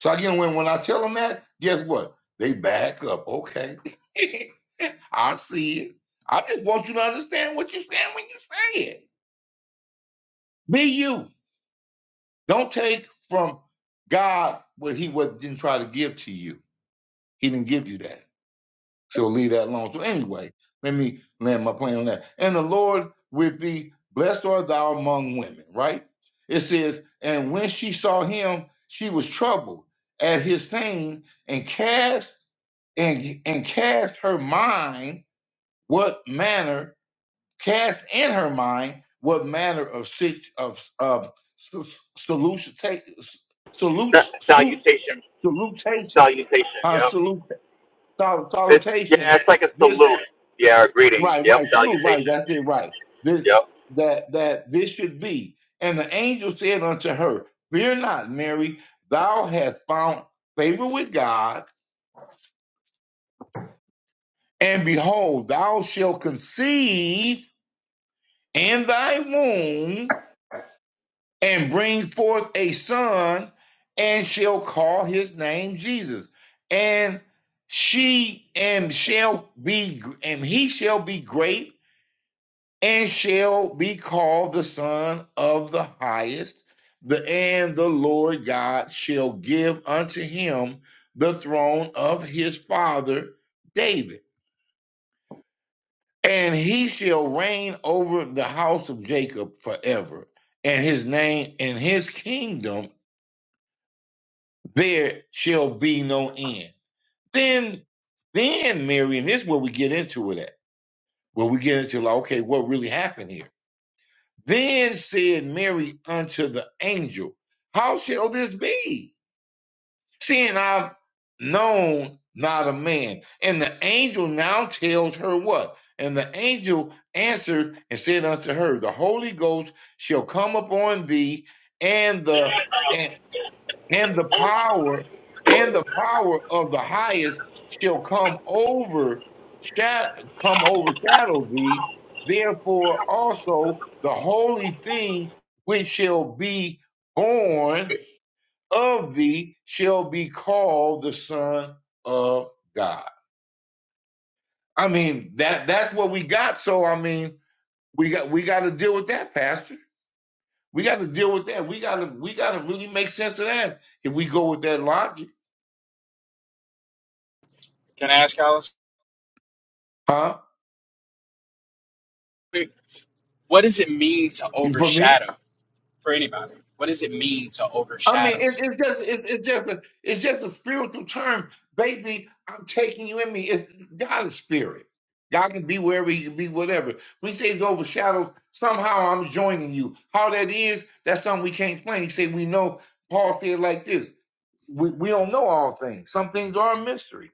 So again, when, when I tell them that, guess what? They back up. Okay. I see it. I just want you to understand what you saying when you say it. Be you. Don't take from God what he was didn't try to give to you. He didn't give you that. So leave that alone. So anyway, let me land my plane on that. And the Lord with thee, blessed art thou among women, right? It says, and when she saw him, she was troubled at his saying, and cast and and cast her mind what manner cast in her mind what manner of sit- of of s- solution take salute Sa- suit Salutation, salutation salutation, uh yep. salute sol- It's, yeah, salutation it's like a salute. Yeah, or greeting. Right, Yep, right. Salute, right. salutation. That's it, right. This Yep. that that this should be. And the angel said unto her, Fear not, Mary, thou hast found favor with God, and behold, thou shalt conceive in thy womb and bring forth a son, and shall call his name Jesus. And she and shall be and he shall be great and shall be called the Son of the Highest. The and the Lord God shall give unto him the throne of his father David, and he shall reign over the house of Jacob forever, and his name and his kingdom there shall be no end. Then, then Mary, and this is where we get into it at, where we get into like, okay, what really happened here? Then said Mary unto the angel, How shall this be? Seeing I've known not a man. And the angel now tells her what? And the angel answered and said unto her, The Holy Ghost shall come upon thee, and the and and the power and the power of the highest shall come over sha- come overshadow thee therefore also the holy thing which shall be born of thee shall be called the son of god i mean that that's what we got so i mean we got we got to deal with that pastor we got to deal with that we got to we got to really make sense of that if we go with that logic Can I ask Alice? huh What does it mean to for me overshadow for anybody? What does it mean to I mean, overshadow? it, Something? it's just it's, it's just a, it's just a spiritual term. Basically, I'm taking you in me. It's God is spirit. God can be wherever He can be, whatever. We say it's overshadowed. Somehow I'm joining you. How that is, that's something we can't explain. He said we know. Paul said like this: we, we don't know all things. Some things are a mystery.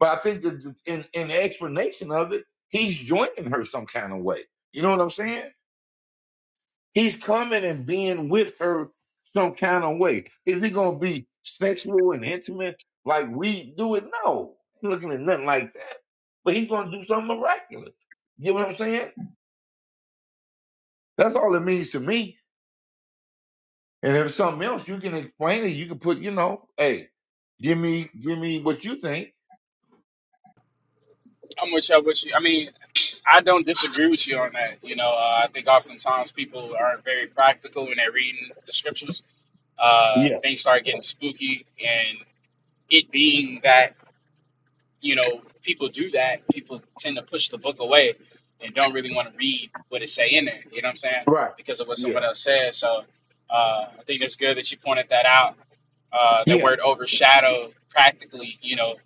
But I think that in in the explanation of it, he's joining her some kind of way. You know what I'm saying? He's coming and being with her some kind of way. Is he gonna be sexual and intimate like we do it? No. He's looking at nothing like that. But he's gonna do something miraculous. You know what I'm saying? That's all it means to me. And if it's something else, you can explain it. You can put, you know, hey, give me, give me what you think. I'm with you. With you. I mean, I don't disagree with you on that. You know, uh, I think oftentimes people aren't very practical when they're reading the scriptures. Uh, Yeah, things start getting spooky, and it being that you know, people do that. People tend to push the book away and don't really want to read what it say in there. You know what I'm saying? right. Because of what someone Yeah, else says. So uh, I think it's good that you pointed that out. Uh, that yeah, word overshadow practically, you know,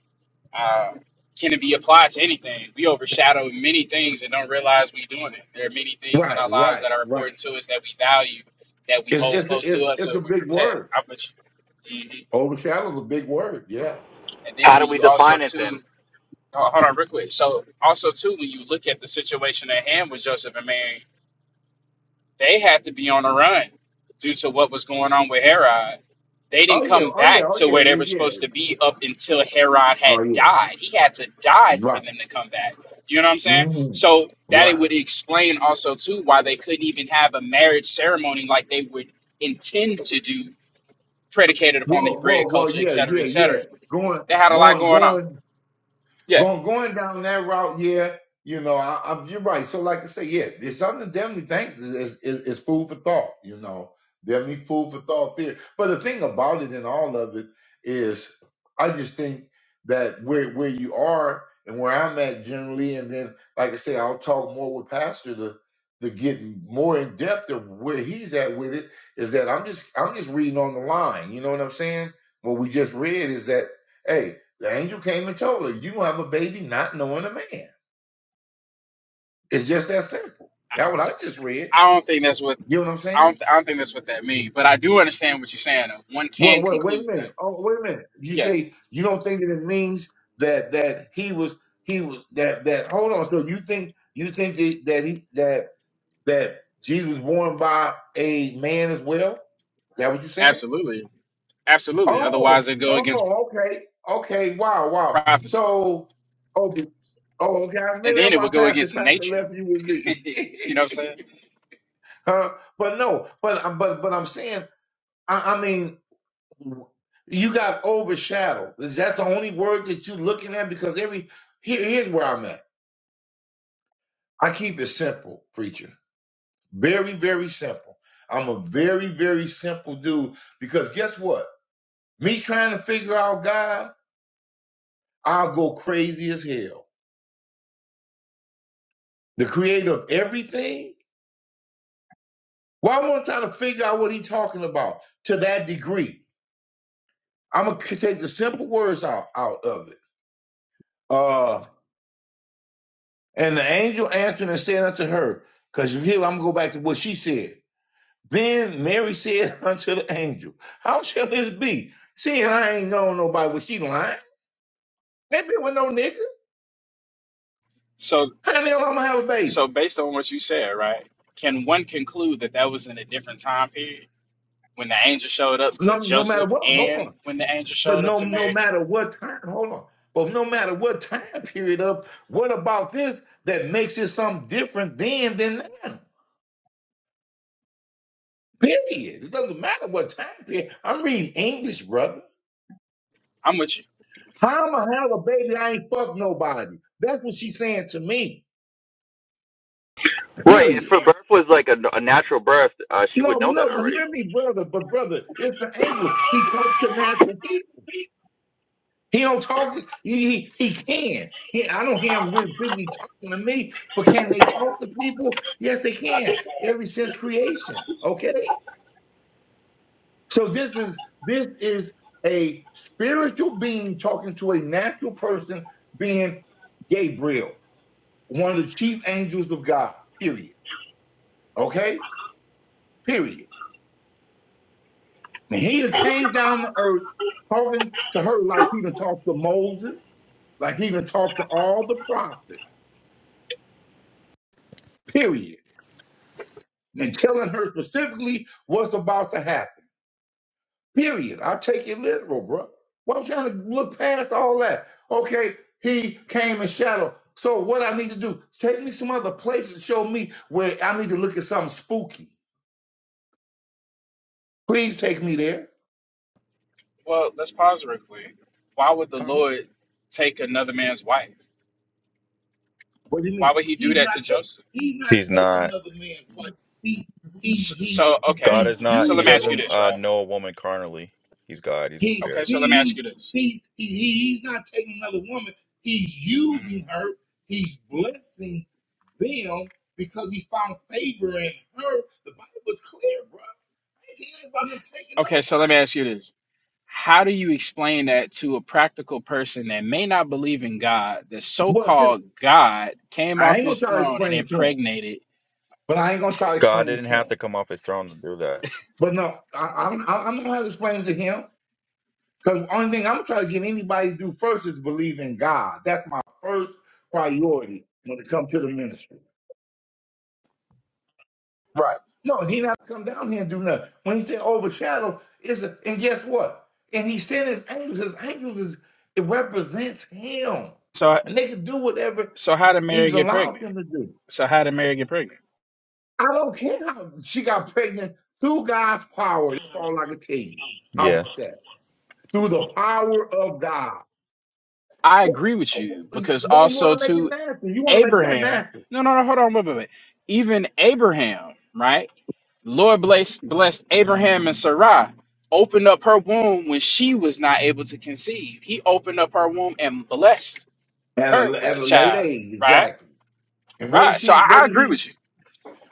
uh, can it be applied to anything? We overshadow many things and don't realize we're doing it. There are many things in our right, lives right, that are right. important to us that we value, that we It's hold it's the close to it's, us, it's or the we big protect. word. I bet you. Mhm. Overshadow's a big word. Yeah. And then How do when we you also define it too then? Ho- Hold on, real quick. So, also too, when you look at the situation at hand with Joseph and Mary, they had to be on the run due to what was going on with Herod. They Oh didn't yeah. come Oh yeah. back Oh to yeah. where they Yeah. were yeah. supposed to be up until Herod Oh had yeah. died. He had to die for Right. them to come back. You know what I'm saying? hmm So that it Right. would explain also too why they couldn't even have a marriage ceremony like they would intend to do, predicated upon the Well, Hebraic well, well, culture, et yeah, cetera, yeah, et yeah. cetera. Going, They had a lot going, going on. going. Yeah, Going going down that route, yeah, you know, I, i you're right. So, like I say, yeah, there's something definitely thanks is, is is food for thought. You know, definitely food for thought there. But the thing about it and all of it is, I just think that where where you are and where I'm at generally, and then like I say, I'll talk more with Pastor to to get more in depth of where he's at with it. Is that I'm just I'm just reading on the line. You know what I'm saying? What we just read is that. hey. The angel came and told her, You have a baby not knowing a man. It's just that simple. That what I just read. I don't think that's what You know what I'm I saying? don't, I don't think that's what that means, but I do understand what you're saying. though. One Well, can wait, wait a conclude minute. that. Oh, wait a minute. You Yeah, say you don't think that it means that that he was he was that that hold on. So you think you think that that he that that Jesus was born by a man as well? Is that what you're saying? absolutely, absolutely. Otherwise, Oh, it'd go against oh, okay, okay, wow, wow. prophecy, So, oh, be- oh okay, and maybe that's then it why would go Pastor against Pastor nature. left you with you me. know what I'm saying? Huh? But no, but uh, but but I'm saying, I, I mean, you got overshadowed. Is that the only word that you're looking at? Because every here, here's where I'm at. I keep it simple, preacher. Very very simple. I'm a very very simple dude because guess what? Me trying to figure out God, I'll go crazy as hell. The Creator of everything. Why well, I want to to figure out what He's talking about to that degree. I'm gonna take the simple words out out of it. Uh, And the angel answered and said unto her, because here I'm going to go back to what she said. Then Mary said unto the angel, How shall this be? Seeing I ain't known nobody, was she lying? That bitch was no nigga. So, How the hell I'm going to have a baby? so based on what you said, right? Can one conclude that that was in a different time period when the angel showed up to No, no matter Joseph what, hold and on. when the angel But showed up no, to no Mary? matter what time, hold on. But no matter what time period of, what about this that makes it something different then than now? Period. It doesn't matter what time period. I'm reading English, brother. I'm with you. How I'ma have a baby? I ain't fuck nobody. That's what she's saying to me. Right. If Period. her birth was like a, a natural birth, uh, she would No, know that no, but already. hear me, brother. But brother, it's the angle. He talks to natural people. He don't talk to he he, he can. He, I don't hear him really, really talking to me, but can they talk to people? Yes, they can. Ever since creation. Okay? So this is this is a spiritual being talking to a natural person being Gabriel, one of the chief angels of God. Period. Okay? Period. And he came down to earth talking to her like he even talked to Moses, like he even talked to all the prophets, period. And telling her specifically what's about to happen. Period. I take it literal, bro. Well, I'm trying to look past all that. Okay, he came in shadow. So what I need to do, take me some other places, show me where I need to look at something spooky. Please take me there. Well, let's pause real quick. Why would the Huh? Lord take another man's wife? What do you Why mean? would He do He's that not to ta- Joseph? he's not He's taking not. another man's wife. He's he's S- he So, okay. God he's is not. So He let me using ask you hold doesn't on. this, uh, right? know a woman carnally. He's God. He's a He Okay, spirit. he so let me ask he you this. he's he, he- he's not taking another woman. He's Mhm. using her. He's blessing them because he found favor in her. The Bible's clear, bro. I ain't hearing about him taking Okay, so let me nobody. ask you this. How do you explain that to a practical person that may not believe in God, the Well, see, so-called God came I off ain't gonna his try to throne and explain it to him, impregnated? but I ain't gonna try to God explain it didn't to have him. to come off his throne to do that. But no, I, I'm I'm not gonna explain it to him. Because the only thing I'm trying to get anybody to do first is believe in God. That's my first priority when it comes to the ministry. Right. No, he not come down here and do nothing. When he said overshadow, is and guess what? And he sent his angels. His angels is, it represents him, So and they can do whatever so how did Mary he's get allowed pregnant? them to do. So how did Mary get pregnant? I don't care how she got pregnant through God's power. That's all I can tell you. How Yeah. about that? Through the power of God. I Wh- agree with you wh- because Why you also want to make it to natural? You want to make that Abraham. natural No, no, no, hold on, wait, wait, wait. Even Abraham, right? Lord bless, blessed Abraham and Sarai, opened up her womb when she was not able to conceive. He opened up her womb and blessed at her a, with at the a late child. age, Right? exactly. And what did Right. So she? I, What I did agree he? with you.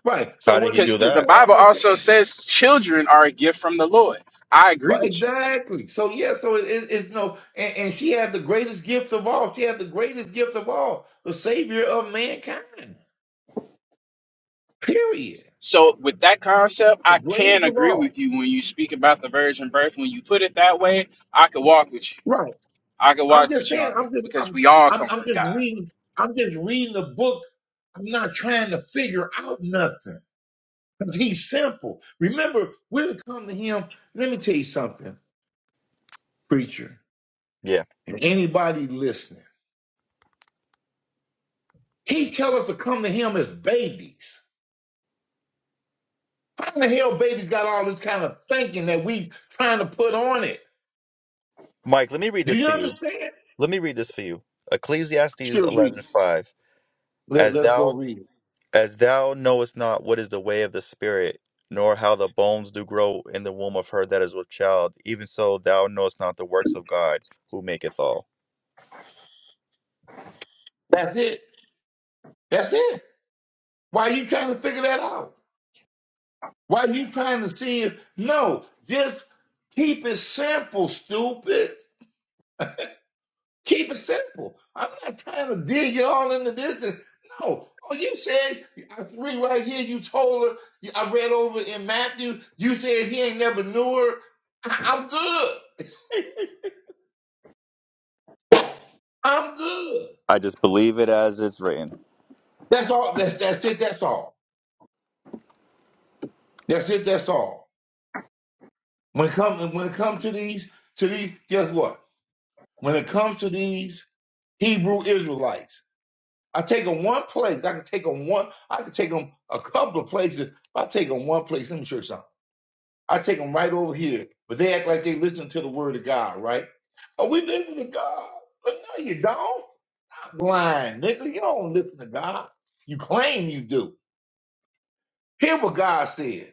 Right. So How did what he did he do Because do the that? for? her? I'm Bible just also saying. says children are a gift from the Lord. I agree But with you. exactly. So yeah. So it, it- it's no. And, and she had the greatest gift of all. She had the greatest gift of all. The savior of mankind. Period. So with that concept, The I greatest can of agree all. with you when you speak about the virgin birth. When you put it that way, I could walk with you. Right. I could I'm walk just with you saying. on I'm that. just. Because I'm. we all I'm, come I'm from just God. reading. I'm just reading the book. I'm not trying to figure out nothing. Because he's simple. Remember, we're to come to him. Let me tell you something, preacher, Yeah. and anybody listening. He tell us to come to him as babies. How in the hell babies got all this kind of thinking that we trying to put on it? Mike, let me read Do this you for you. understand? Let me read this for you. Ecclesiastes Sure, read. it. eleven five. Let, As let's go thou read it. As thou knowest not what is the way of the Spirit, nor how the bones do grow in the womb of her that is with child, even so thou knowest not the works of God, who maketh all. That's it. That's it. Why are you trying to figure that out? Why are you trying to see if no, just keep it simple, stupid. Keep it simple. I'm not trying to dig it all into this. and- No. Oh, you said, I read right here, you told her, I read over in Matthew, you said he ain't never knew her. I- I'm good. I'm good. I just believe it as it's written. That's all. That's, that's it. That's all. That's it. That's all. When it come, when it comes to these, to these, guess what? When it comes to these Hebrew Israelites, I take them one place. I can take them one. I can take them a couple of places. If I take them one place, let me show you something. I take them right over here, but they act like they listening to the word of God, right? Oh, we listen to God, but no, you don't. Blind nigga, you don't listen to God. You claim you do. Hear what God says.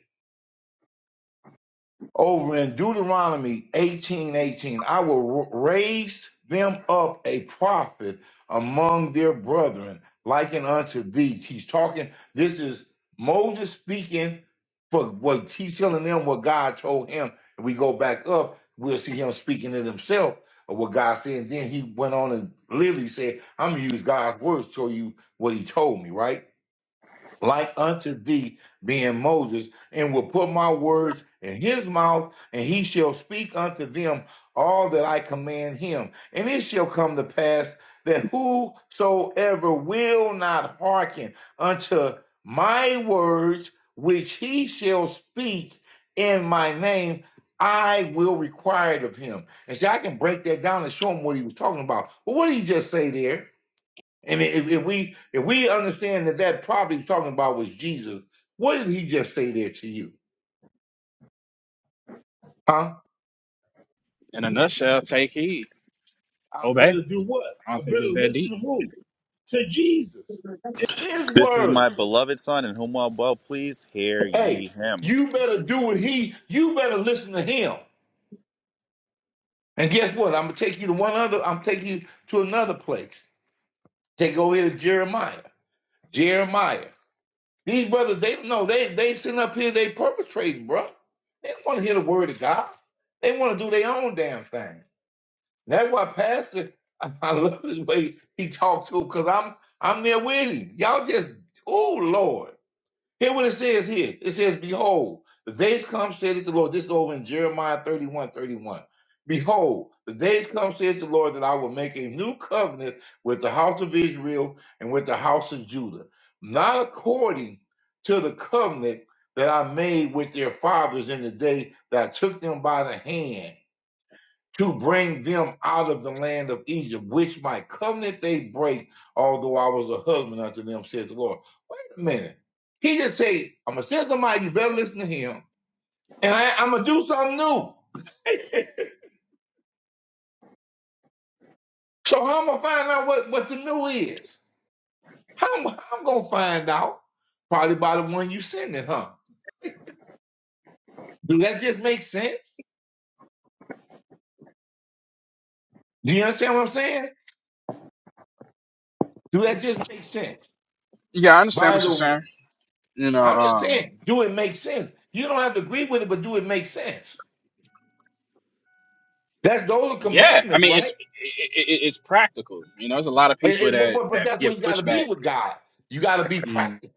over in Deuteronomy eighteen eighteen, I will r- raise them up a prophet among their brethren, likened unto thee. He's talking, this is Moses speaking for what he's telling them what God told him. If we go back up, we'll see him speaking to himself of what God said. And then he went on and literally said, I'm gonna use God's words to show you what he told me, right? like unto thee, being Moses, and will put my words in his mouth, and he shall speak unto them all that I command him. And it shall come to pass that whosoever will not hearken unto my words, which he shall speak in my name, I will require it of him. And see, I can break that down and show him what he was talking about. Well, what did he just say there? And if, if we if we understand that that prophet he's talking about was Jesus, what did he just say there to you? Huh? In a nutshell, take heed. I Obey. better do what? I I don't think better it's that deep. listen to who? To Jesus. His This is word. my beloved Son, in whom I'm well pleased. Hear Hey, ye him. you better do what he. You better listen to him. And guess what? I'm gonna take you to one other. I'm taking you to another place. Take over here to Jeremiah. Jeremiah. These brothers, they no, they they sitting up here. They perpetrating, bro. They don't want to hear the word of God. They want to do their own damn thing. That's why Pastor, I, I love his way he talked to him because I'm I'm there with him. Y'all just, oh Lord. Hear what it says here. It says, Behold, the days come, saith the Lord. This is over in Jeremiah 31, 31. Behold, the days come, saith the Lord, that I will make a new covenant with the house of Israel and with the house of Judah, not according to the covenant that I made with their fathers in the day that I took them by the hand to bring them out of the land of Egypt, which my covenant they break, although I was a husband unto them, said the Lord. Wait a minute. He just said, I'm gonna send somebody, you better listen to him, and I, am gonna do something new. So how am i gonna find out what, what the new is? How am i gonna find out? Probably by the one you sending, huh? Do that just make sense? Do you understand what I'm saying? Do that just make sense? Yeah, I understand By what you're the saying. You know, I'm just um, saying, do it make sense? You don't have to agree with it, but do it make sense? That's those are yeah, I commandments, mean it's right? it, it, it's practical. You know, there's a lot of And- people and- but, that but, but that that's where give you got to be pushback with God. You got to be mm, practical.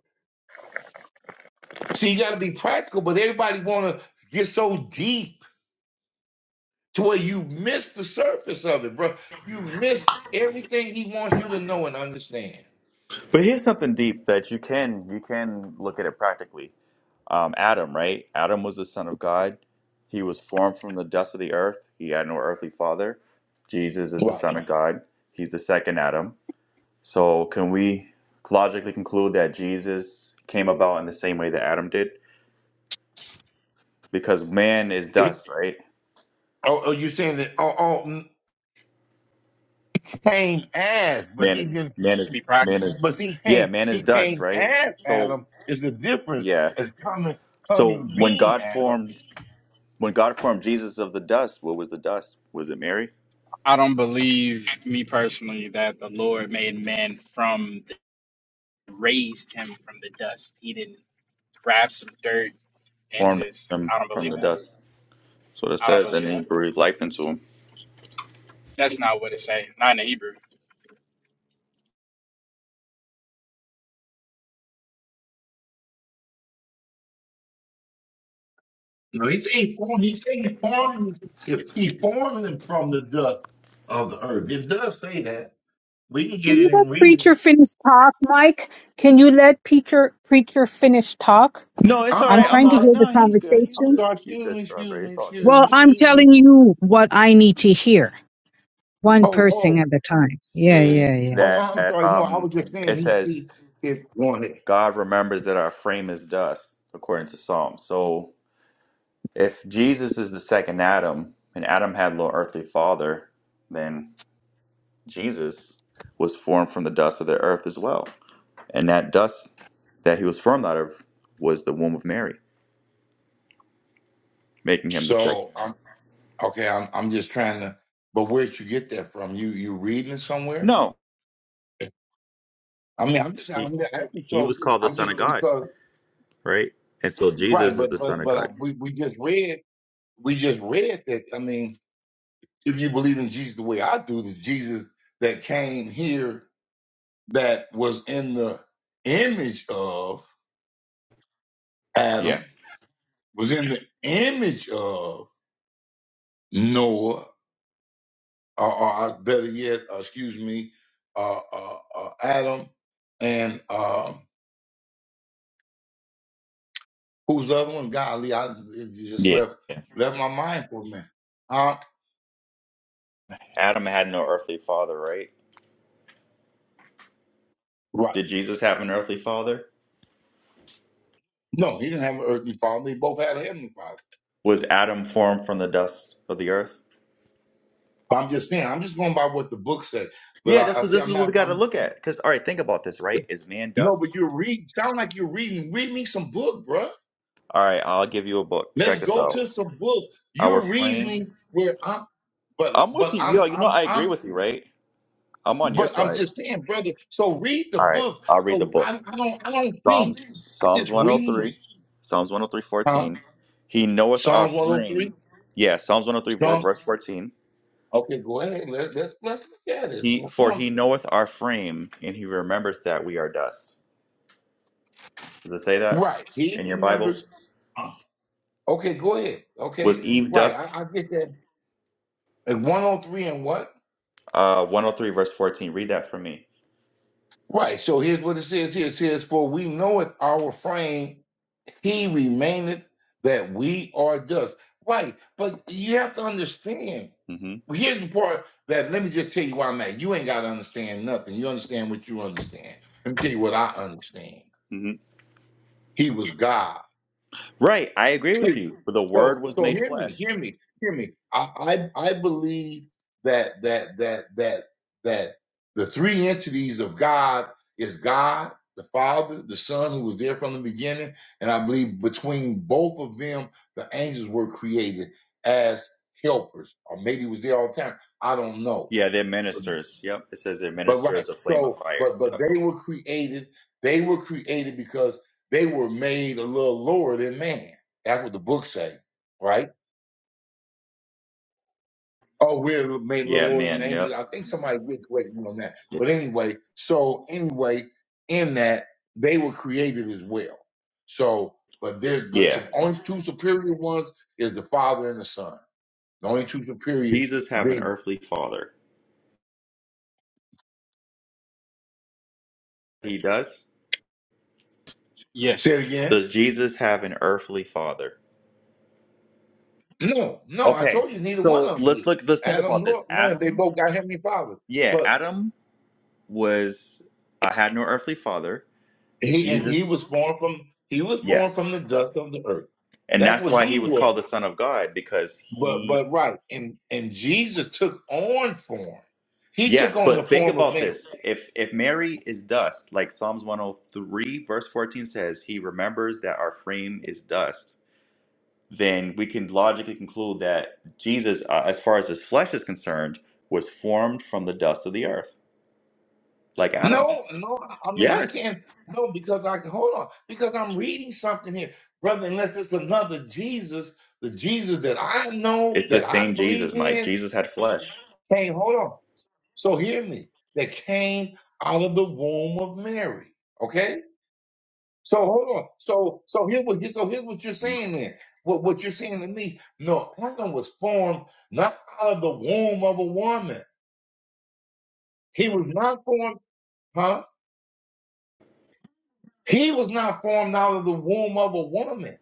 See, you got to be practical, but everybody want to get so deep to where you miss the surface of it, bro. You miss everything He wants you to know and understand. But here's something deep that you can you can look at it practically. Um, Adam, right? Adam was the son of God. He was formed from the dust of the earth. He had no earthly father. Jesus is the Right? son of God. He's the second Adam So, can we logically conclude that Jesus came about in the same way that Adam did? Because man is It, dust, right? or, or you saying that? Oh, oh, mm, came as, but Man he is didn't. man to is be man practical. is But he yeah, came. man is He dust, came right? as So, Adam. Is the difference? yeah. Is coming, So coming when being God Adam. formed when God formed Jesus of the dust, what was the dust? Was it Mary? I don't believe me personally that the Lord made man from the, raised him from the dust. He didn't grab some dirt and Formed just him I don't from believe the that. dust. That's what it I don't says, and believe he that. breathed life into him. That's not what it say. Not in the Hebrew. No, he said he formed. He said he formed. them- If he formed them from the dust of the earth, it does say that. We can Can get you it let and read it. Preacher finish talk, Mike? Can you let Preacher Preacher finish talk? No, it's I'm, all I'm right. I'm I'm trying to sorry. not. hear the No, he's good. He's I'm conversation. good. sorry. He's Excuse good. me. Excuse Strawberry. me. It's all Excuse good. me. Well, I'm Excuse me. telling you what I need to hear, one Oh, person at oh, a time. Yeah, A yeah, yeah. oh. that I'm sorry. No, I um, was just it saying he says see it wanted. God remembers that our frame is dust, according to Psalms. So if Jesus is the second Adam and Adam had no earthly father, then Jesus was formed from the dust of the earth as well. And that dust that he was formed out of was the womb of Mary, making him the second So Adam. I'm okay. I'm I'm just trying to. But where'd you get that from? You you reading it somewhere? No. I mean, I'm just He I'm just asking. he So was called the I'm Son just of God, because right? And so right. Jesus is But the Son but of but I, God. we we just read we just read that. I mean. if you believe in Jesus the way I do, the Jesus that came here that was in the image of Yeah. Adam, was in the image of Noah, or, or better yet, uh, excuse me, uh, uh, uh, Adam, and um, who's the other one? Golly, I it just Yeah. left left my mind for a minute. Huh? Adam had no earthly father, right? Right. Did Jesus have an earthly father? No, he didn't have an earthly father. They both had a heavenly father. Was Adam formed from the dust of the earth? But I'm just saying, I'm just going by what the book said. But Yeah, this I, I is see, this is I'm what we not. got to I'm look at. Because all right, think about this. Right, is man No, dust? but you're reading. Sound like you're reading. Read me some book, bruh. All right, I'll give you a book. Let's Check this go out. to some book. Our You're frame. reasoning where I'm, but I'm with but you. I'm Yo, you know I'm I agree I'm, with you. Right, I'm on your but I'm side. just saying, brother. So read the All right, book. I'll read the So I, book. I don't I don't think. Psalms I Psalms just read, 103, Psalms 103, huh? 14. He knoweth our Psalms frame. 103. Yeah, Psalms 103, vor- Psalm. verse 14. Okay, go ahead. Let's let's let's look at it. He Well, for Psalm- he knoweth our frame, and he remembereth that we are dust. Does it say that Right. He in your Bible? remembers. uh, Okay, go ahead. Was Okay, Eve right. dust? I, I get that. Like 103 and what? Uh, 103 verse 14. Read that for me. Right. So here's what it says here. It says, For we knoweth our frame, he remaineth that we are dust. Right. But you have to understand. hmm Well, Here's the part that let me just tell you why I'm at. You ain't got to understand nothing. You understand what you understand. Let me tell you what I understand. hmm He was God. Right. I agree with Period. you. For the word So was so made hear me, flesh. hear me, hear me. I I, I believe that that that that that the three entities of God is God, the Father, the Son, who was there from the beginning, and I believe between both of them, the angels were created as helpers, or maybe it was there all the time. I don't know. Yeah, they're ministers. Yep. It says they're But right. ministers of flame of So, fire. but but Yep. they were created. They were created because they were made a little lower than man. That's what the book say, right? Oh, we're made a little Yeah, lower than man. angels. Yep. I think somebody did correct me on that. But anyway, so anyway, in that they were created as well. So, but they're the Yeah. su- only two superior ones is the Father and the Son. The only two superior Jesus have an beings. earthly father. He does. Yes. Say it again. Does Jesus have an earthly father? No, no, I Okay. told you neither one So of them let's look. did. Let's think Adam about this. nor Noah, they Adam. both got heavenly fathers. Yeah, But Adam was uh, had no earthly father. he and he was Jesus. formed from he was formed Yes. from the dust of the earth. And That's that's what why he he was was. called the Son of God because But he but right, and and Jesus took on form. He took Yes, on the but think form of about man. this. If if Mary is dust, like Psalms 103 verse 14 says, he remembers that our frame is dust, then we can logically conclude that Jesus uh, as far as his flesh is concerned was formed from the dust of the earth, like Adam. No, no, I mean I Yes. can't no because I can hold on because I'm reading something here, brother. Unless it's another Jesus, the Jesus that I know It's that the I same believe Jesus, Mike. in. Jesus had flesh. Hey, hold on. So hear me. That came out of the womb of Mary. Okay? So hold on. So so here's what so here's what you're hmm saying then. What what you're saying to me, no, Adam was formed not out of the womb of a woman. He was not formed, huh? He was not formed out of the womb of a woman.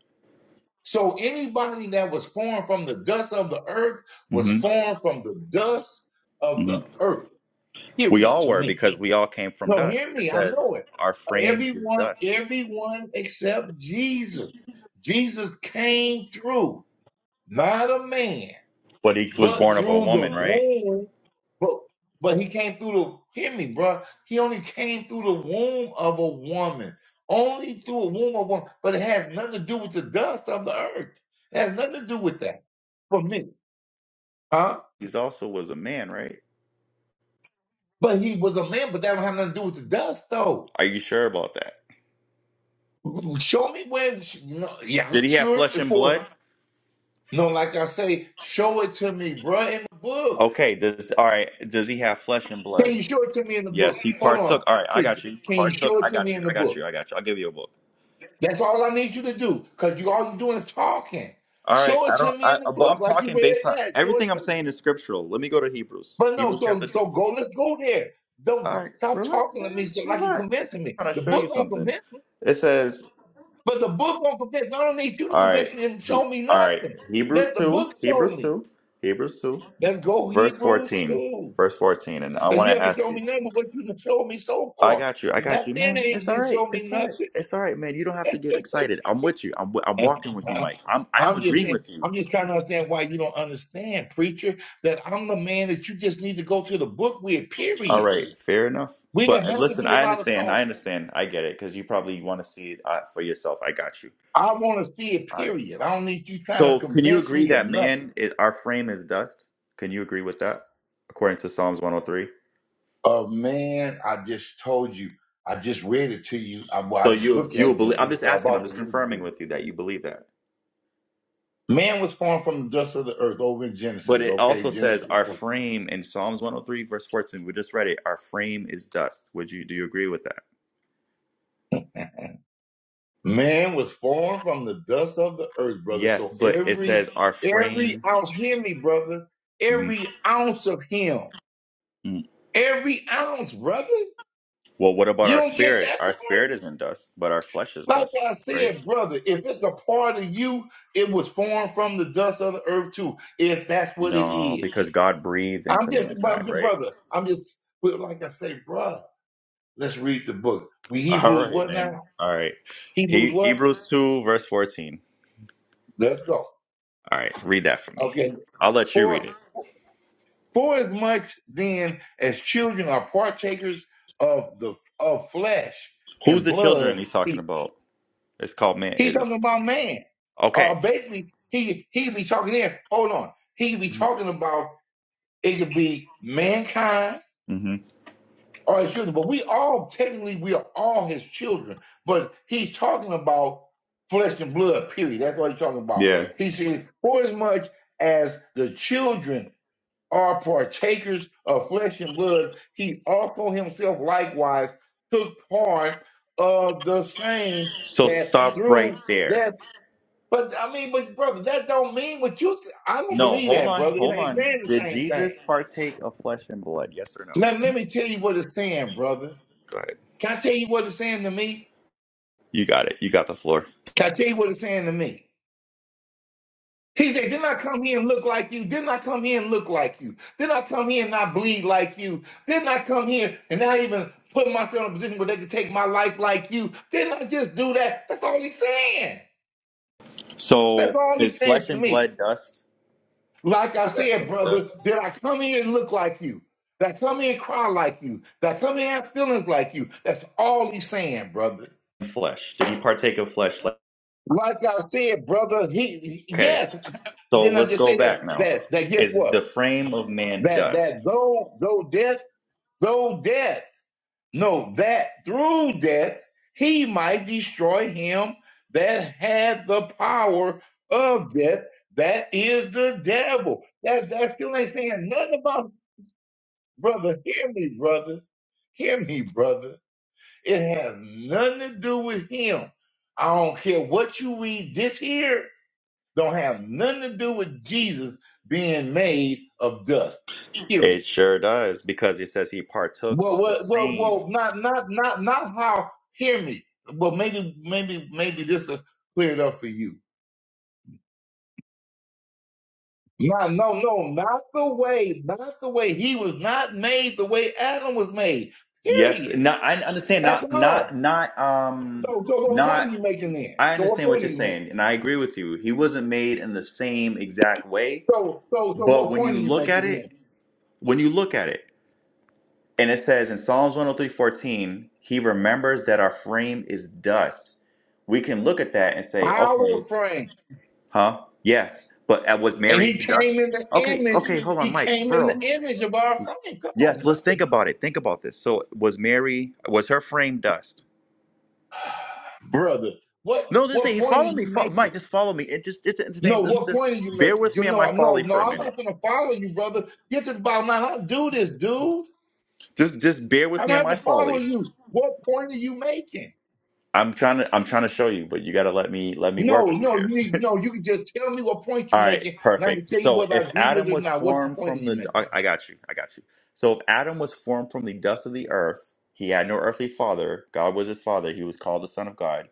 So anybody that was formed from the dust of the earth was hmm formed from the dust of the earth. We Period all to were me. because we all came from No, dust. hear It me. I says know it. our frame is Everyone, dust. everyone except Jesus. Jesus came through, not a man, But he was but born of a through the woman, right? womb. But but he came through the. Hear me, bro. He only came through the womb of a woman. Only through a womb of a woman. But it has nothing to do with the dust of the earth. It has nothing to do with that. For me, huh? He also was a man, right? But he was a man, but that don't have nothing to do with the dust, though. Are you sure about that? Show me where. No, yeah, I'm Did he have sure. flesh and For blood? no, like I say, show it to me, bruh, in the book. Okay, does all right, does he have flesh and Can blood? you show it to me in the Yes, book? he Hold partook. on, All right, I preacher. got you. Can you Partook. show it I to me got you. in the I got book? you. I got you. I'll give you a book. That's all I need you to do, cause you all you doing is talking. All right, Show it I to don't me I in the but book, I'm like you talking read based on that. Show it everything I'm to me. saying is scriptural. Let me go to Hebrews. But no, Hebrews so chapter 2. so go. Let's go there. Don't All right, stop relax, talking to me man. so like you Relax. convincing me. I'm going to The show you book don't something. convince me, It says, but the book won't convince. me. I don't need you to all right. convince me and He, show me all right, nothing. Let Hebrews the 2, book show Hebrews me. 2, Hebrews 2, Let's go verse Hebrews 14. 2. Verse 14 and I Because want you to haven't ask shown you me nothing but what you have shown me so I far. got you. I got That you, thing man. ain't It's all didn't right. show me It's all right. nothing. It's all right, man. You don't have to get excited. I'm with you. I'm w- I'm walking with you, Mike. I'm I'm I'm just agreeing saying, with you. I'm just trying to understand why you don't understand, preacher, that I'm the man that you just need to go to the book with, All period. right. Fair enough. We don't But uh, have to listen, do a I lot of understand. I talking. understand. I get it because you probably want to see it uh, for yourself. I got you. I want to see it, All right. period. I don't need you trying to So, can you convince agree me or that nothing. man, is, our frame is dust? Can you agree with that? According to Psalms 103. Oh, man, I just told you. I just read it to you. I, well, I So just you looked at you you, believe? I'm just so I'm asking. I'm about to just read it to confirming you. with you that you believe that. Man was formed from the dust of the earth over in But Genesis, it okay? also says Genesis. our four. frame in Psalms 103 verse 14. We just read it. Our frame is dust. Would you do you agree with that? Man was formed from the dust of the earth, brother. Yes, So but it every says our every frame. ounce, hear me, brother. Mhm. Every ounce of him. Mm. Every ounce, brother. Well, what about You our don't get spirit? that part? Our spirit isn't dust, but our flesh is Like dust, I right? said, brother, if it's a part of you, it was formed from the dust of the earth too, if that's what it No, is. because God breathed I'm into just, mankind, but- right? brother, I'm just, well, like I say, brother, let's read the book. We All Hebrews right, what man. now? All right. Hebrews He, what? Hebrews 2 verse 14. Let's go. All right, read that for me. Okay. I'll let you read For it. for as much then as children are partakers of the of flesh Who's and the blood, children he's talking he, about? It's called man. he's talking It's about man. Or Uh, okay. basically, he he could be talking there. Hold on. He could be talking about it could be mankind hmm or his children. But we all technically we are all his children. But he's talking about flesh and blood, period. That's what he's talking about. Yeah. He says, for as much as the children are partakers of flesh and blood, he also himself likewise took part of the same So that stop right through there. death. But I mean, but brother, that don't mean what you. th- I don't No, believe hold that, on, brother. It hold ain't on. saying the Did same thing. Jesus partake of flesh and blood? Yes or no? Let, let me tell you what it's saying, brother. Go ahead. Can I tell you what it's saying to me? You got it. You got the floor. Can I tell you what it's saying to me? He said, Didn't I come here and look like you? Didn't I come here and look like you? Didn't I come here and not bleed like you? Didn't I come here and not even put myself in a position where they could take my life like you? Didn't I just do that? That's all he's saying. That's So all is he's saying flesh to and me. blood dust? Like I Is that said, from the brother, dust? did I come here and look like you? Did I come here and cry like you? Did I come here and have feelings like you? That's all he's saying, brother. Flesh. Did he partake of flesh? Like- Like I said, brother, he, he- Okay. yes, So didn't I let's just go say back that? now. That that guess Is what? the frame of man that that dust? though though death though death no that through death he might destroy him that had the power of death that is the devil that that still ain't saying nothing about brother hear me brother hear me brother it has nothing to do with him i don't care what you read this here don't have nothing to do with jesus being made of dust period It sure does because it says he partook Well, of the well, well, well, same. not, not, not, not how. Hear me. Well, maybe, maybe, maybe this will clear it up for you. No, no, no, not the way, not the way. He was not made the way Adam was made. Yes. Period. Not. I understand. That's Not. Not. all. Not. So, Um. so what point are Not. you making then? I So, what understand what point are you're you making? saying, and I agree with you. He wasn't made in the same exact way, So, so, so, but what when point you are you look at making then? it, when you look at it, and it says in Psalms 103:14, he remembers that our frame is dust. We can look at that and say, Our okay, frame, huh? Yes, but uh, was and he Mary came dust? in the Okay, oh, image. hold on, He Mike. came in the image of our frame. Come Yes, on, let's think brother. about it. Think about this. So, was Mary was her frame dust? Brother, what, No, just what say, point are follow me, you fo- making? Mike. Just follow me. It just it's No, entertaining. Just, what just point are you bear making? with You me on know, my I no, folly no, for a minute. I'm not gonna follow you, brother. Get to the bottom line. I don't do this, dude. Just just bear with I me don't in have my to follow folly. you. What point are you making? I'm trying to I'm trying to show you, but you got to let me let me work. No, no, you need no, you can just tell me what point All you're right, making, and I can perfect. tell you So whether I agree with Adam it or was not. What's the formed point that from you the making? I, I got you. I got you. So if Adam was formed from the dust of the earth, he had no earthly father. God was his father. He was called the son of God.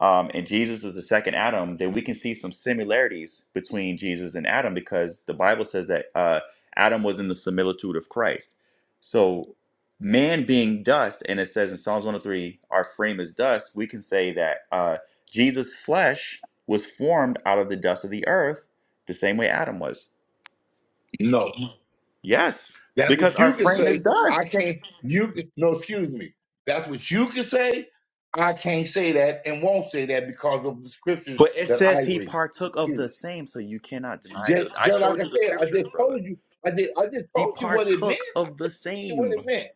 um, and Jesus is the second Adam, then we can see some similarities between Jesus and Adam because the Bible says that uh, Adam was in the similitude of Christ. So, man being dust, and it says in Psalms 103, our frame is dust, we can say that uh, Jesus' flesh was formed out of the dust of the earth the same way Adam was. No. Yes, That's because what our you can frame is say. I dust. can't you can no, excuse me. That's what you can say. I can't say that and won't say that because of the scriptures But it that I says he read. partook of Period. the same, so you cannot deny Just, the. I just like I showed you the said, I scriptures, just brother. told you, I just, I just He told you what it meant. partook I of the just told you what it same. meant.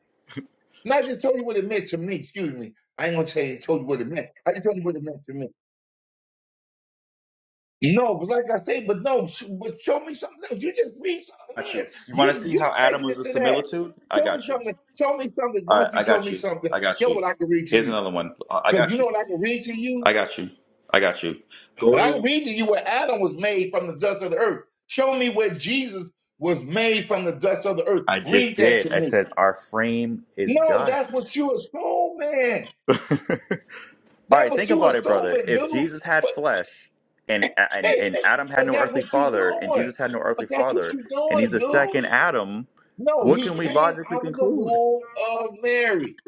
Not just told you what it meant to me. Excuse me. I ain't gonna say told you what it meant. I just told you what it meant to me. No, but like I said, but no, sh- but show me something else. You just read something Got here. you. You You, want to see you how Adam taking was it a to that. similitude? I Show me got you. something. Show me something. Why All right, don't you I show got me you. something? I got Here's you. what I can read to Here's you. another one. I I Because you got know you. what I can read to you? I got you. I got you. Go And I can to. read to you where Adam was made from the dust of the earth. Show me where Jesus was made from the dust of the earth. I Read just that did. to It me. says our frame is No, that's dust. what you assuming. All That's right, what think you about it, brother. assuming, If dude. Jesus had But, flesh, and and and Adam had but no that's earthly what you father, and doing. Jesus had no earthly But that's what father, you and he's doing, the dude. second Adam, No, what he can we came logically out of the conclude? womb of Mary.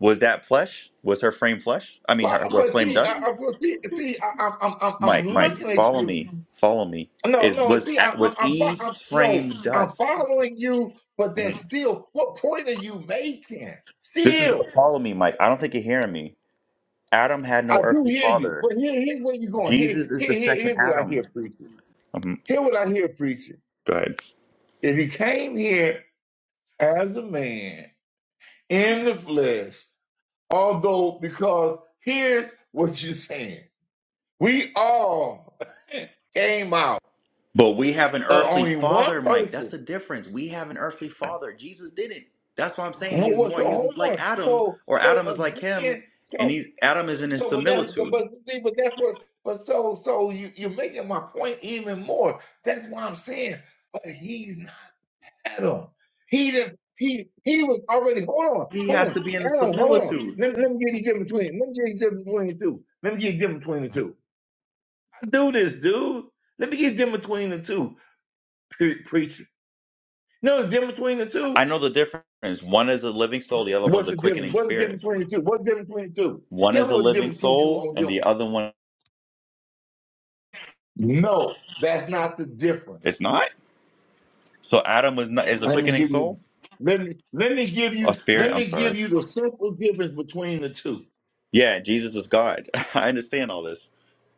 Was that flesh? Was her frame flesh? I mean, But, her. her but see, I, I, but see, see I, I'm, I'm, I'm I'm Mike, Mike, looking at follow you me. Follow me. No, Is no, was see, I, at I'm, was I'm, Eve fo- I'm, no, framed I'm dust. following you, but then Mhm. still, what point are you making? This is Still, follow me, Mike. I don't think you're hearing me. Adam had I no do earthly hear you, father. but here, here's where you're going. Here, Jesus is the here, here, second here's what I Adam. hear preaching. Mhm. Here is what I hear preaching. Go ahead. If he came here as a man in the flesh, although because here's what you're saying, we all came out But we have an of earthly only one father, Mike. That's person. the difference. We have an earthly father. Jesus didn't. That's why I'm saying What he's was more. the He's whole like one? Adam, So, or so Adam is like him, again. so. and he's Adam is in his So, but that's similitude. but see, but that's what. But so, so you you're making my point even more. That's why I'm saying. But he's not Adam. He didn't. He he was already. Hold on, He hold has on, to be in the Adam. Hold on. similitude. Let, let me get you different between. Let me get you different between the two. Let me get you different between the two. I do this, dude. Let me get different between the two. Pre- preacher. No, the difference between the I two. know the difference. One is a living soul, the other one's What's a the difference? quickening What's the spirit. difference between the two? What's the difference between the two? One Tell is me a what the living difference between the two soul, on and your the other one end. No, that's not the difference. is not. So Adam was not is a Let me quickening give you soul let me let me give or you spirit. let I'm me give sorry. you the simple difference between the two. Yeah, Jesus is God. I understand all this.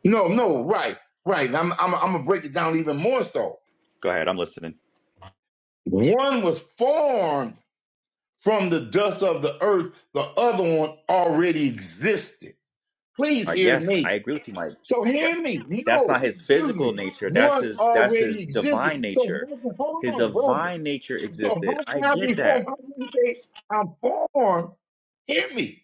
No, no, right, right. I'm I'm I'm gonna break it down even more so. Go ahead. I'm listening. One was formed from the dust of the earth, the other one already existed. Please Like, hear yes, I me. agree with you, Mike. So But hear me. that's not No, his excuse me. physical nature. That's One his. That's already his existed. divine So how nature. can- hold His on, brother. divine nature So existed. how I can I be get that, formed? How can you say I'm formed? Hear me.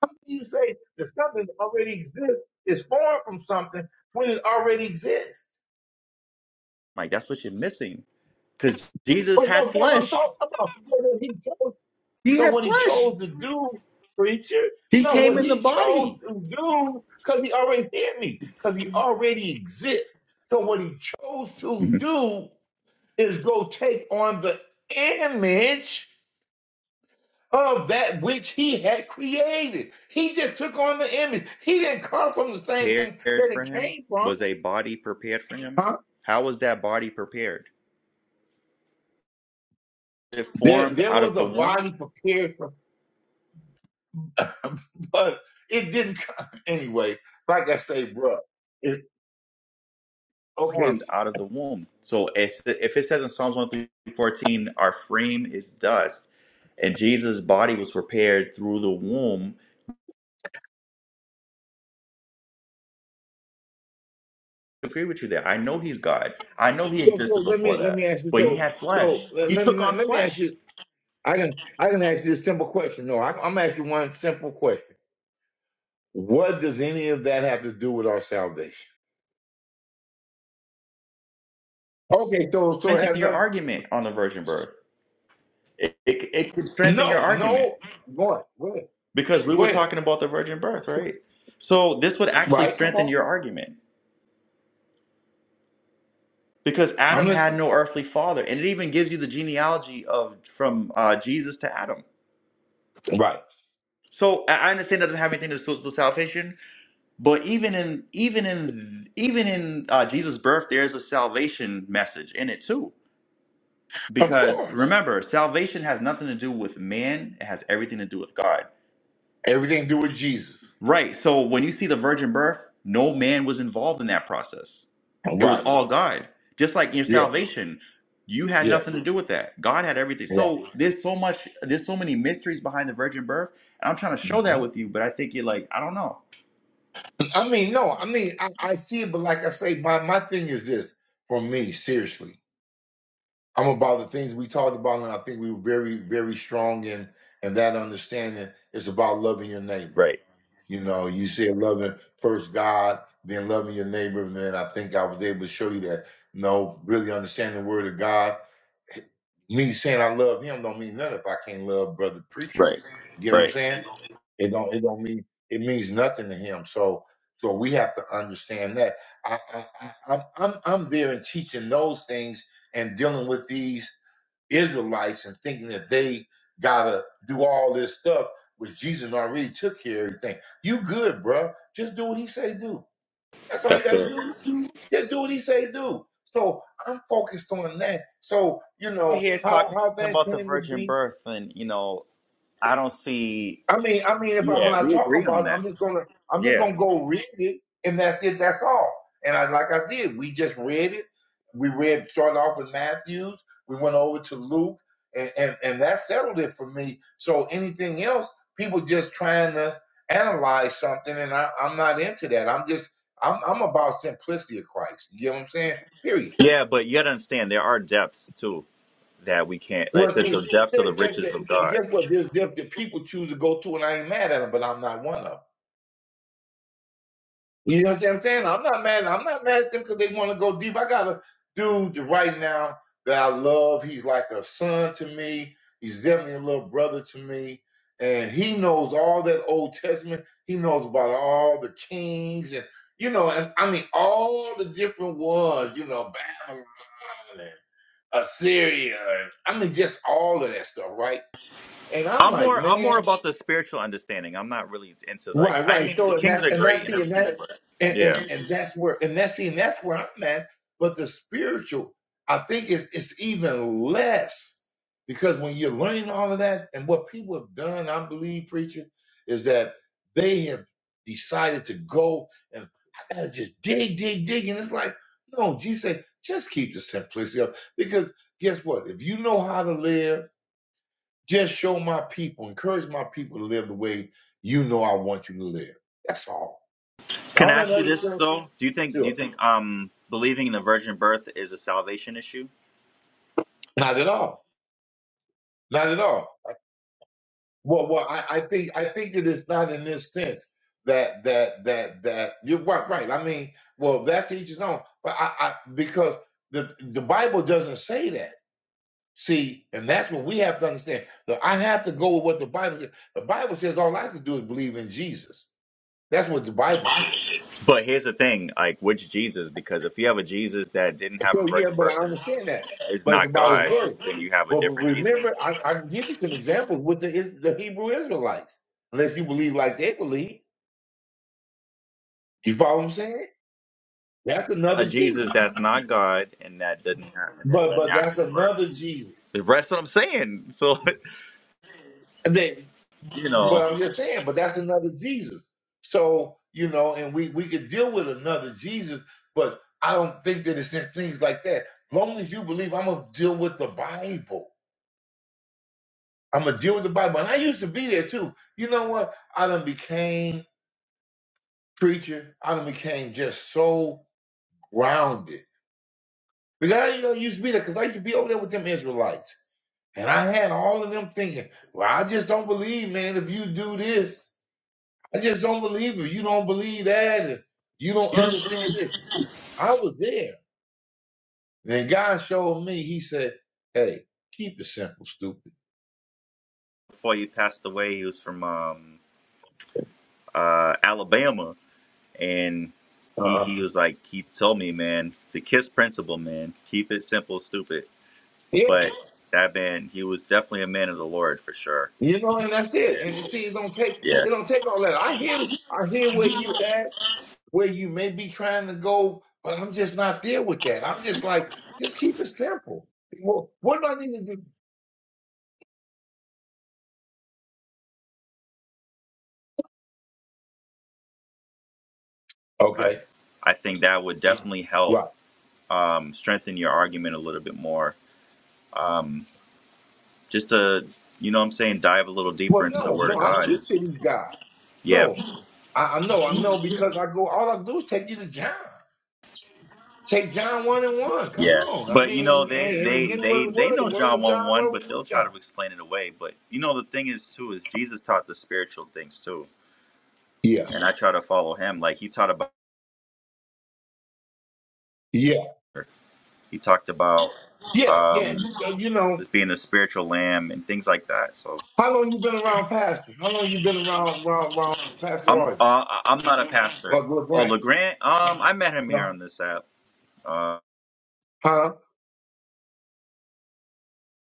How can you say that something that already exists is formed from something when it already exists? Mike. That's what you're missing. Because Jesus But had no, that's what I'm talking flesh. about. So when he chose, He so had what he flesh. chose to do, preacher. He No, came what in the he chose body. to do, because he already had me, because he already exists. So what he chose to do is go take on the image of that which he had created. He just took on the image. He didn't come from the same thing prepared that for it him? came from. Was a body prepared for him? Huh? How was that body prepared? It There, formed there out was of a the womb. body prepared for him, but it didn't come anyway. Like I say, bruh, It, Formed okay, out of the womb. So if, if it says in Psalms one through our frame is dust, and Jesus' body was prepared through the womb. I agree with you there. I know he's God. I know he so so existed let before me let me that, ask you but he so had so flesh. let, He let, took me- on let me ask flesh. you. I can I can ask you a simple question. No, I, I'm asking one simple question. What does any of that have to do with our salvation? Okay, so so it has Strengthen your nothing. argument on the virgin birth. It, it, it could strengthen your No, argument. no. Go ahead. Go ahead. because we Go were ahead. talking about the virgin birth, right? So this would actually Right. Come strengthen on. your argument because I'm Adam had listening. no earthly father, and it even gives you the genealogy of from uh, Jesus to Adam. Right. So I I understand that doesn't have anything to do with salvation, but even in even in even in uh, Jesus' birth, there's a salvation message in it too. Of Because course. remember, salvation has nothing to do with man; it has everything to do with God. Everything to do with Jesus. Right. So when you see the virgin birth, no man was involved in that process. It was Right. all God. Just like your Yeah. salvation, you had Yeah. nothing to do with that. God had everything. Right. So there's so much, there's so many mysteries behind the virgin birth, and I'm trying to hmm show that with you, but I think you're like, I don't know. I mean, no, I mean, I, I see it, but like I say, my, my thing is this for me, seriously. I'm about the things we talked about, and I think we were very, very strong in, and that understanding is about loving your neighbor. Right, You know, you said loving first God, then loving your neighbor, and then I think I was able to show you that, no, really understanding the word of God. Me saying I love him don't mean nothing if I can't love brother preacher. right, You get what I'm right. saying? It don't it don't mean it means nothing to him. So so we have to understand that. I, I, I I'm I'm I'm there and teaching those things and dealing with these Israelites and thinking that they gotta do all this stuff, which Jesus already took care of everything. You good, bruh. Just do what he say do. That's all you That's gotta it. do. Just do what he say do. So I'm focused on that. So you We're know here how talking how things about the came to virgin be birth, and you know, I don't see. I mean, I mean, if I when Yeah, I we talk agree on about it, that. I'm just gonna I'm just Yeah, gonna go read it, and that's it. That's all. And I like I did. We just read it. We read started off with Matthews. We went over to Luke, and and, and that settled it for me. So anything else, people just trying to analyze something, and I, I'm not into that. I'm just I'm I'm about simplicity of Christ. You get what I'm saying? Period. yeah, but you got to understand there are depths too. that we can't. Like it Well, says, the see, depths of there- the there- riches there- of but God. guess what? There's different people choose to go to, and I ain't mad at them, but I'm not one of 'em. You know what I'm saying? I'm not mad. I'm not mad at them because they want to go deep. I got a dude right now that I love. He's like a son to me. He's definitely a little brother to me. And he knows all that Old Testament. He knows about all the kings and you know, and I mean all the different ones, you know, Babylon and Assyria. And, I mean just all of that stuff, right? And I'm I'm like, more. I'm man. more about the spiritual understanding. I'm not really into like. Right, I right. mean, the So and Kings that are and that's great and the and everything, that but and, and, yeah. and that's where and that's the and that's where I'm at. But the spiritual, I think it's it's even less because when you're learning all of that and what people have done, I believe, preacher, is that they have decided to go and I gotta just dig, dig, dig. And it's like, no, Jesus said, just keep the simplicity up. Because guess what? If you know how to live just show my people, encourage my people to live the way you know I want you to live. That's all. Can All I that ask you other this stuff, though? Do you think? Do you sure. think? Um, believing in the virgin birth is a salvation issue. Not at all. Not at all. Well, well, I, I think I think that it's not in this sense that that that that you're right, right. I mean, well, that's each his own. But I, I because the the Bible doesn't say that. See, and that's what we have to understand. That I have to go with what the Bible says. The Bible says all I can do is believe in Jesus. That's what the Bible says. But here's the thing: like, which Jesus? Because if you have a Jesus that didn't have a So yeah, virgin but I birth and is, understand that. is But it's not about his God, word. then you have a But different Jesus. remember, I, I can give you some examples with the Is- the Hebrew Israelites, unless you believe like they believe. You follow what I'm saying? That's A another Jesus Jesus. that's not God and that doesn't have, that had But a but that's natural birth. another Jesus. That's what I'm saying. So, And then, you but know. I'm just saying, but that's another Jesus. So you know, and we we could deal with another Jesus, but I don't think that it's in things like that. Long as you believe, I'm gonna deal with the Bible. I'm gonna deal with the Bible. And I used to be there too. You know what? I done became preacher. I done became just so grounded. Because I you know, used to be there because I used to be over there with them Israelites. And I had all of them thinking, well, I just don't believe, man, if you do this. I just don't believe if you don't believe that and you don't understand this. I was there. Then God showed me, he said, Hey, keep it simple, stupid. before he passed away, he was from um, uh, Alabama, and he Uh-huh. he was like he told me, man, the Kiss principle, man, keep it simple, stupid. Yeah, But that man, he was definitely a man of the Lord for sure. You know, and that's it. And And you see, it don't take yeah, it don't take all that. I hear I hear where you at, where you may be trying to go, but I'm just not there with that. I'm just like, just keep it simple. Well, what do I need to do? I, Okay, I think that would definitely help right. um, strengthen your argument a little bit more. Um, just to you know, what I'm saying dive a little deeper Well, into the no, Word no, of I God. teach And, to these guys. yeah, No, I, I know, I know, because I go. All I do is take you to John. Take John one and one. Come Yeah, on, I but you know mean, they hey, and they get with they the they word. know The word John was God. one The one, word but was they'll with try God. to explain it away. But you know the thing is too is Jesus taught the spiritual things too, Yeah, and I try to follow him. Like he taught about yeah, he talked about yeah, yeah. um You know. just being a spiritual lamb and things like that. So How long you been around Pastor? How long you been around around, around Pastor I'm Roger? uh, I'm not a pastor. Like Oh LeBron? Legrand, um I met him here No. on this app. Uh, Huh?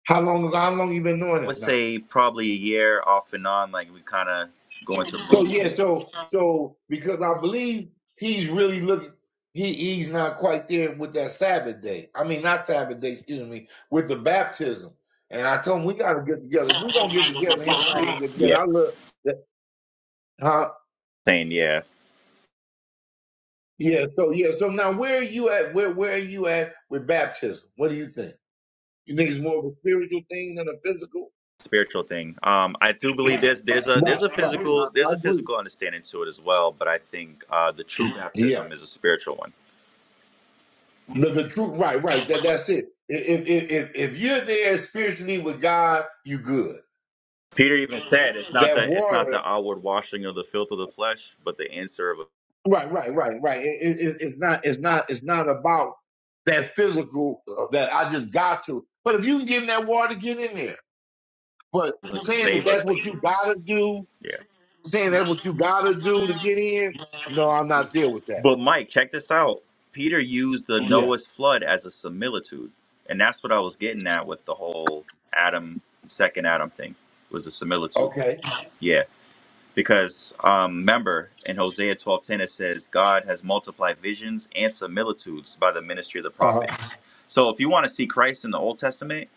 How long how long you been doing I would that now? say probably a year off and on. Like we kind of go into So rooms yeah, and so so because I believe he's really looking he he's not quite there with that Sabbath day. I mean not Sabbath day, excuse me, with the baptism. And I told him we gotta get together. If we gonna get together, him and I gonna get yeah, together. I love that huh? saying yeah. Yeah, so yeah, so now where are you at? Where where are you at with baptism? What do you think? You think it's more of a spiritual thing than a physical? spiritual thing. Um, I do believe there's there's a there's Right, a right. I, physical I there's a agree. physical understanding to it as well, but I think uh, the true Yeah. baptism is a spiritual one. The, the truth, right, right. That that's it. If, if if if you're there spiritually with God, you good. Peter even said it's not That the it's not the water, outward washing of the filth of the flesh, but the answer of right, right, right, right. It, it, it- it's not, it's not, it's not about that physical uh, that I just got to. But if you can get in that water, get in there. But a saying that save. that's what you gotta do, Yeah. saying that's what you gotta do to get in, no, I'm not there with that. But Mike, check this out. Peter used the Yeah. Noah's flood as a similitude, and that's what I was getting at with the whole Adam second Adam thing was a similitude. Okay. Yeah. Because um, remember, in Hosea 12:10 it says, God has multiplied visions and similitudes by the ministry of the Uh huh. prophets. So if you want to see Christ in the Old Testament,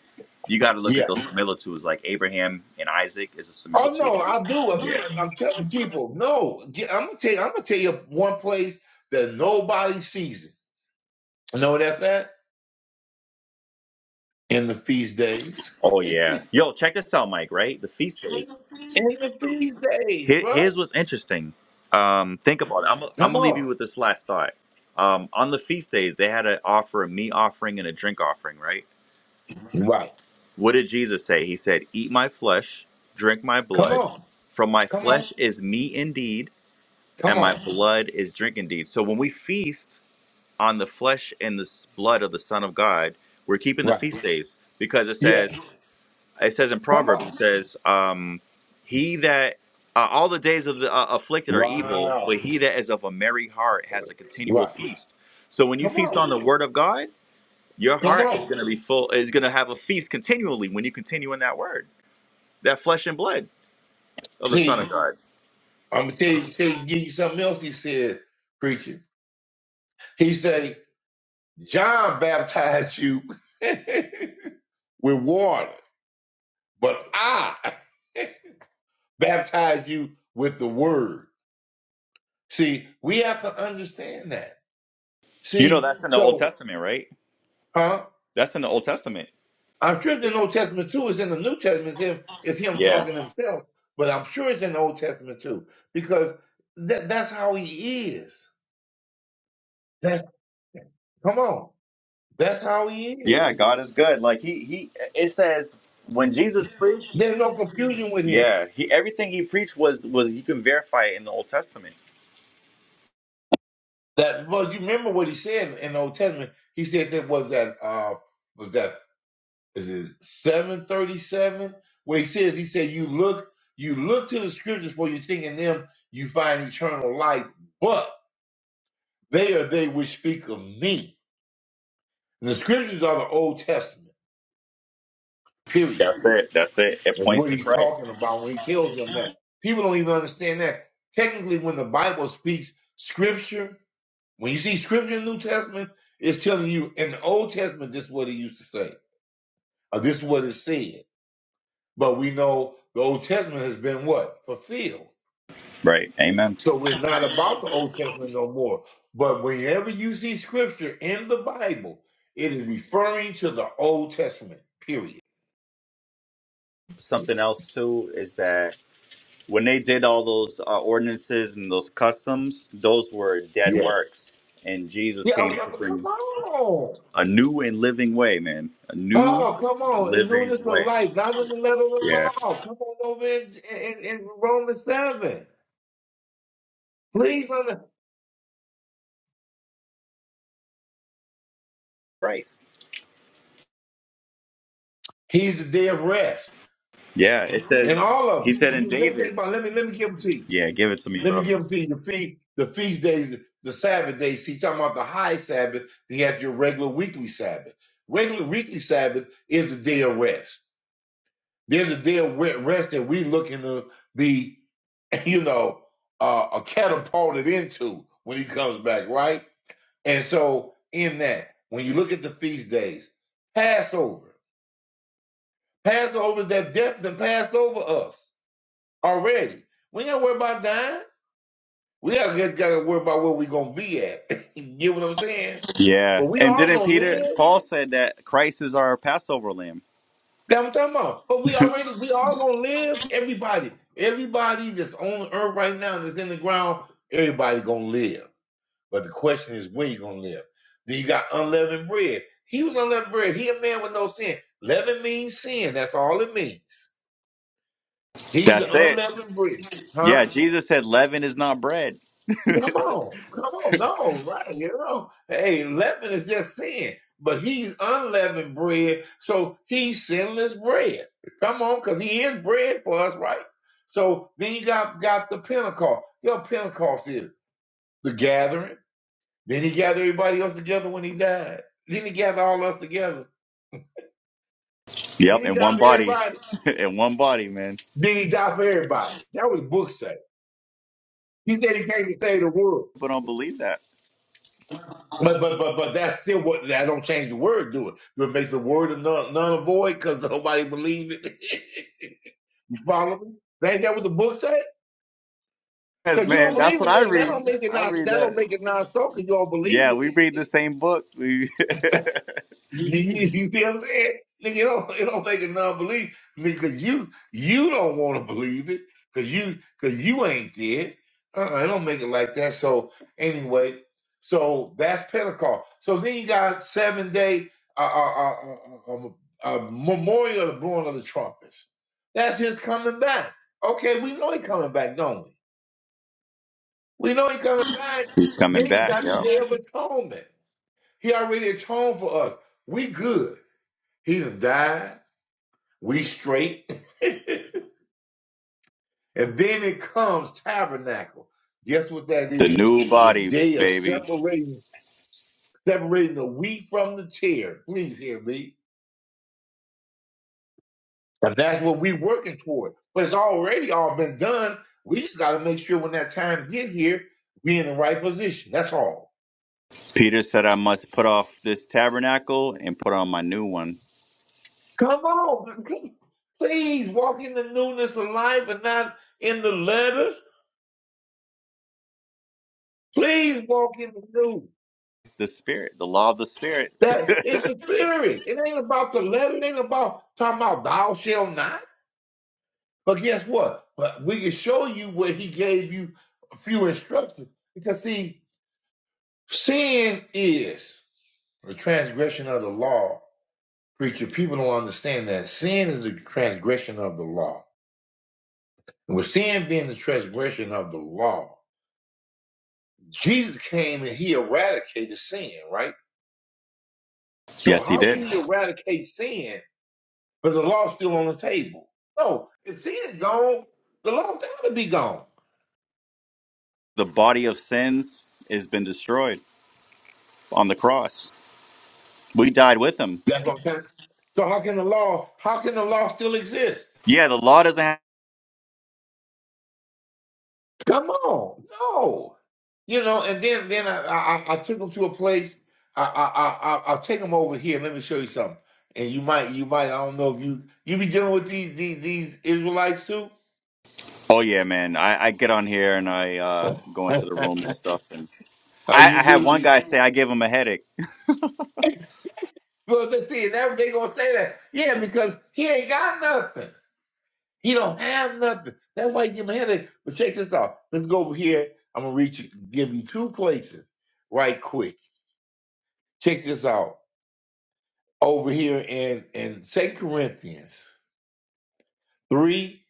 you got to look Yeah. at those similitudes, like Abraham and Isaac is a Oh similitude. no, I do. I'm, Yeah. I'm telling people, no. Get, I'm gonna tell. You, I'm gonna tell you one place that nobody sees it. You know what that's at? In the feast days. Oh yeah. Yo, check this out, Mike. Right, the feast day. In the feast days, Here- bro. Here's what's interesting. Um, think about it. I'm, I'm Come gonna leave on. you with this last thought. Um, on the feast days, they had to offer a meat offering and a drink offering. Right? Right. What did Jesus say? He said, "Eat my flesh, drink my blood." Come on. From my Come flesh on. is meat indeed, Come and my on. blood is drink indeed. So when we feast on the flesh and the blood of the Son of God, we're keeping the Right. feast days because it says Yes. it says in Come Proverbs on. says um, he that uh, all the days of the uh, afflicted are evil, Wow. but he that is of a merry heart has a continual Right. feast. So when you Come feast on. on the Word of God, your Come heart is on. going to be full. Is going to have a feast continually when you continue in that Word, that flesh and blood of the Son of See, God. I'm gonna tell you, tell you, give you something else. He said, preacher. He said, John baptized you with water but I baptize you with the word. See, we have to understand that. You know See, that's in the Old so, Testament, right? huh? That's in the Old Testament. I'm sure it's in the Old Testament too. It's in the New Testament. It's him, it's him Yeah. talking to himself, but I'm sure it's in the Old Testament too because that, that's how he is. That's, come on. That's how he Yeah, is. God is good. Like he he it says when Jesus preached, There's no confusion with him. yeah, he everything he preached was was you can verify it in the Old Testament. That, well, you remember what he said in the Old Testament. He said that was that, uh, was that is it 737 where he says he said you look you look to the scriptures for you think in them you find eternal life but they are they which speak of me and the scriptures are the old testament period That's it. That's it. It that's points what to he's Christ. talking about when he tells them that people don't even understand that technically when the bible speaks scripture when you see scripture in the new testament it's telling you in the old testament this is what it used to say or this is what it said but we know the old testament has been what fulfilled Right. Amen. So we're not about the Old Testament no more. But whenever you see scripture in the Bible, it is referring to the Old Testament, period. Something else too is that when they did all those uh, ordinances and those customs, those were dead Yes. works, and Jesus Yeah, uh, came uh, to come bring on. a new and living way, man. A new Oh, come and on. In newness living of way. life, not in the letter of Yeah. the law. Come on over in, in, in Romans 7. Please. Under- Christ. He's the day of rest. Yeah, it And says all he of said in them. Just think David. about it. Let me, let me give them to you. Yeah, give it to me, Let me brother. give them to you the feast, the feast days, the Sabbath days. He's talking about the high Sabbath. He has your regular weekly Sabbath. Regular weekly Sabbath is the day of rest. There's a day of rest that we looking to be, you know, uh, uh, catapulted into when he comes back, right? And so in that, when you look at the feast days, Passover, Passover that death that passed over us already. We ain't got to worry about dying. We have just gotta worry about where we gonna be at. you get what I'm saying? But Yeah, we and all didn't gonna Peter live. Paul said that Christ is our Passover lamb. That I'm talking about. But we already we all gonna live. Everybody, everybody that's on the earth right now that's in the ground, everybody gonna live. But the question is where you gonna live. Then you got unleavened bread. He was unleavened bread. He a man with no sin. Leaven means sin. That's all it means. He's That's the it. unleavened bread. huh? Yeah, Jesus said leaven is not bread. Come on, come on, no, right? You know, hey, leaven is just sin, but he's unleavened bread, so he's sinless bread. Come on, because he is bread for us, right? So then you got got the Pentecost. Your Pentecost is the gathering. Then he gathered everybody else together when he died. Then he gathered all us together. Then Yep, he in died one for body, everybody. in one body, man. Then he died for everybody. That was book say. He said he came to save the world. People don't believe that. But but but but that's still what I don't change the word, do it? You make the word of none, none void because nobody believe it. you follow me? Ain't that what the book said? Yes, Because you don't man. That's believe what it, I nigga. That read. don't make it I not. read That don't that. make it non so because you don't believe Yeah, it. we read the same book. We You, you you see what I'm saying? Nigga, it don't, it don't take a non-belief. Nigga, 'cause you, you don't want to believe it because you, because you ain't there. Uh-uh, it don't make it like that. So anyway, so that's Pentecost. So then you got seven day, uh, uh, uh, uh, uh, uh, memorial of the blowing of the trumpets. That's his coming back. Okay, we know he coming back, don't we? We know he coming back. He's coming Then you back. got the Yep. day of atonement. He already atoned for us. We good. He's done died. We straight. and then it comes tabernacle. Guess what that The is? new The body, day of baby. separating, separating the wheat from the tear. Please hear me. And that's what we working toward. But it's already all been done. We just got to make sure when that time get here, we in the right position. That's all. Peter said, I must put off this tabernacle and put on my new one. Come on. Please walk in the newness of life and not in the letter. Please walk in the new. The spirit, the law of the spirit. That it's the spirit. It ain't about the letter. It ain't about talking about thou shall not. But guess what? But we can show you where he gave you a few instructions. Because see, sin is the transgression of the law. Preacher, people don't understand that. Sin is the transgression of the law. And with sin being the transgression of the law, Jesus came and he eradicated sin, right? So Yes, he how did. can he eradicate sin But the law still on the table. No, if sin is gone, the law gotta be gone. The body of sins has been destroyed on the cross. We died with him. That's what I'm saying. So how can the law how can the law still exist? Yeah, the law doesn't have. Come on. No. You know, and then then I I, I took them to a place. I I I I- I'll take them over here. Let me show you something. And you might you might I don't know if you you be dealing with these these, these Israelites too. Oh, yeah, man. I, I get on here and I uh, go into the rooms and oh, stuff. And I, I you had do. one guy say I gave him a headache. Well, let's see, and that they gonna say that. Yeah, because he ain't got nothing. You don't have nothing. That's why you give them a headache. But check this out. Let's go over here. I'm gonna reach you, give you two places right quick. Check this out. Over here in in Second Corinthians three.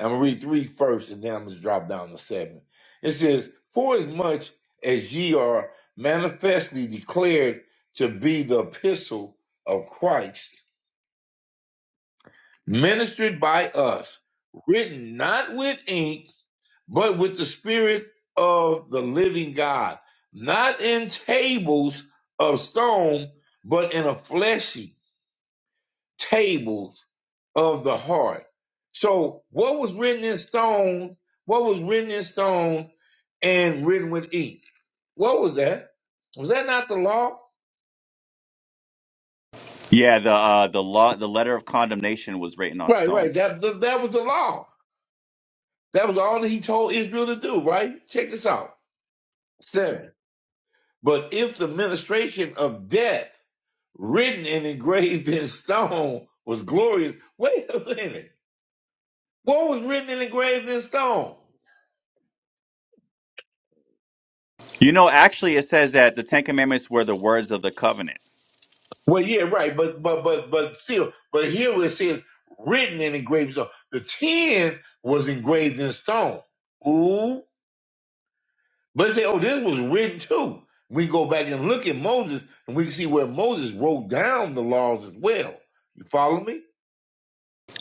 I'm gonna read three first, and then I'm gonna drop down to seven. It says, "For as much as ye are manifestly declared to be the epistle of Christ, ministered by us, written not with ink." but with the spirit of the living God, not in tables of stone, but in a fleshy tables of the heart. So what was written in stone, what was written in stone and written with ink? What was that? Was that not the law? Yeah, the uh, the law, the letter of condemnation was written on Right, right. stones. That, that, that was the law. That was all that he told Israel to do, right? Check this out. Seven. But if the ministration of death written and engraved in stone was glorious. Wait a minute. What was written and engraved in stone? You know, actually, it says that the Ten Commandments were the words of the covenant. Well, yeah, right, but but but but still, but here it says written and engraved in stone. The ten was engraved in stone. Ooh. But say, oh, this was written too. We go back and look at Moses and we can see where Moses wrote down the laws as well. You follow me?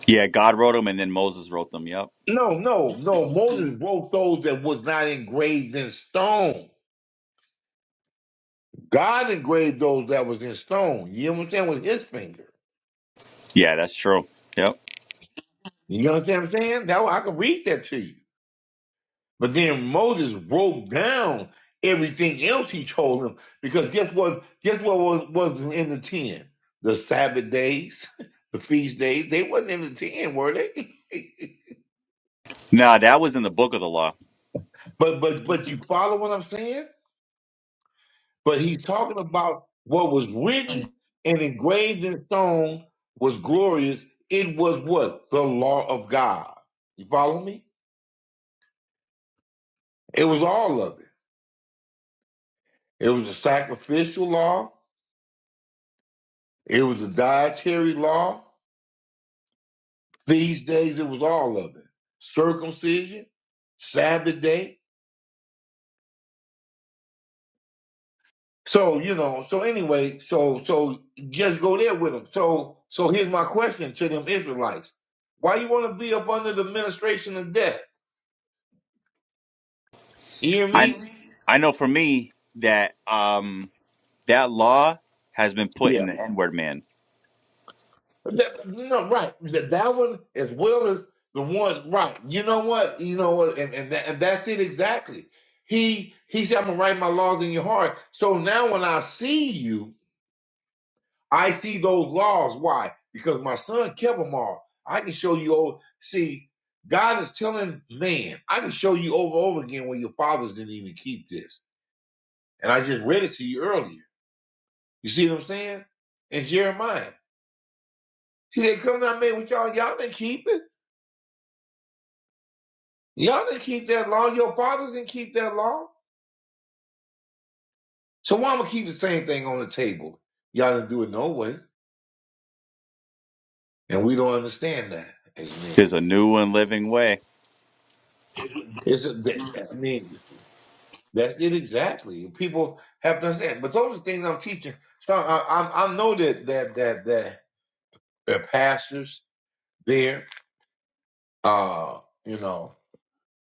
Yeah, God wrote them and then Moses wrote them. Yep. No, no, no. Moses wrote those that was not engraved in stone. God engraved those that was in stone. You understand with his finger. Yeah, that's true. Yep. You understand what I'm saying? That I can read that to you. But then Moses broke down everything else he told him because guess what? Guess what was was in the ten? The Sabbath days, the feast days. They wasn't in the ten, were they? Nah, that was in the book of the law. but but but you follow what I'm saying? but he's talking about what was written and engraved in stone was glorious. It was what? The law of God. You follow me? It was all of it. It was the sacrificial law. It was the dietary law. Feast days. It was all of it. Circumcision, Sabbath day. So, you know, so anyway, so, so just go there with them. So, so here's my question to them Israelites. Why you want to be up under the administration of death? You hear I, me? I know for me that. um that law has been put in Yeah. the n-word man That, no, right. That, that one as well as the one right. You know what? You know what? And and, that, and that's it exactly. He he said, I'm gonna write my laws in your heart. So now when I see you, I see those laws. Why? Because my son kept them all. I can show you over see, God is telling man, I can show you over and over again where your fathers didn't even keep this. And I just read it to you earlier. You see what I'm saying? In Jeremiah. He said, Come now, man, with y'all, y'all didn't keep it. Y'all didn't keep that law. Your fathers didn't keep that law. So why am I keep the same thing on the table? Y'all didn't do it no way. And we don't understand that as men. there's a new and living way It's a, that, that- I mean, that's it exactly. People have to understand. But those are things I'm teaching. So I, I, I know that that that that the pastors there, uh, you know,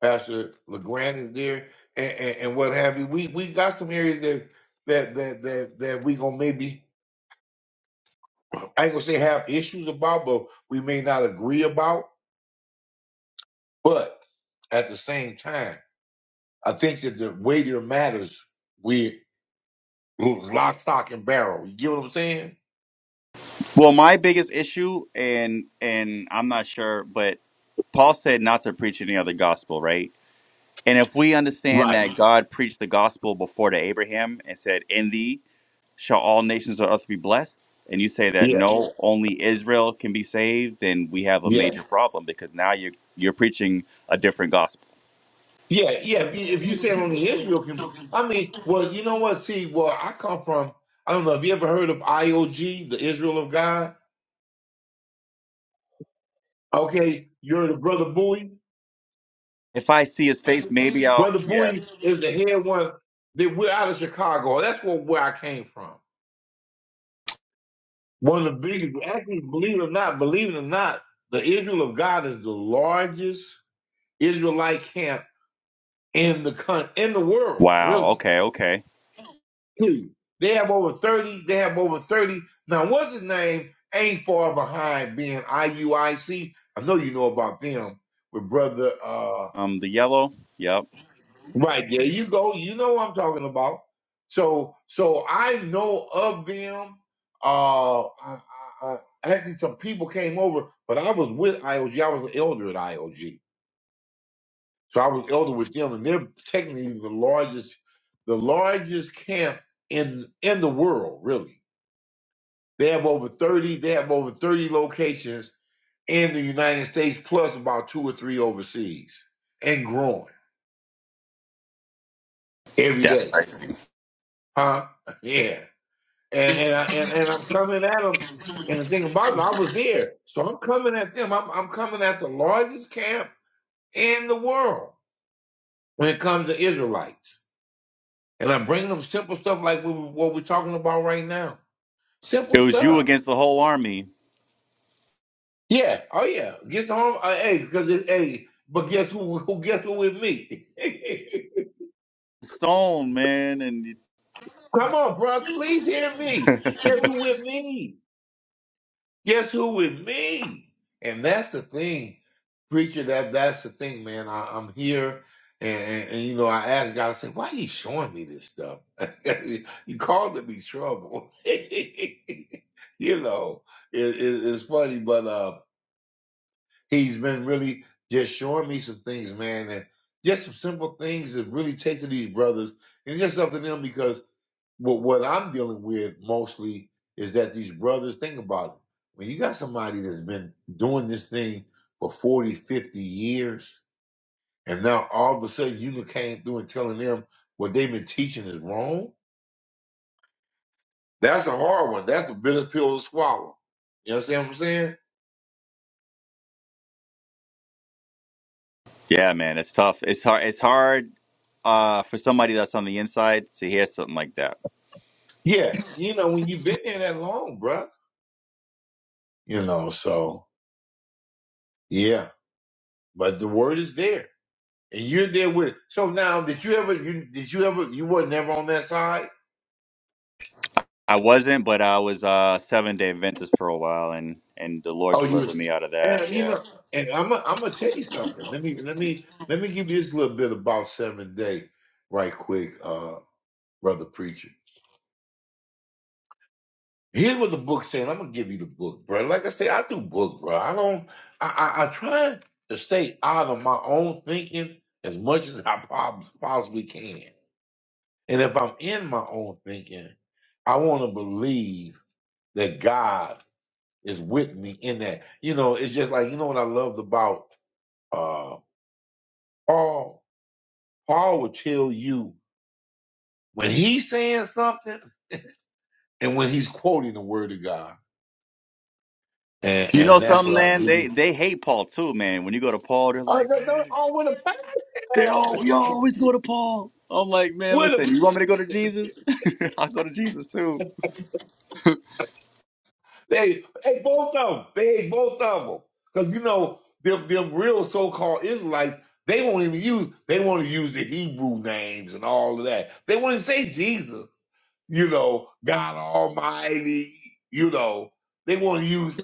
Pastor LeGrand is there and, and, and what have you. We we got some areas that that that that, that we gonna maybe I ain't gonna say have issues about, but we may not agree about. But at the same time, I think that the weight of the matters we lock, stock, and barrel. You get what I'm saying? well my biggest issue and and i'm not sure but paul said not to preach any other gospel right and if we understand Right. that god preached the gospel before to abraham and said in thee shall all nations of earth be blessed and you say that Yeah. no only israel can be saved then we have a major Yes. problem because now you're you're preaching a different gospel Yeah. Yeah. If you, if you say only Israel can, I mean, well, you know what? See, well, I come from. I don't know. Have you ever heard of IOG, the Israel of God? Okay, you're the brother Bowie. if i see his face maybe i'll Brother yeah Bowie is the head one. That we're out of Chicago. That's where where I came from. One of the biggest, actually, believe it or not, believe it or not, the Israel of God is the largest Israelite camp in the con- in the world, wow really. okay okay Period. They have over thirty. They have over thirty. Now, what's his name? Ain't far behind being IUIC. I C. I know you know about them with brother. uh, Um, the yellow. Yep. Right. There you go. You know what I'm talking about. So so I know of them. Uh, I, I, I, actually, some people came over, but I was with IOG. I was an elder at IOG, so I was elder with them, and they're technically the largest, the largest camp in in the world. Really, they have over thirty. They have over thirty locations in the United States, plus about two or three overseas, and growing every That's day. crazy. Huh? Yeah. and and, I, and and I'm coming at them. And the thing about it, I was there, so I'm coming at them. I'm I'm coming at the largest camp in the world when it comes to Israelites, and I bring them simple stuff like we, what we're talking about right now. Simple It was you stuff. against the whole army. Yeah. Oh yeah. Gets the home. Uh, hey, because it, hey, but guess who? Who guess who with me? Stone, man, and Come on, bro. Please hear me. Guess who with me? Guess who with me? And that's the thing, preacher. That that's the thing, man. I, I'm here, and, and, and you know, I asked God. I said, "Why are you showing me this stuff? you called it me trouble." you know, it, it, it's funny, but uh, he's been really just showing me some things, man, and just some simple things that really take to these brothers, and it's just up to them because what what I'm dealing with mostly is that these brothers think about it. When you got somebody that's been doing this thing for 40, 50 years, and now all of a sudden you came through and telling them what they've been teaching is wrong, that's a hard one. That's the bitter pill to swallow. You understand what I'm saying? yeah, man, it's tough. It's hard. It's hard uh, for somebody that's on the inside to hear something like that. Yeah. You know, when you've been there that long, bruh. You know, so yeah. But the word is there. And you're there with so now did you ever you did you ever you were never on that side? I wasn't, but I was uh, seven day Adventist for a while, and and the Lord Oh, you delivered was, me out of that. and you Yeah. know, and I'm i I'm gonna tell you something. Let me let me let me give you this little bit about seven day, right quick, uh, brother preacher. Here's what the book saying. I'm gonna give you the book, bro. Like I say, I do book, bro. I don't. I I, I try to stay out of my own thinking as much as I prob- possibly can. And if I'm in my own thinking, I want to believe that God is with me in that. You know, it's just like you know what I loved about. uh, Paul, Paul will tell you when he's saying something and when he's quoting the word of God. And, You know and that's something, what I man? really. They they hate Paul too, man. When you go to Paul, they're Oh, like, no, no, man, oh, with a they all passion. you always go to Paul. I'm like, man, With listen, a, you want me to go to Jesus? I'll go to Jesus too. they, they both of them. They hate both of them. Because, you know, them, them real so called Israelites, they won't even use, they want to use the Hebrew names and all of that. They won't even say Jesus, you know, God Almighty, you know. They want to use,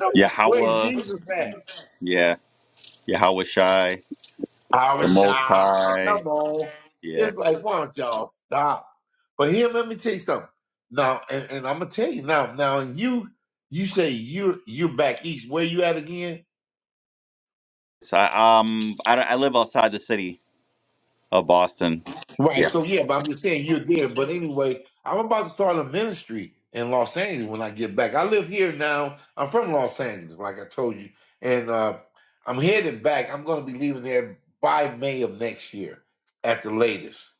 no, where Yahweh. Jesus at? Yeah. Yahweh Shai, I the was Most shy. High. Come on. Yeah. It's like, why don't y'all stop? But here, let me tell you something. Now, and, and I'm gonna tell you now. Now, and you, you say you're you're back east. Where you at again? So I, um, I, I live outside the city of Boston. Right. Yeah. So yeah, but I'm just saying you're there. But anyway, I'm about to start a ministry in Los Angeles when I get back. I live here now. I'm from Los Angeles, like I told you, and uh, I'm headed back. I'm gonna be leaving there by May of next year, at the latest.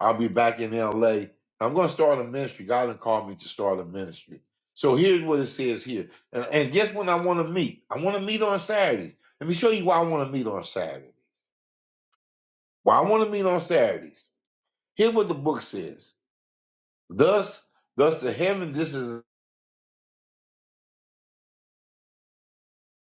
I'll be back in LA. I'm going to start a ministry. God done called me to start a ministry. So here's what it says here. And, and guess when I want to meet? I want to meet on Saturdays. Let me show you why I want to meet on Saturday. Why I want to meet on Saturdays. Here's what the book says. Thus, thus the heaven. This is